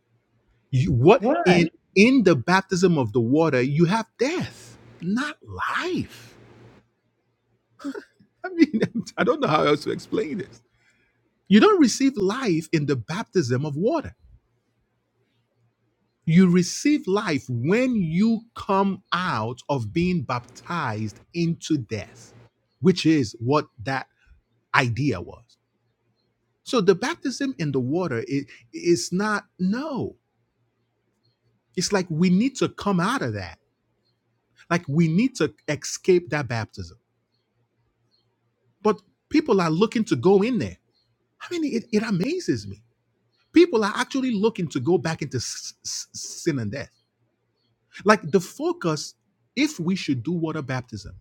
Speaker 1: You, what
Speaker 3: Right.
Speaker 1: in in the baptism of the water you have death, not life. I mean, I don't know how else to explain this. You don't receive life in the baptism of water You receive life when you come out of being baptized into death, which is what that idea was. So the baptism in the water is is not, no. It's like we need to come out of that. Like we need to escape that baptism. But people are looking to go in there. I mean, it, it amazes me. People are actually looking to go back into s- s- sin and death. Like the focus, if we should do water baptism,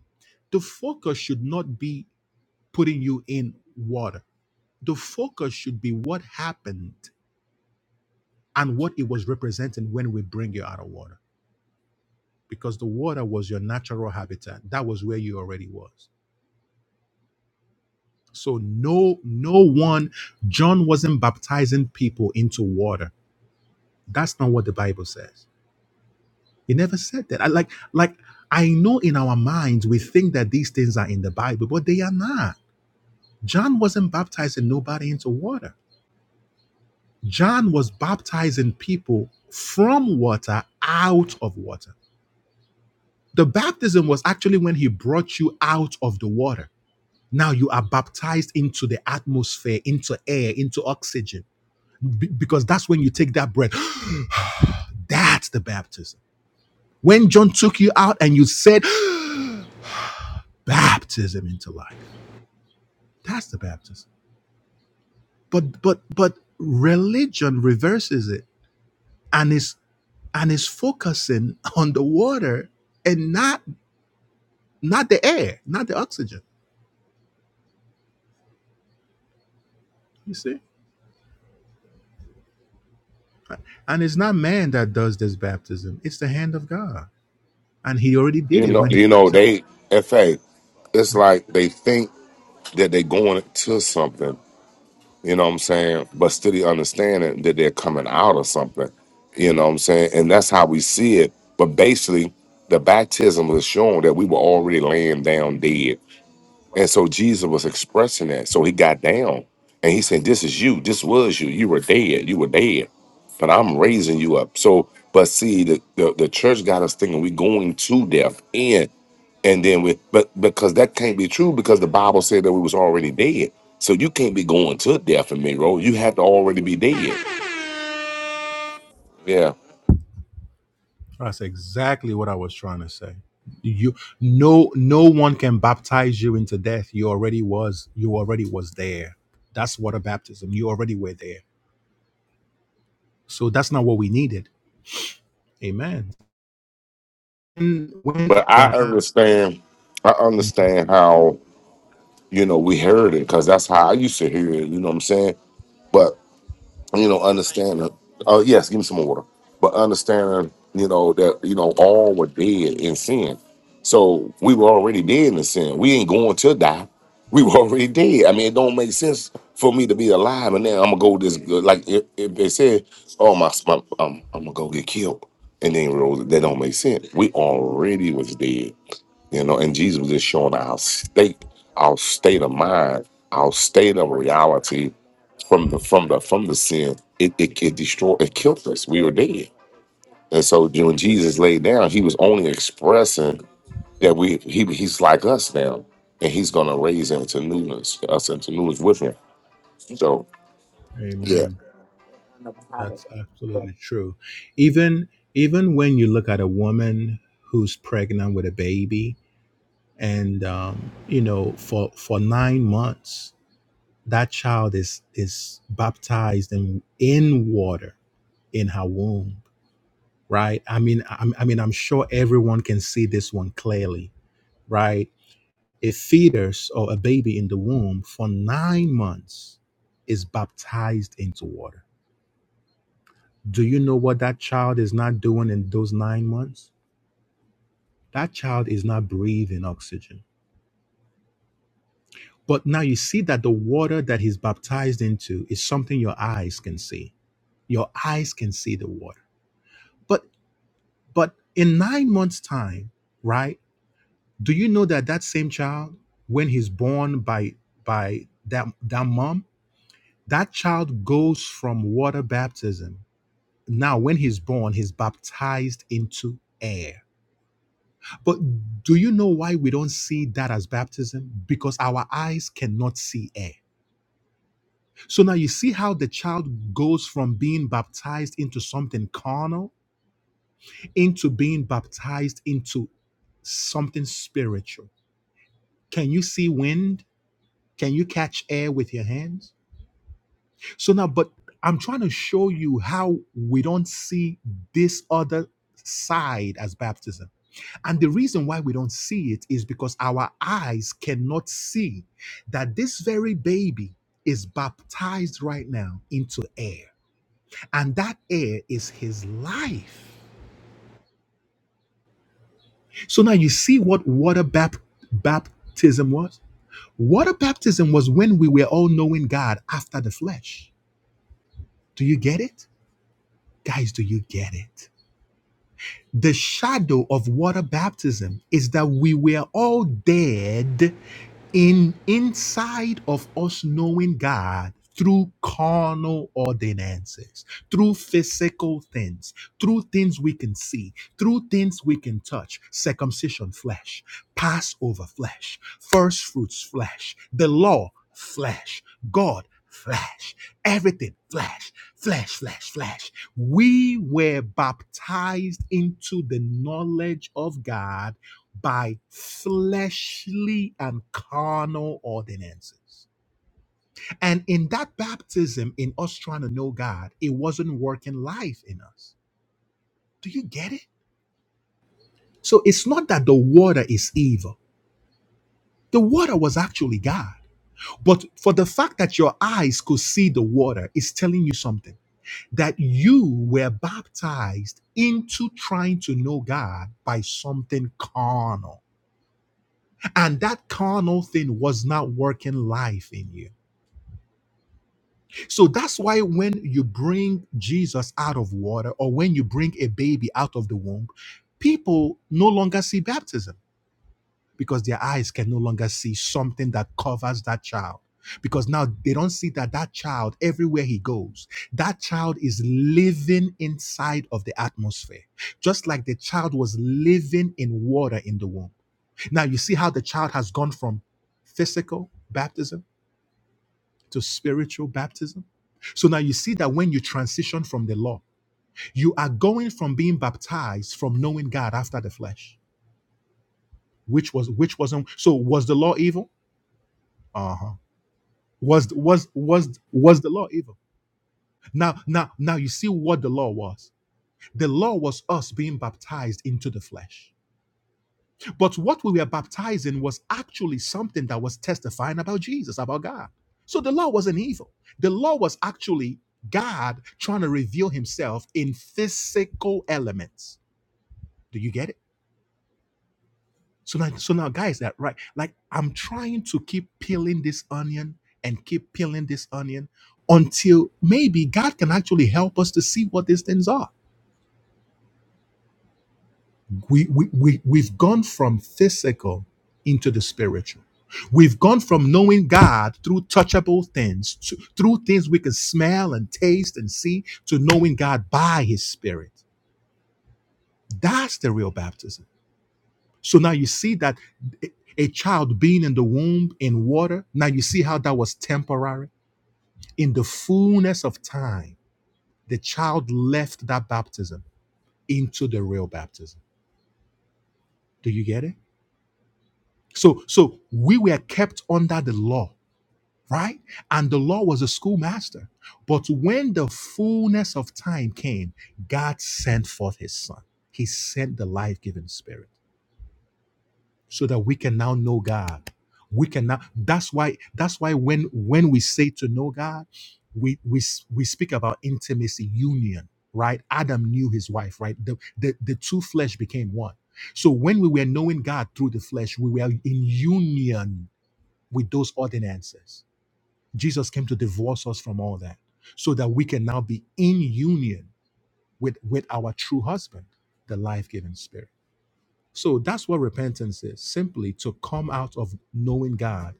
Speaker 1: the focus should not be putting you in water. The focus should be what happened and what it was representing when we bring you out of water. Because the water was your natural habitat. That was where you already was. So no, no one, John wasn't baptizing people into water. That's not what the Bible says. He never said that. I like like I know in our minds we think that these things are in the Bible, but they are not John wasn't baptizing nobody into water. John was baptizing people from water out of water. The baptism was actually when he brought you out of the water. Now you are baptized into the atmosphere, into air, into oxygen, be- because that's when you take that breath. That's the baptism. When John took you out and you said, baptism into life. That's the baptism. But but but religion reverses it and is and is focusing on the water and not not the air, not the oxygen. You see? And it's not man that does this baptism. It's the hand of God. And he already did
Speaker 4: You
Speaker 1: it
Speaker 4: know,
Speaker 1: when he
Speaker 4: you know, they in fact, it's like they think. that they're going to something, you know what I'm saying? But still the understanding that they're coming out of something, you know what I'm saying? And that's how we see it. But basically, the baptism was showing that we were already laying down dead and so Jesus was expressing that. So he got down and he said, This is you. This was you. You were dead. You were dead. But I'm raising you up. So, but see, the, the, the church got us thinking we are going to death and and then we but because that can't be true because the Bible said that we was already dead. So you can't be going to death in me, bro. You have to already be dead. Yeah.
Speaker 1: that's exactly what I was trying to say. You no no one can baptize you into death. You already was you already was there. That's water baptism. You already were there. So that's not what we needed. Amen. And when
Speaker 4: But I
Speaker 1: Abraham
Speaker 4: understand, I understand how, you know, we heard it, because that's how I used to hear it, you know what I'm saying? But. you know, understanding. Oh yes, give me some more water. But understanding, you know, that you know all were dead in sin. So we were already dead in sin. We ain't going to die. We were already dead. I mean, it don't make sense for me to be alive and then I'm gonna go this good. Like if, if they said, "Oh my, my um, I'm gonna go get killed," and then rose, that don't make sense. We already was dead. You know, and Jesus was just showing our state, our state of mind, our state of reality from the from the from the sin. It it, it destroyed it killed us. We were dead. And so when Jesus laid down, he was only expressing that we he he's like us now. And he's gonna raise into newness, us into newness with him. So yeah.
Speaker 1: Amen. That's absolutely true. Even even when you look at a woman who's pregnant with a baby, and um, you know, for for nine months, that child is is baptized in in water in her womb, right? I mean, I, I mean, I'm sure everyone can see this one clearly, right? A fetus or a baby in the womb for nine months is baptized into water Do you know what that child is not doing in those nine months? That child is not breathing oxygen. But now you see that the water that he's baptized into is something your eyes can see. Your eyes can see the water. But but in nine months' time, right? Do you know that that same child, when he's born by by that that mom, that child goes from water baptism. Now, when he's born, he's baptized into air But do you know why we don't see that as baptism? Because our eyes cannot see air. So now you see how the child goes from being baptized into something carnal into being baptized into something spiritual. Can you see wind? Can you catch air with your hands? So now, but I'm trying to show you how we don't see this other side as baptism And the reason why we don't see it is because our eyes cannot see that this very baby is baptized right now into air. And that air is his life. So now you see what water bap- baptism was? Water baptism was when we were all knowing God after the flesh. Do you get it? Guys, do you get it? The shadow of water baptism is that we were all dead in inside of us knowing God through carnal ordinances, through physical things, through things we can see, through things we can touch, circumcision flesh, Passover flesh, first fruits flesh, the law flesh, God flesh. Everything, flesh, flesh, flesh, flesh. We were baptized into the knowledge of God by fleshly and carnal ordinances. And in that baptism, in us trying to know God, it wasn't working life in us. Do you get it? So it's not that the water is evil, the water was actually God. But for the fact that your eyes could see the water is telling you something that you were baptized into trying to know God by something carnal. And that carnal thing was not working life in you. So that's why when you bring Jesus out of water or when you bring a baby out of the womb, people no longer see baptism because their eyes can no longer see something that covers that child because now they don't see that that child everywhere he goes that child is living inside of the atmosphere just like the child was living in water in the womb now you see how the child has gone from physical baptism to spiritual baptism so now you see that when you transition from the law you are going from being baptized from knowing god after the flesh which was which wasn't so was the law evil Uh huh. was was was was the law evil now now now you see what the law was the law was us being baptized into the flesh but what we were baptized in was actually something that was testifying about jesus about god so the law wasn't evil the law was actually god trying to reveal himself in physical elements do you get it So now, so now, guys, that right? Like I'm trying to keep peeling this onion and keep peeling this onion until maybe God can actually help us to see what these things are. We we, we we've gone from physical into the spiritual. We've gone from knowing God through touchable things, to, through things we can smell and taste and see, to knowing God by His Spirit. That's the real baptism. So now you see that a child being in the womb in water, now you see how that was temporary. In the fullness of time, the child left that baptism into the real baptism. Do you get it? So so we were kept under the law, right? And the law was a schoolmaster. But when the fullness of time came, God sent forth his son. He sent the life-giving spirit. so that we can now know God. We can now. That's why. That's why when when we say to know God, we we we speak about intimacy, union, right? Adam knew his wife, right? The the, the two flesh became one. So when we were knowing God through the flesh, we were in union with those ordinances. Jesus came to divorce us from all that, so that we can now be in union with with our true husband, the life-giving Spirit. So that's what repentance is simply to come out of knowing God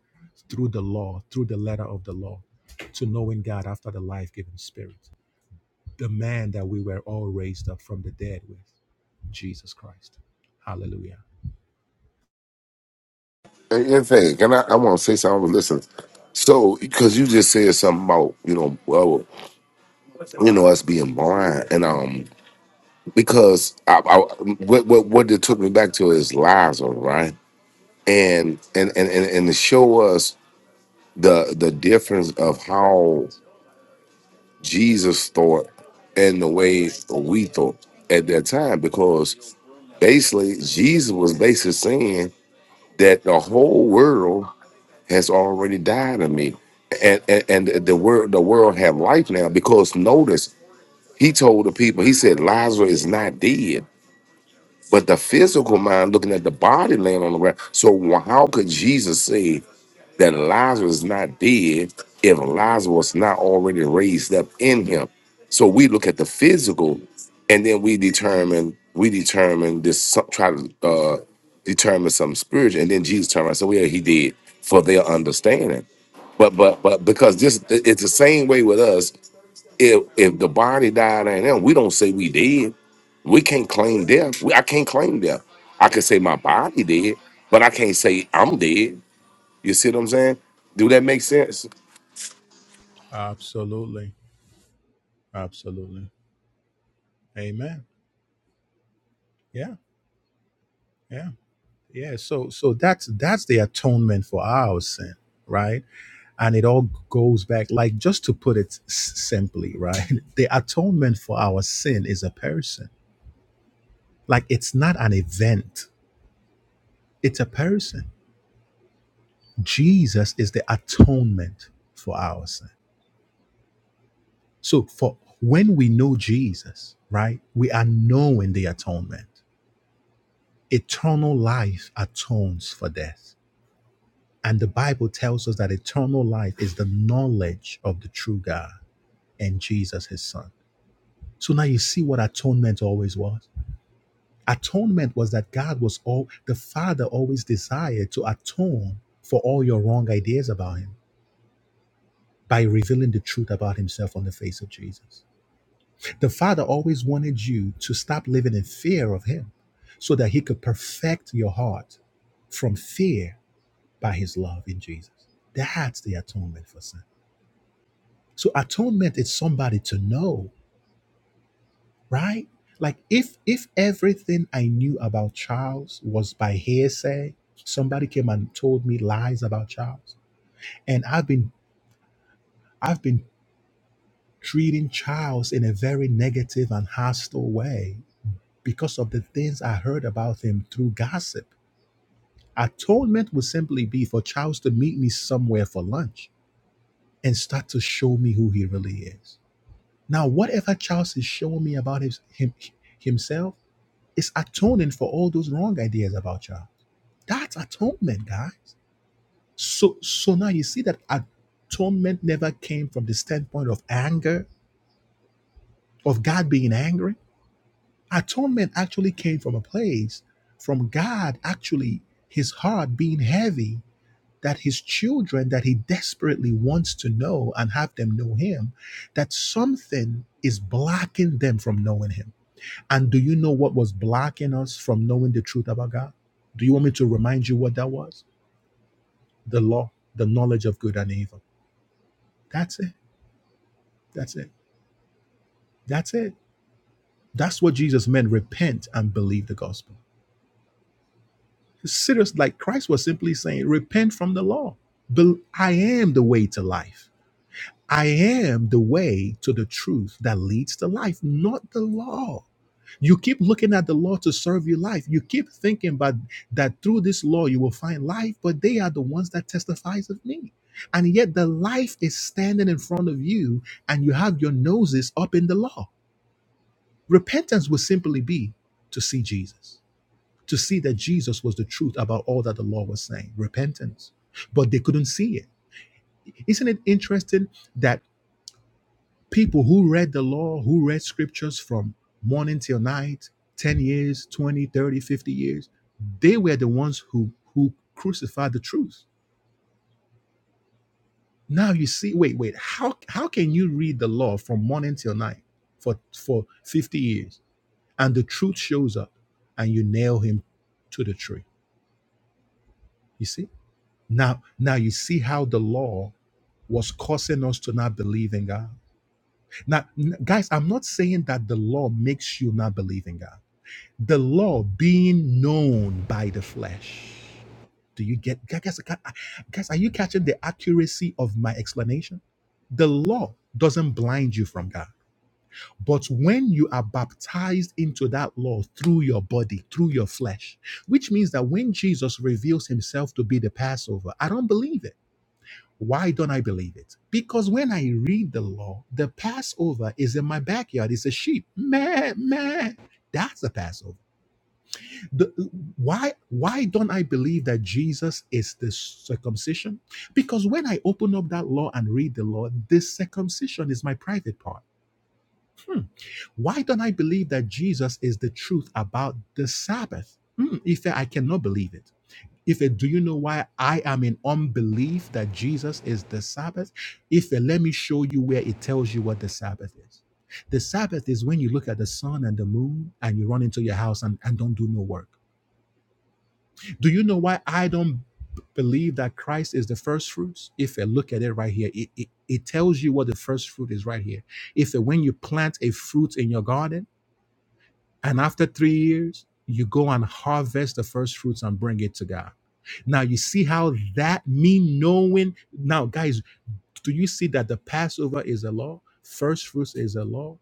Speaker 1: through the law, through the letter of the law, to knowing God after the life giving spirit, the man that we were all raised up from the dead with, Jesus Christ. Hallelujah.
Speaker 4: And, and thing, and I, I wanna say something, I was listening. So because you just said something about, you know, well, you know, us being blind. And um because I, I what, what what it took me back to is Lazarus, right? And and and and, and to show us the the difference of how Jesus thought and the way we thought at that time, because basically Jesus was basically saying that the whole world has already died of me, and and, and the world the world have life now because notice he told the people he said Lazarus is not dead but the physical mind looking at the body laying on the ground. So wh- how could Jesus say that Lazarus is not dead if Lazarus was not already raised up in him? So we look at the physical, and then we determine we determine this some- try to uh, determine some spiritual, and then Jesus turned around and said, "Well, yeah, he did for their understanding." But but but because this it's the same way with us. If if the body died and them, we don't say we did we can't claim death. We, I can't claim death. I can say my body dead, but I can't say I'm dead. You see what I'm saying? Do that make sense?
Speaker 1: Absolutely. Absolutely. Amen. Yeah. Yeah. Yeah, so so that's that's the atonement for our sin, right? And it all goes back, like just to put it s- simply, right? The atonement for our sin is a person. Like it's not an event, it's a person. Jesus is the atonement for our sin. So for when we know Jesus, right, we are knowing the atonement. Eternal life atones for death And the Bible tells us that eternal life is the knowledge of the true God and Jesus, his son. So now you see what atonement always was. Atonement was that God was all, the Father always desired to atone for all your wrong ideas about him by revealing the truth about himself on the face of Jesus. The Father always wanted you to stop living in fear of him so that he could perfect your heart from fear by his love in Jesus. That's the atonement for sin. So atonement is somebody to know, right? Like if if everything I knew about Charles was by hearsay, somebody came and told me lies about Charles, and I've been I've been treating Charles in a very negative and hostile way because of the things I heard about him through gossip. Atonement would simply be for Charles to meet me somewhere for lunch and start to show me who he really is. Now, whatever Charles is showing me about his, him, himself is atoning for all those wrong ideas about you. That's atonement, guys. So so now you see that atonement never came from the standpoint of anger, of God being angry. Atonement actually came from a place from God actually his heart being heavy that his children that he desperately wants to know and have them know him that something is blocking them from knowing him And do you know what was blocking us from knowing the truth about God? Do you want me to remind you what that was? The law, the knowledge of good and evil. That's it. That's it. That's it. That's what Jesus meant. Repent and believe the gospel. It's serious, like Christ was simply saying, repent from the law. Bel- I am the way to life. I am the way to the truth that leads to life, not the law. You keep looking at the law to serve your life. You keep thinking about that through this law you will find life, but they are the ones that testifies of me. And yet the life is standing in front of you and you have your noses up in the law. Repentance will simply be to see Jesus, to see that Jesus was the truth about all that the law was saying. Repentance. But they couldn't see it. Isn't it interesting that people who read the law, who read scriptures from morning till night, 10 years, 20, 30, 50 years, they were the ones who who crucified the truth. Now you see, wait, wait, how how can you read the law from morning till night for for 50 years and the truth shows up and you nail him to the tree? You see? Now now you see how the law was causing us to not believe in God. Now, n- guys, I'm not saying that the law makes you not believe in God. the law being known by the flesh. Do you get, guys, guys, are you catching the accuracy of my explanation? The law doesn't blind you from God. But when you are baptized into that law through your body, through your flesh, which means that when Jesus reveals himself to be the Passover, I don't believe it. Why don't I believe it? Because when I read the law, the Passover is in my backyard. It's a sheep. Meh, meh. That's the Passover the, why why don't I believe that Jesus is the circumcision? Because when I open up that law and read the law, this circumcision is my private part. Hmm. Why don't I believe that Jesus is the truth about the Sabbath? Hmm. If I cannot believe it. If do you know why I am in unbelief that Jesus is the Sabbath? If let me show you where it tells you what the Sabbath is. The Sabbath is when you look at the sun and the moon and you run into your house and, and don't do no work. Do you know why I don't b- believe that Christ is the first fruits? If I look at it right here, it, it, it tells you what the first fruit is right here. If when you plant a fruit in your garden and after three years, you go and harvest the first fruits and bring it to God. Now you see how that me knowing now, guys, do you see that the Passover is a law? First fruits is a law.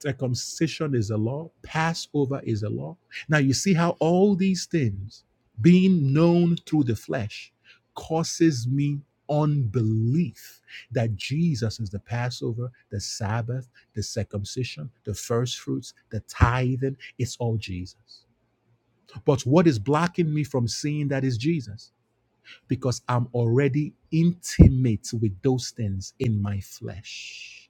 Speaker 1: Circumcision is a law. Passover is a law. Now you see how all these things being known through the flesh causes me unbelief that Jesus is the Passover, the Sabbath, the circumcision, the first fruits, the tithing. It's all Jesus. But what is blocking me from seeing that is Jesus? Because I'm already intimate with those things in my flesh.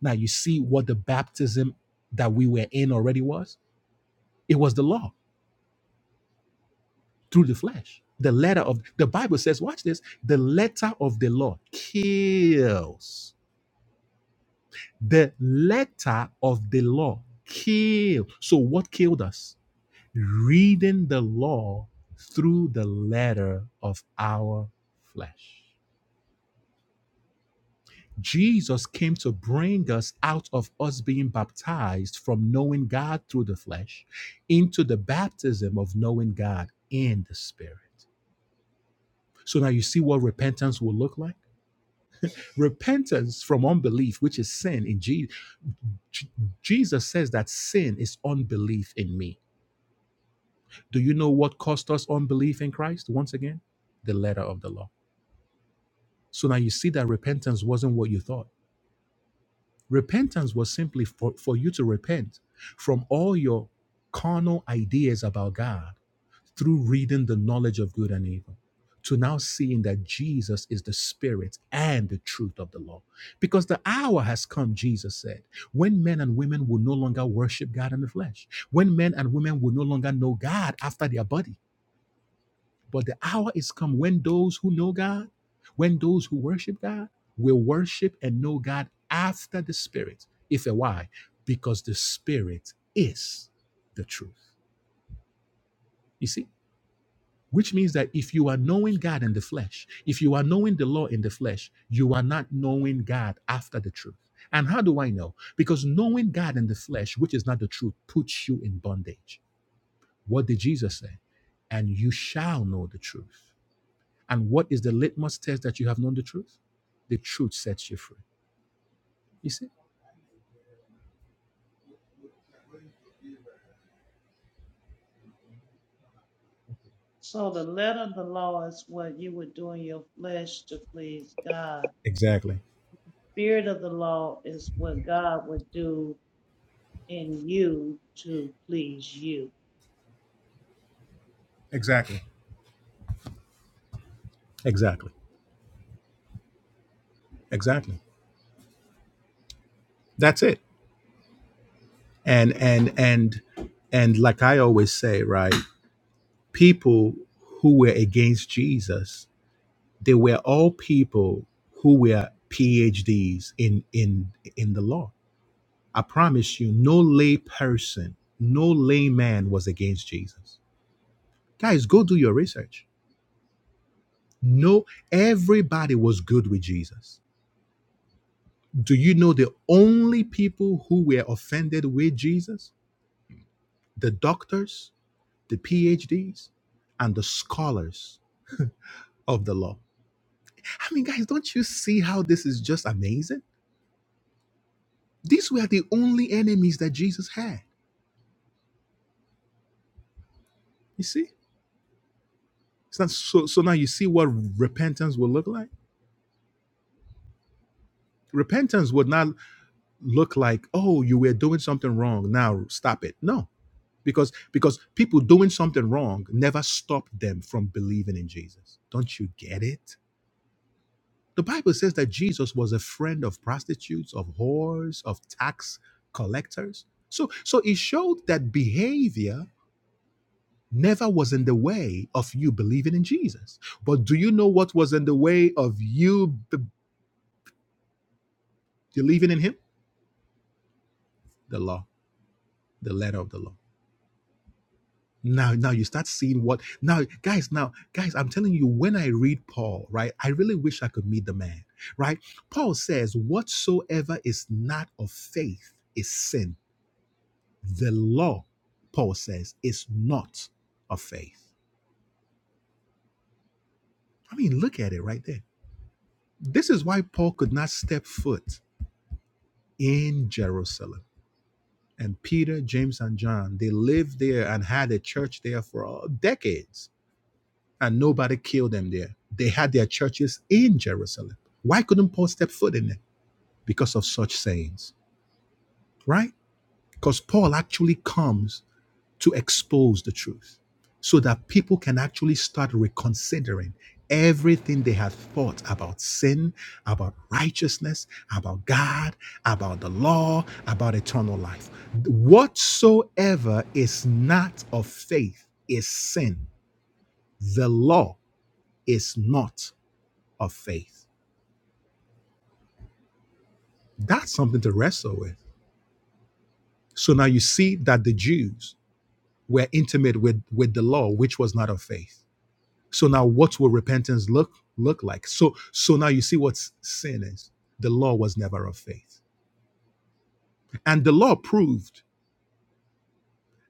Speaker 1: Now you see what the baptism that we were in already was? It was the law through the flesh. The letter of the Bible says, watch this, the letter of the law kills. The letter of the law kills. So what killed us? Reading the law through the letter of our flesh. Jesus came to bring us out of us being baptized from knowing God through the flesh into the baptism of knowing God in the spirit. So now you see what repentance will look like? Repentance from unbelief, which is sin in Jesus. Jesus says that sin is unbelief in me. Do you know what cost us unbelief in Christ? Once again, the letter of the law. So now you see that repentance wasn't what you thought. Repentance was simply for, for you to repent from all your carnal ideas about God through reading the knowledge of good and evil to now seeing that Jesus is the Spirit and the truth of the law. Because the hour has come, Jesus said, when men and women will no longer worship God in the flesh, when men and women will no longer know God after their body but the hour is come when those who know God, when those who worship God, will worship and know God after the Spirit. If and why? Because the Spirit is the truth. You see? Which means that if you are knowing God in the flesh, if you are knowing the law in the flesh, you are not knowing God after the truth. And how do I know? Because knowing God in the flesh, which is not the truth, puts you in bondage. What did Jesus say? And you shall know the truth And what is the litmus test that you have known the truth? The truth sets you free. You see?
Speaker 3: So the letter of the law is what you would do in your flesh to please God.
Speaker 1: Exactly.
Speaker 3: Spirit of the law is what God would do in you to please you.
Speaker 1: Exactly. Exactly. Exactly. That's it. And and and and like I always say, right? People who were against Jesus, they were all people who were PhDs in in in the law. I promise you, no lay person, no layman was against Jesus. Guys, go do your research. No, everybody was good with Jesus. Do you know the only people who were offended with Jesus? The doctors, the PhDs, and the scholars of the law. I mean, guys, don't you see how this is just amazing? These were the only enemies that Jesus had. You see? It's not so so now you see what repentance would look like? Repentance would not look like, oh, you were doing something wrong. Now stop it. No because because people doing something wrong never stopped them from believing in jesus don't you get it the bible says that jesus was a friend of prostitutes of whores of tax collectors so so it showed that behavior never was in the way of you believing in jesus but do you know what was in the way of you be- believing in him the law the letter of the law Now, now you start seeing what now, guys. Now, guys, I'm telling you, when I read Paul, right, I really wish I could meet the man, right? Paul says, Whatsoever is not of faith is sin. The law, Paul says, is not of faith. I mean, look at it right there. This is why Paul could not step foot in Jerusalem. And Peter, James, and John, they lived there and had a church there for uh, decades and nobody killed them there. They had their churches in Jerusalem. Why couldn't Paul step foot in them? Because of such sayings, right? Because Paul actually comes to expose the truth so that people can actually start reconsidering everything they have thought about sin, about righteousness, about God, about the law, about eternal life. Whatsoever is not of faith is sin. The law is not. of faith. That's something to wrestle with. So now you see that the Jews were intimate with, with the law, which was not of faith. So now what will repentance look look like? So so now you see what sin is. The law was never of faith. And the law proved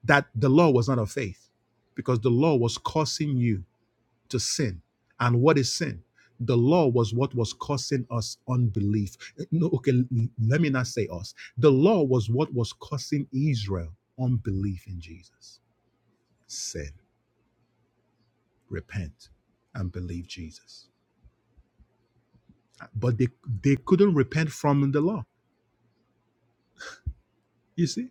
Speaker 1: that the law was not of faith because the law was causing you to sin. And what is sin? The law was what was causing us unbelief. No, okay, l- let me not say us. The law was what was causing Israel unbelief in Jesus. Sin, repent, and believe Jesus. But they, they couldn't repent from the law. You see,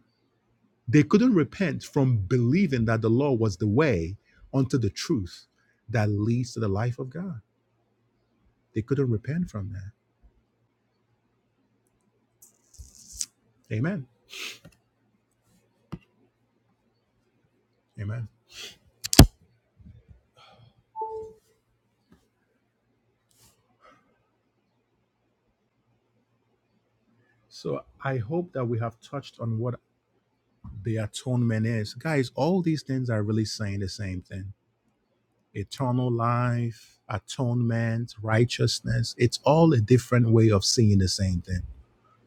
Speaker 1: they couldn't repent from believing that the law was the way unto the truth that leads to the life of God. They couldn't repent from that. Amen. Amen. So I hope that we have touched on what the atonement is. Guys, all these things are really saying the same thing eternal life, atonement, righteousness. It's all a different way of seeing the same thing.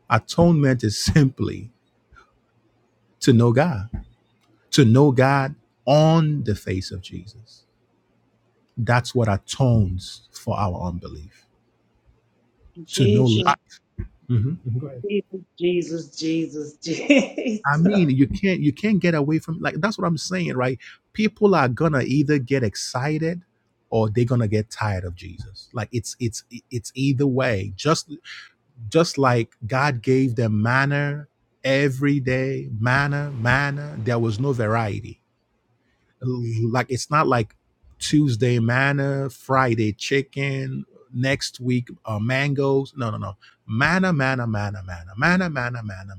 Speaker 1: Atonement is simply to know God, to know God on the face of Jesus. That's what atones for our unbelief, to know
Speaker 3: Jesus,
Speaker 1: life. Mhm. Mhm. Go ahead.
Speaker 3: Jesus, Jesus, Jesus,
Speaker 1: I
Speaker 3: Jesus.
Speaker 1: mean, you can't you can't get away from like that's what I'm saying, right? People are gonna either get excited or they're gonna get tired of Jesus. Like it's it's it's either way. Just just like God gave them manna every day, manna, manna. There was no variety like it's not like Tuesday manna, Friday chicken, next week uh, mangoes. No, no, no. Manna, manna, manna, manna, manna, manna, manna.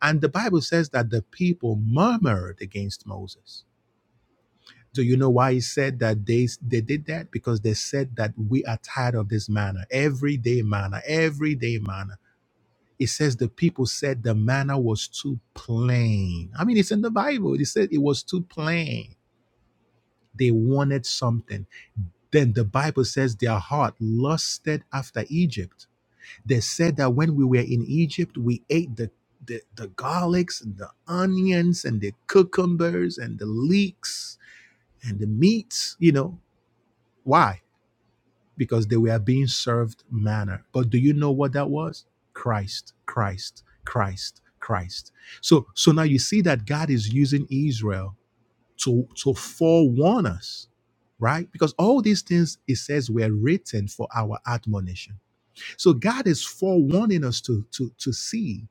Speaker 1: And the Bible says that the people murmured against Moses. Do you know why he said that they they did that? Because they said that we are tired of this manna, everyday manna, everyday manna. It says the people said the manna was too plain. I mean, it's in the Bible. It said it was too plain. They wanted something Then the Bible says their heart lusted after Egypt. They said that when we were in Egypt, we ate the, the, the garlics and the onions and the cucumbers and the leeks and the meats. You know, why? Because they were being served manna. But do you know what that was? Christ, Christ, Christ, Christ. So, so now you see that God is using Israel to to forewarn us right because all these things it says were written for our admonition so god is forewarning us to to to see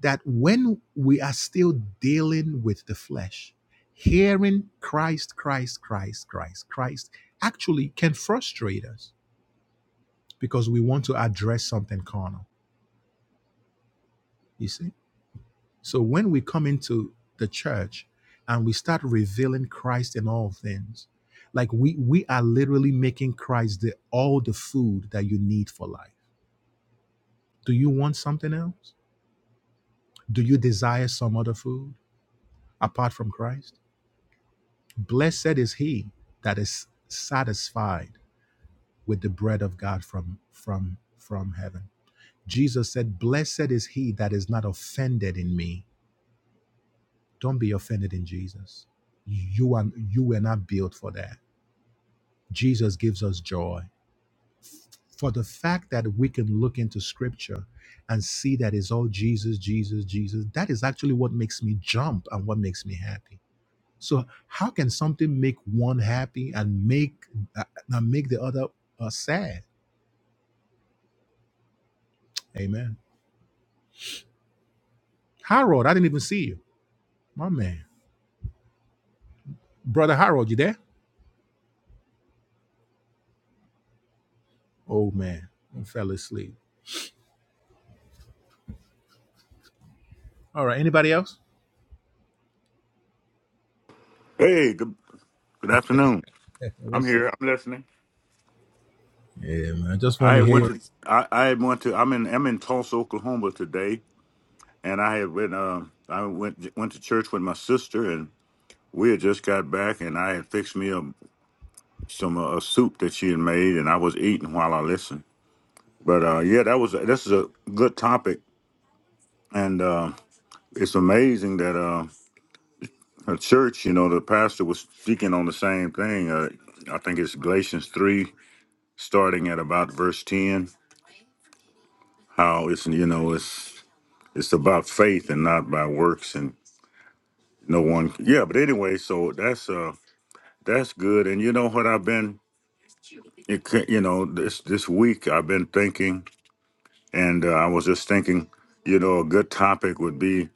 Speaker 1: that when we are still dealing with the flesh hearing christ christ christ christ christ actually can frustrate us because we want to address something carnal you see So when we come into the church and we start revealing Christ in all things, like we we are literally making Christ the all the food that you need for life. Do you want something else? Do you desire some other food apart from Christ? Blessed is he that is satisfied with the bread of God from from from heaven. Jesus said, "Blessed is he that is not offended in me." Don't be offended in Jesus. You are you were not built for that Jesus gives us joy. For the fact that we can look into scripture and see that it's all Jesus, Jesus, Jesus, that is actually what makes me jump and what makes me happy. So how can something make one happy and make uh, and make the other uh, sad? Amen. Harold, I didn't even see you. My man. Brother Harold, you there? Oh man, I fell asleep. All right, anybody else?
Speaker 5: Hey, good good afternoon. I'm
Speaker 1: What's
Speaker 5: here.
Speaker 1: up?
Speaker 5: I'm listening.
Speaker 1: Yeah, man. I just
Speaker 5: I
Speaker 1: want to
Speaker 5: had
Speaker 1: hear.
Speaker 5: went
Speaker 1: you.
Speaker 5: to morning. I, I went to I'm in I'm in Tulsa, Oklahoma today, and I had went um I went went to church with my sister, and we had just got back, and I had fixed me a, some uh, a soup that she had made, and I was eating while I listened. But uh, yeah, that was this is a good topic, and uh, it's amazing that uh, a church, you know, the pastor was speaking on the same thing. Uh, I think it's Galatians three, starting at about verse ten. how it's you know it's it's about faith and not by works and no one yeah but anyway so that's uh that's good and you know what i've been it, ca- you know this this week i've been thinking and uh, i was just thinking you know a good topic would be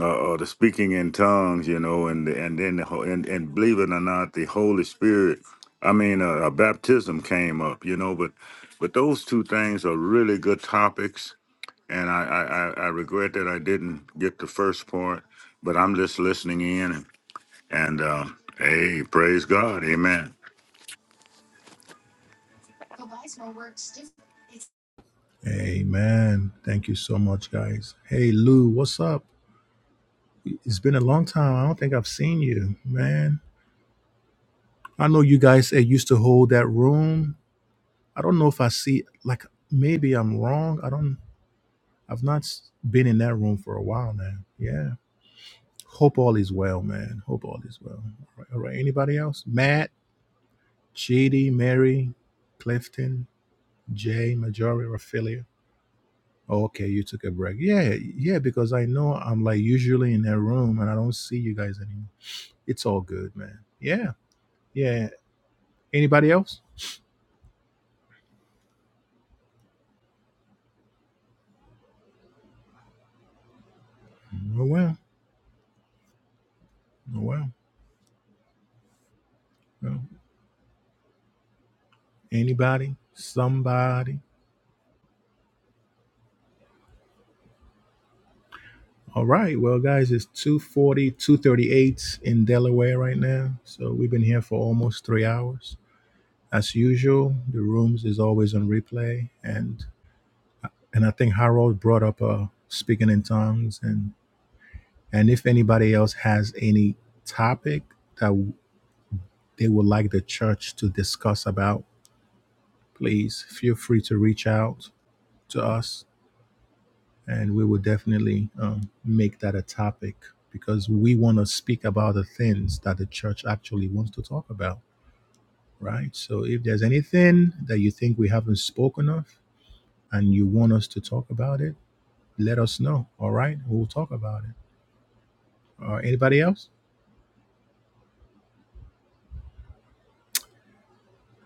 Speaker 5: uh, uh the speaking in tongues you know and and then the, ho- and, and believe it or not the holy spirit i mean uh, a baptism came up you know but but those two things are really good topics and I, I, I I regret that I didn't get the first part, but I'm just listening in and, and uh, hey, praise God, Amen.
Speaker 1: Amen. Thank you so much, guys. Hey Lou, what's up? It's been a long time. I don't think I've seen you, man. I know you guys that used to hold that room. I don't know if I see like maybe I'm wrong. I don't. I've not s- been in that room for a while now. Yeah. Hope all is well, man. Hope all is well. All right. All right. Anybody else? Matt, Chidi, Mary, Clifton, Jay, Majority, Raphaelia. Oh, okay, you took a break. Yeah, yeah, because I know I'm like usually in that room and I don't see you guys anymore. It's all good, man. Yeah. Yeah. Anybody else? Oh well, oh well. well. Anybody? Somebody? All right. Well, guys, it's two forty-two thirty-eight in Delaware right now. So we've been here for almost three hours. As usual, the rooms is always on replay. And and I think Harold brought up uh speaking in tongues and and if anybody else has any topic that w- they would like the church to discuss about, please feel free to reach out to us and we will definitely um, make that a topic because we want to speak about the things that the church actually wants to talk about right so if there's anything that you think we haven't spoken of and you want us to talk about it let us know all right we'll talk about it or anybody else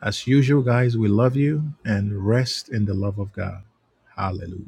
Speaker 1: as usual guys we love you and rest in the love of god hallelujah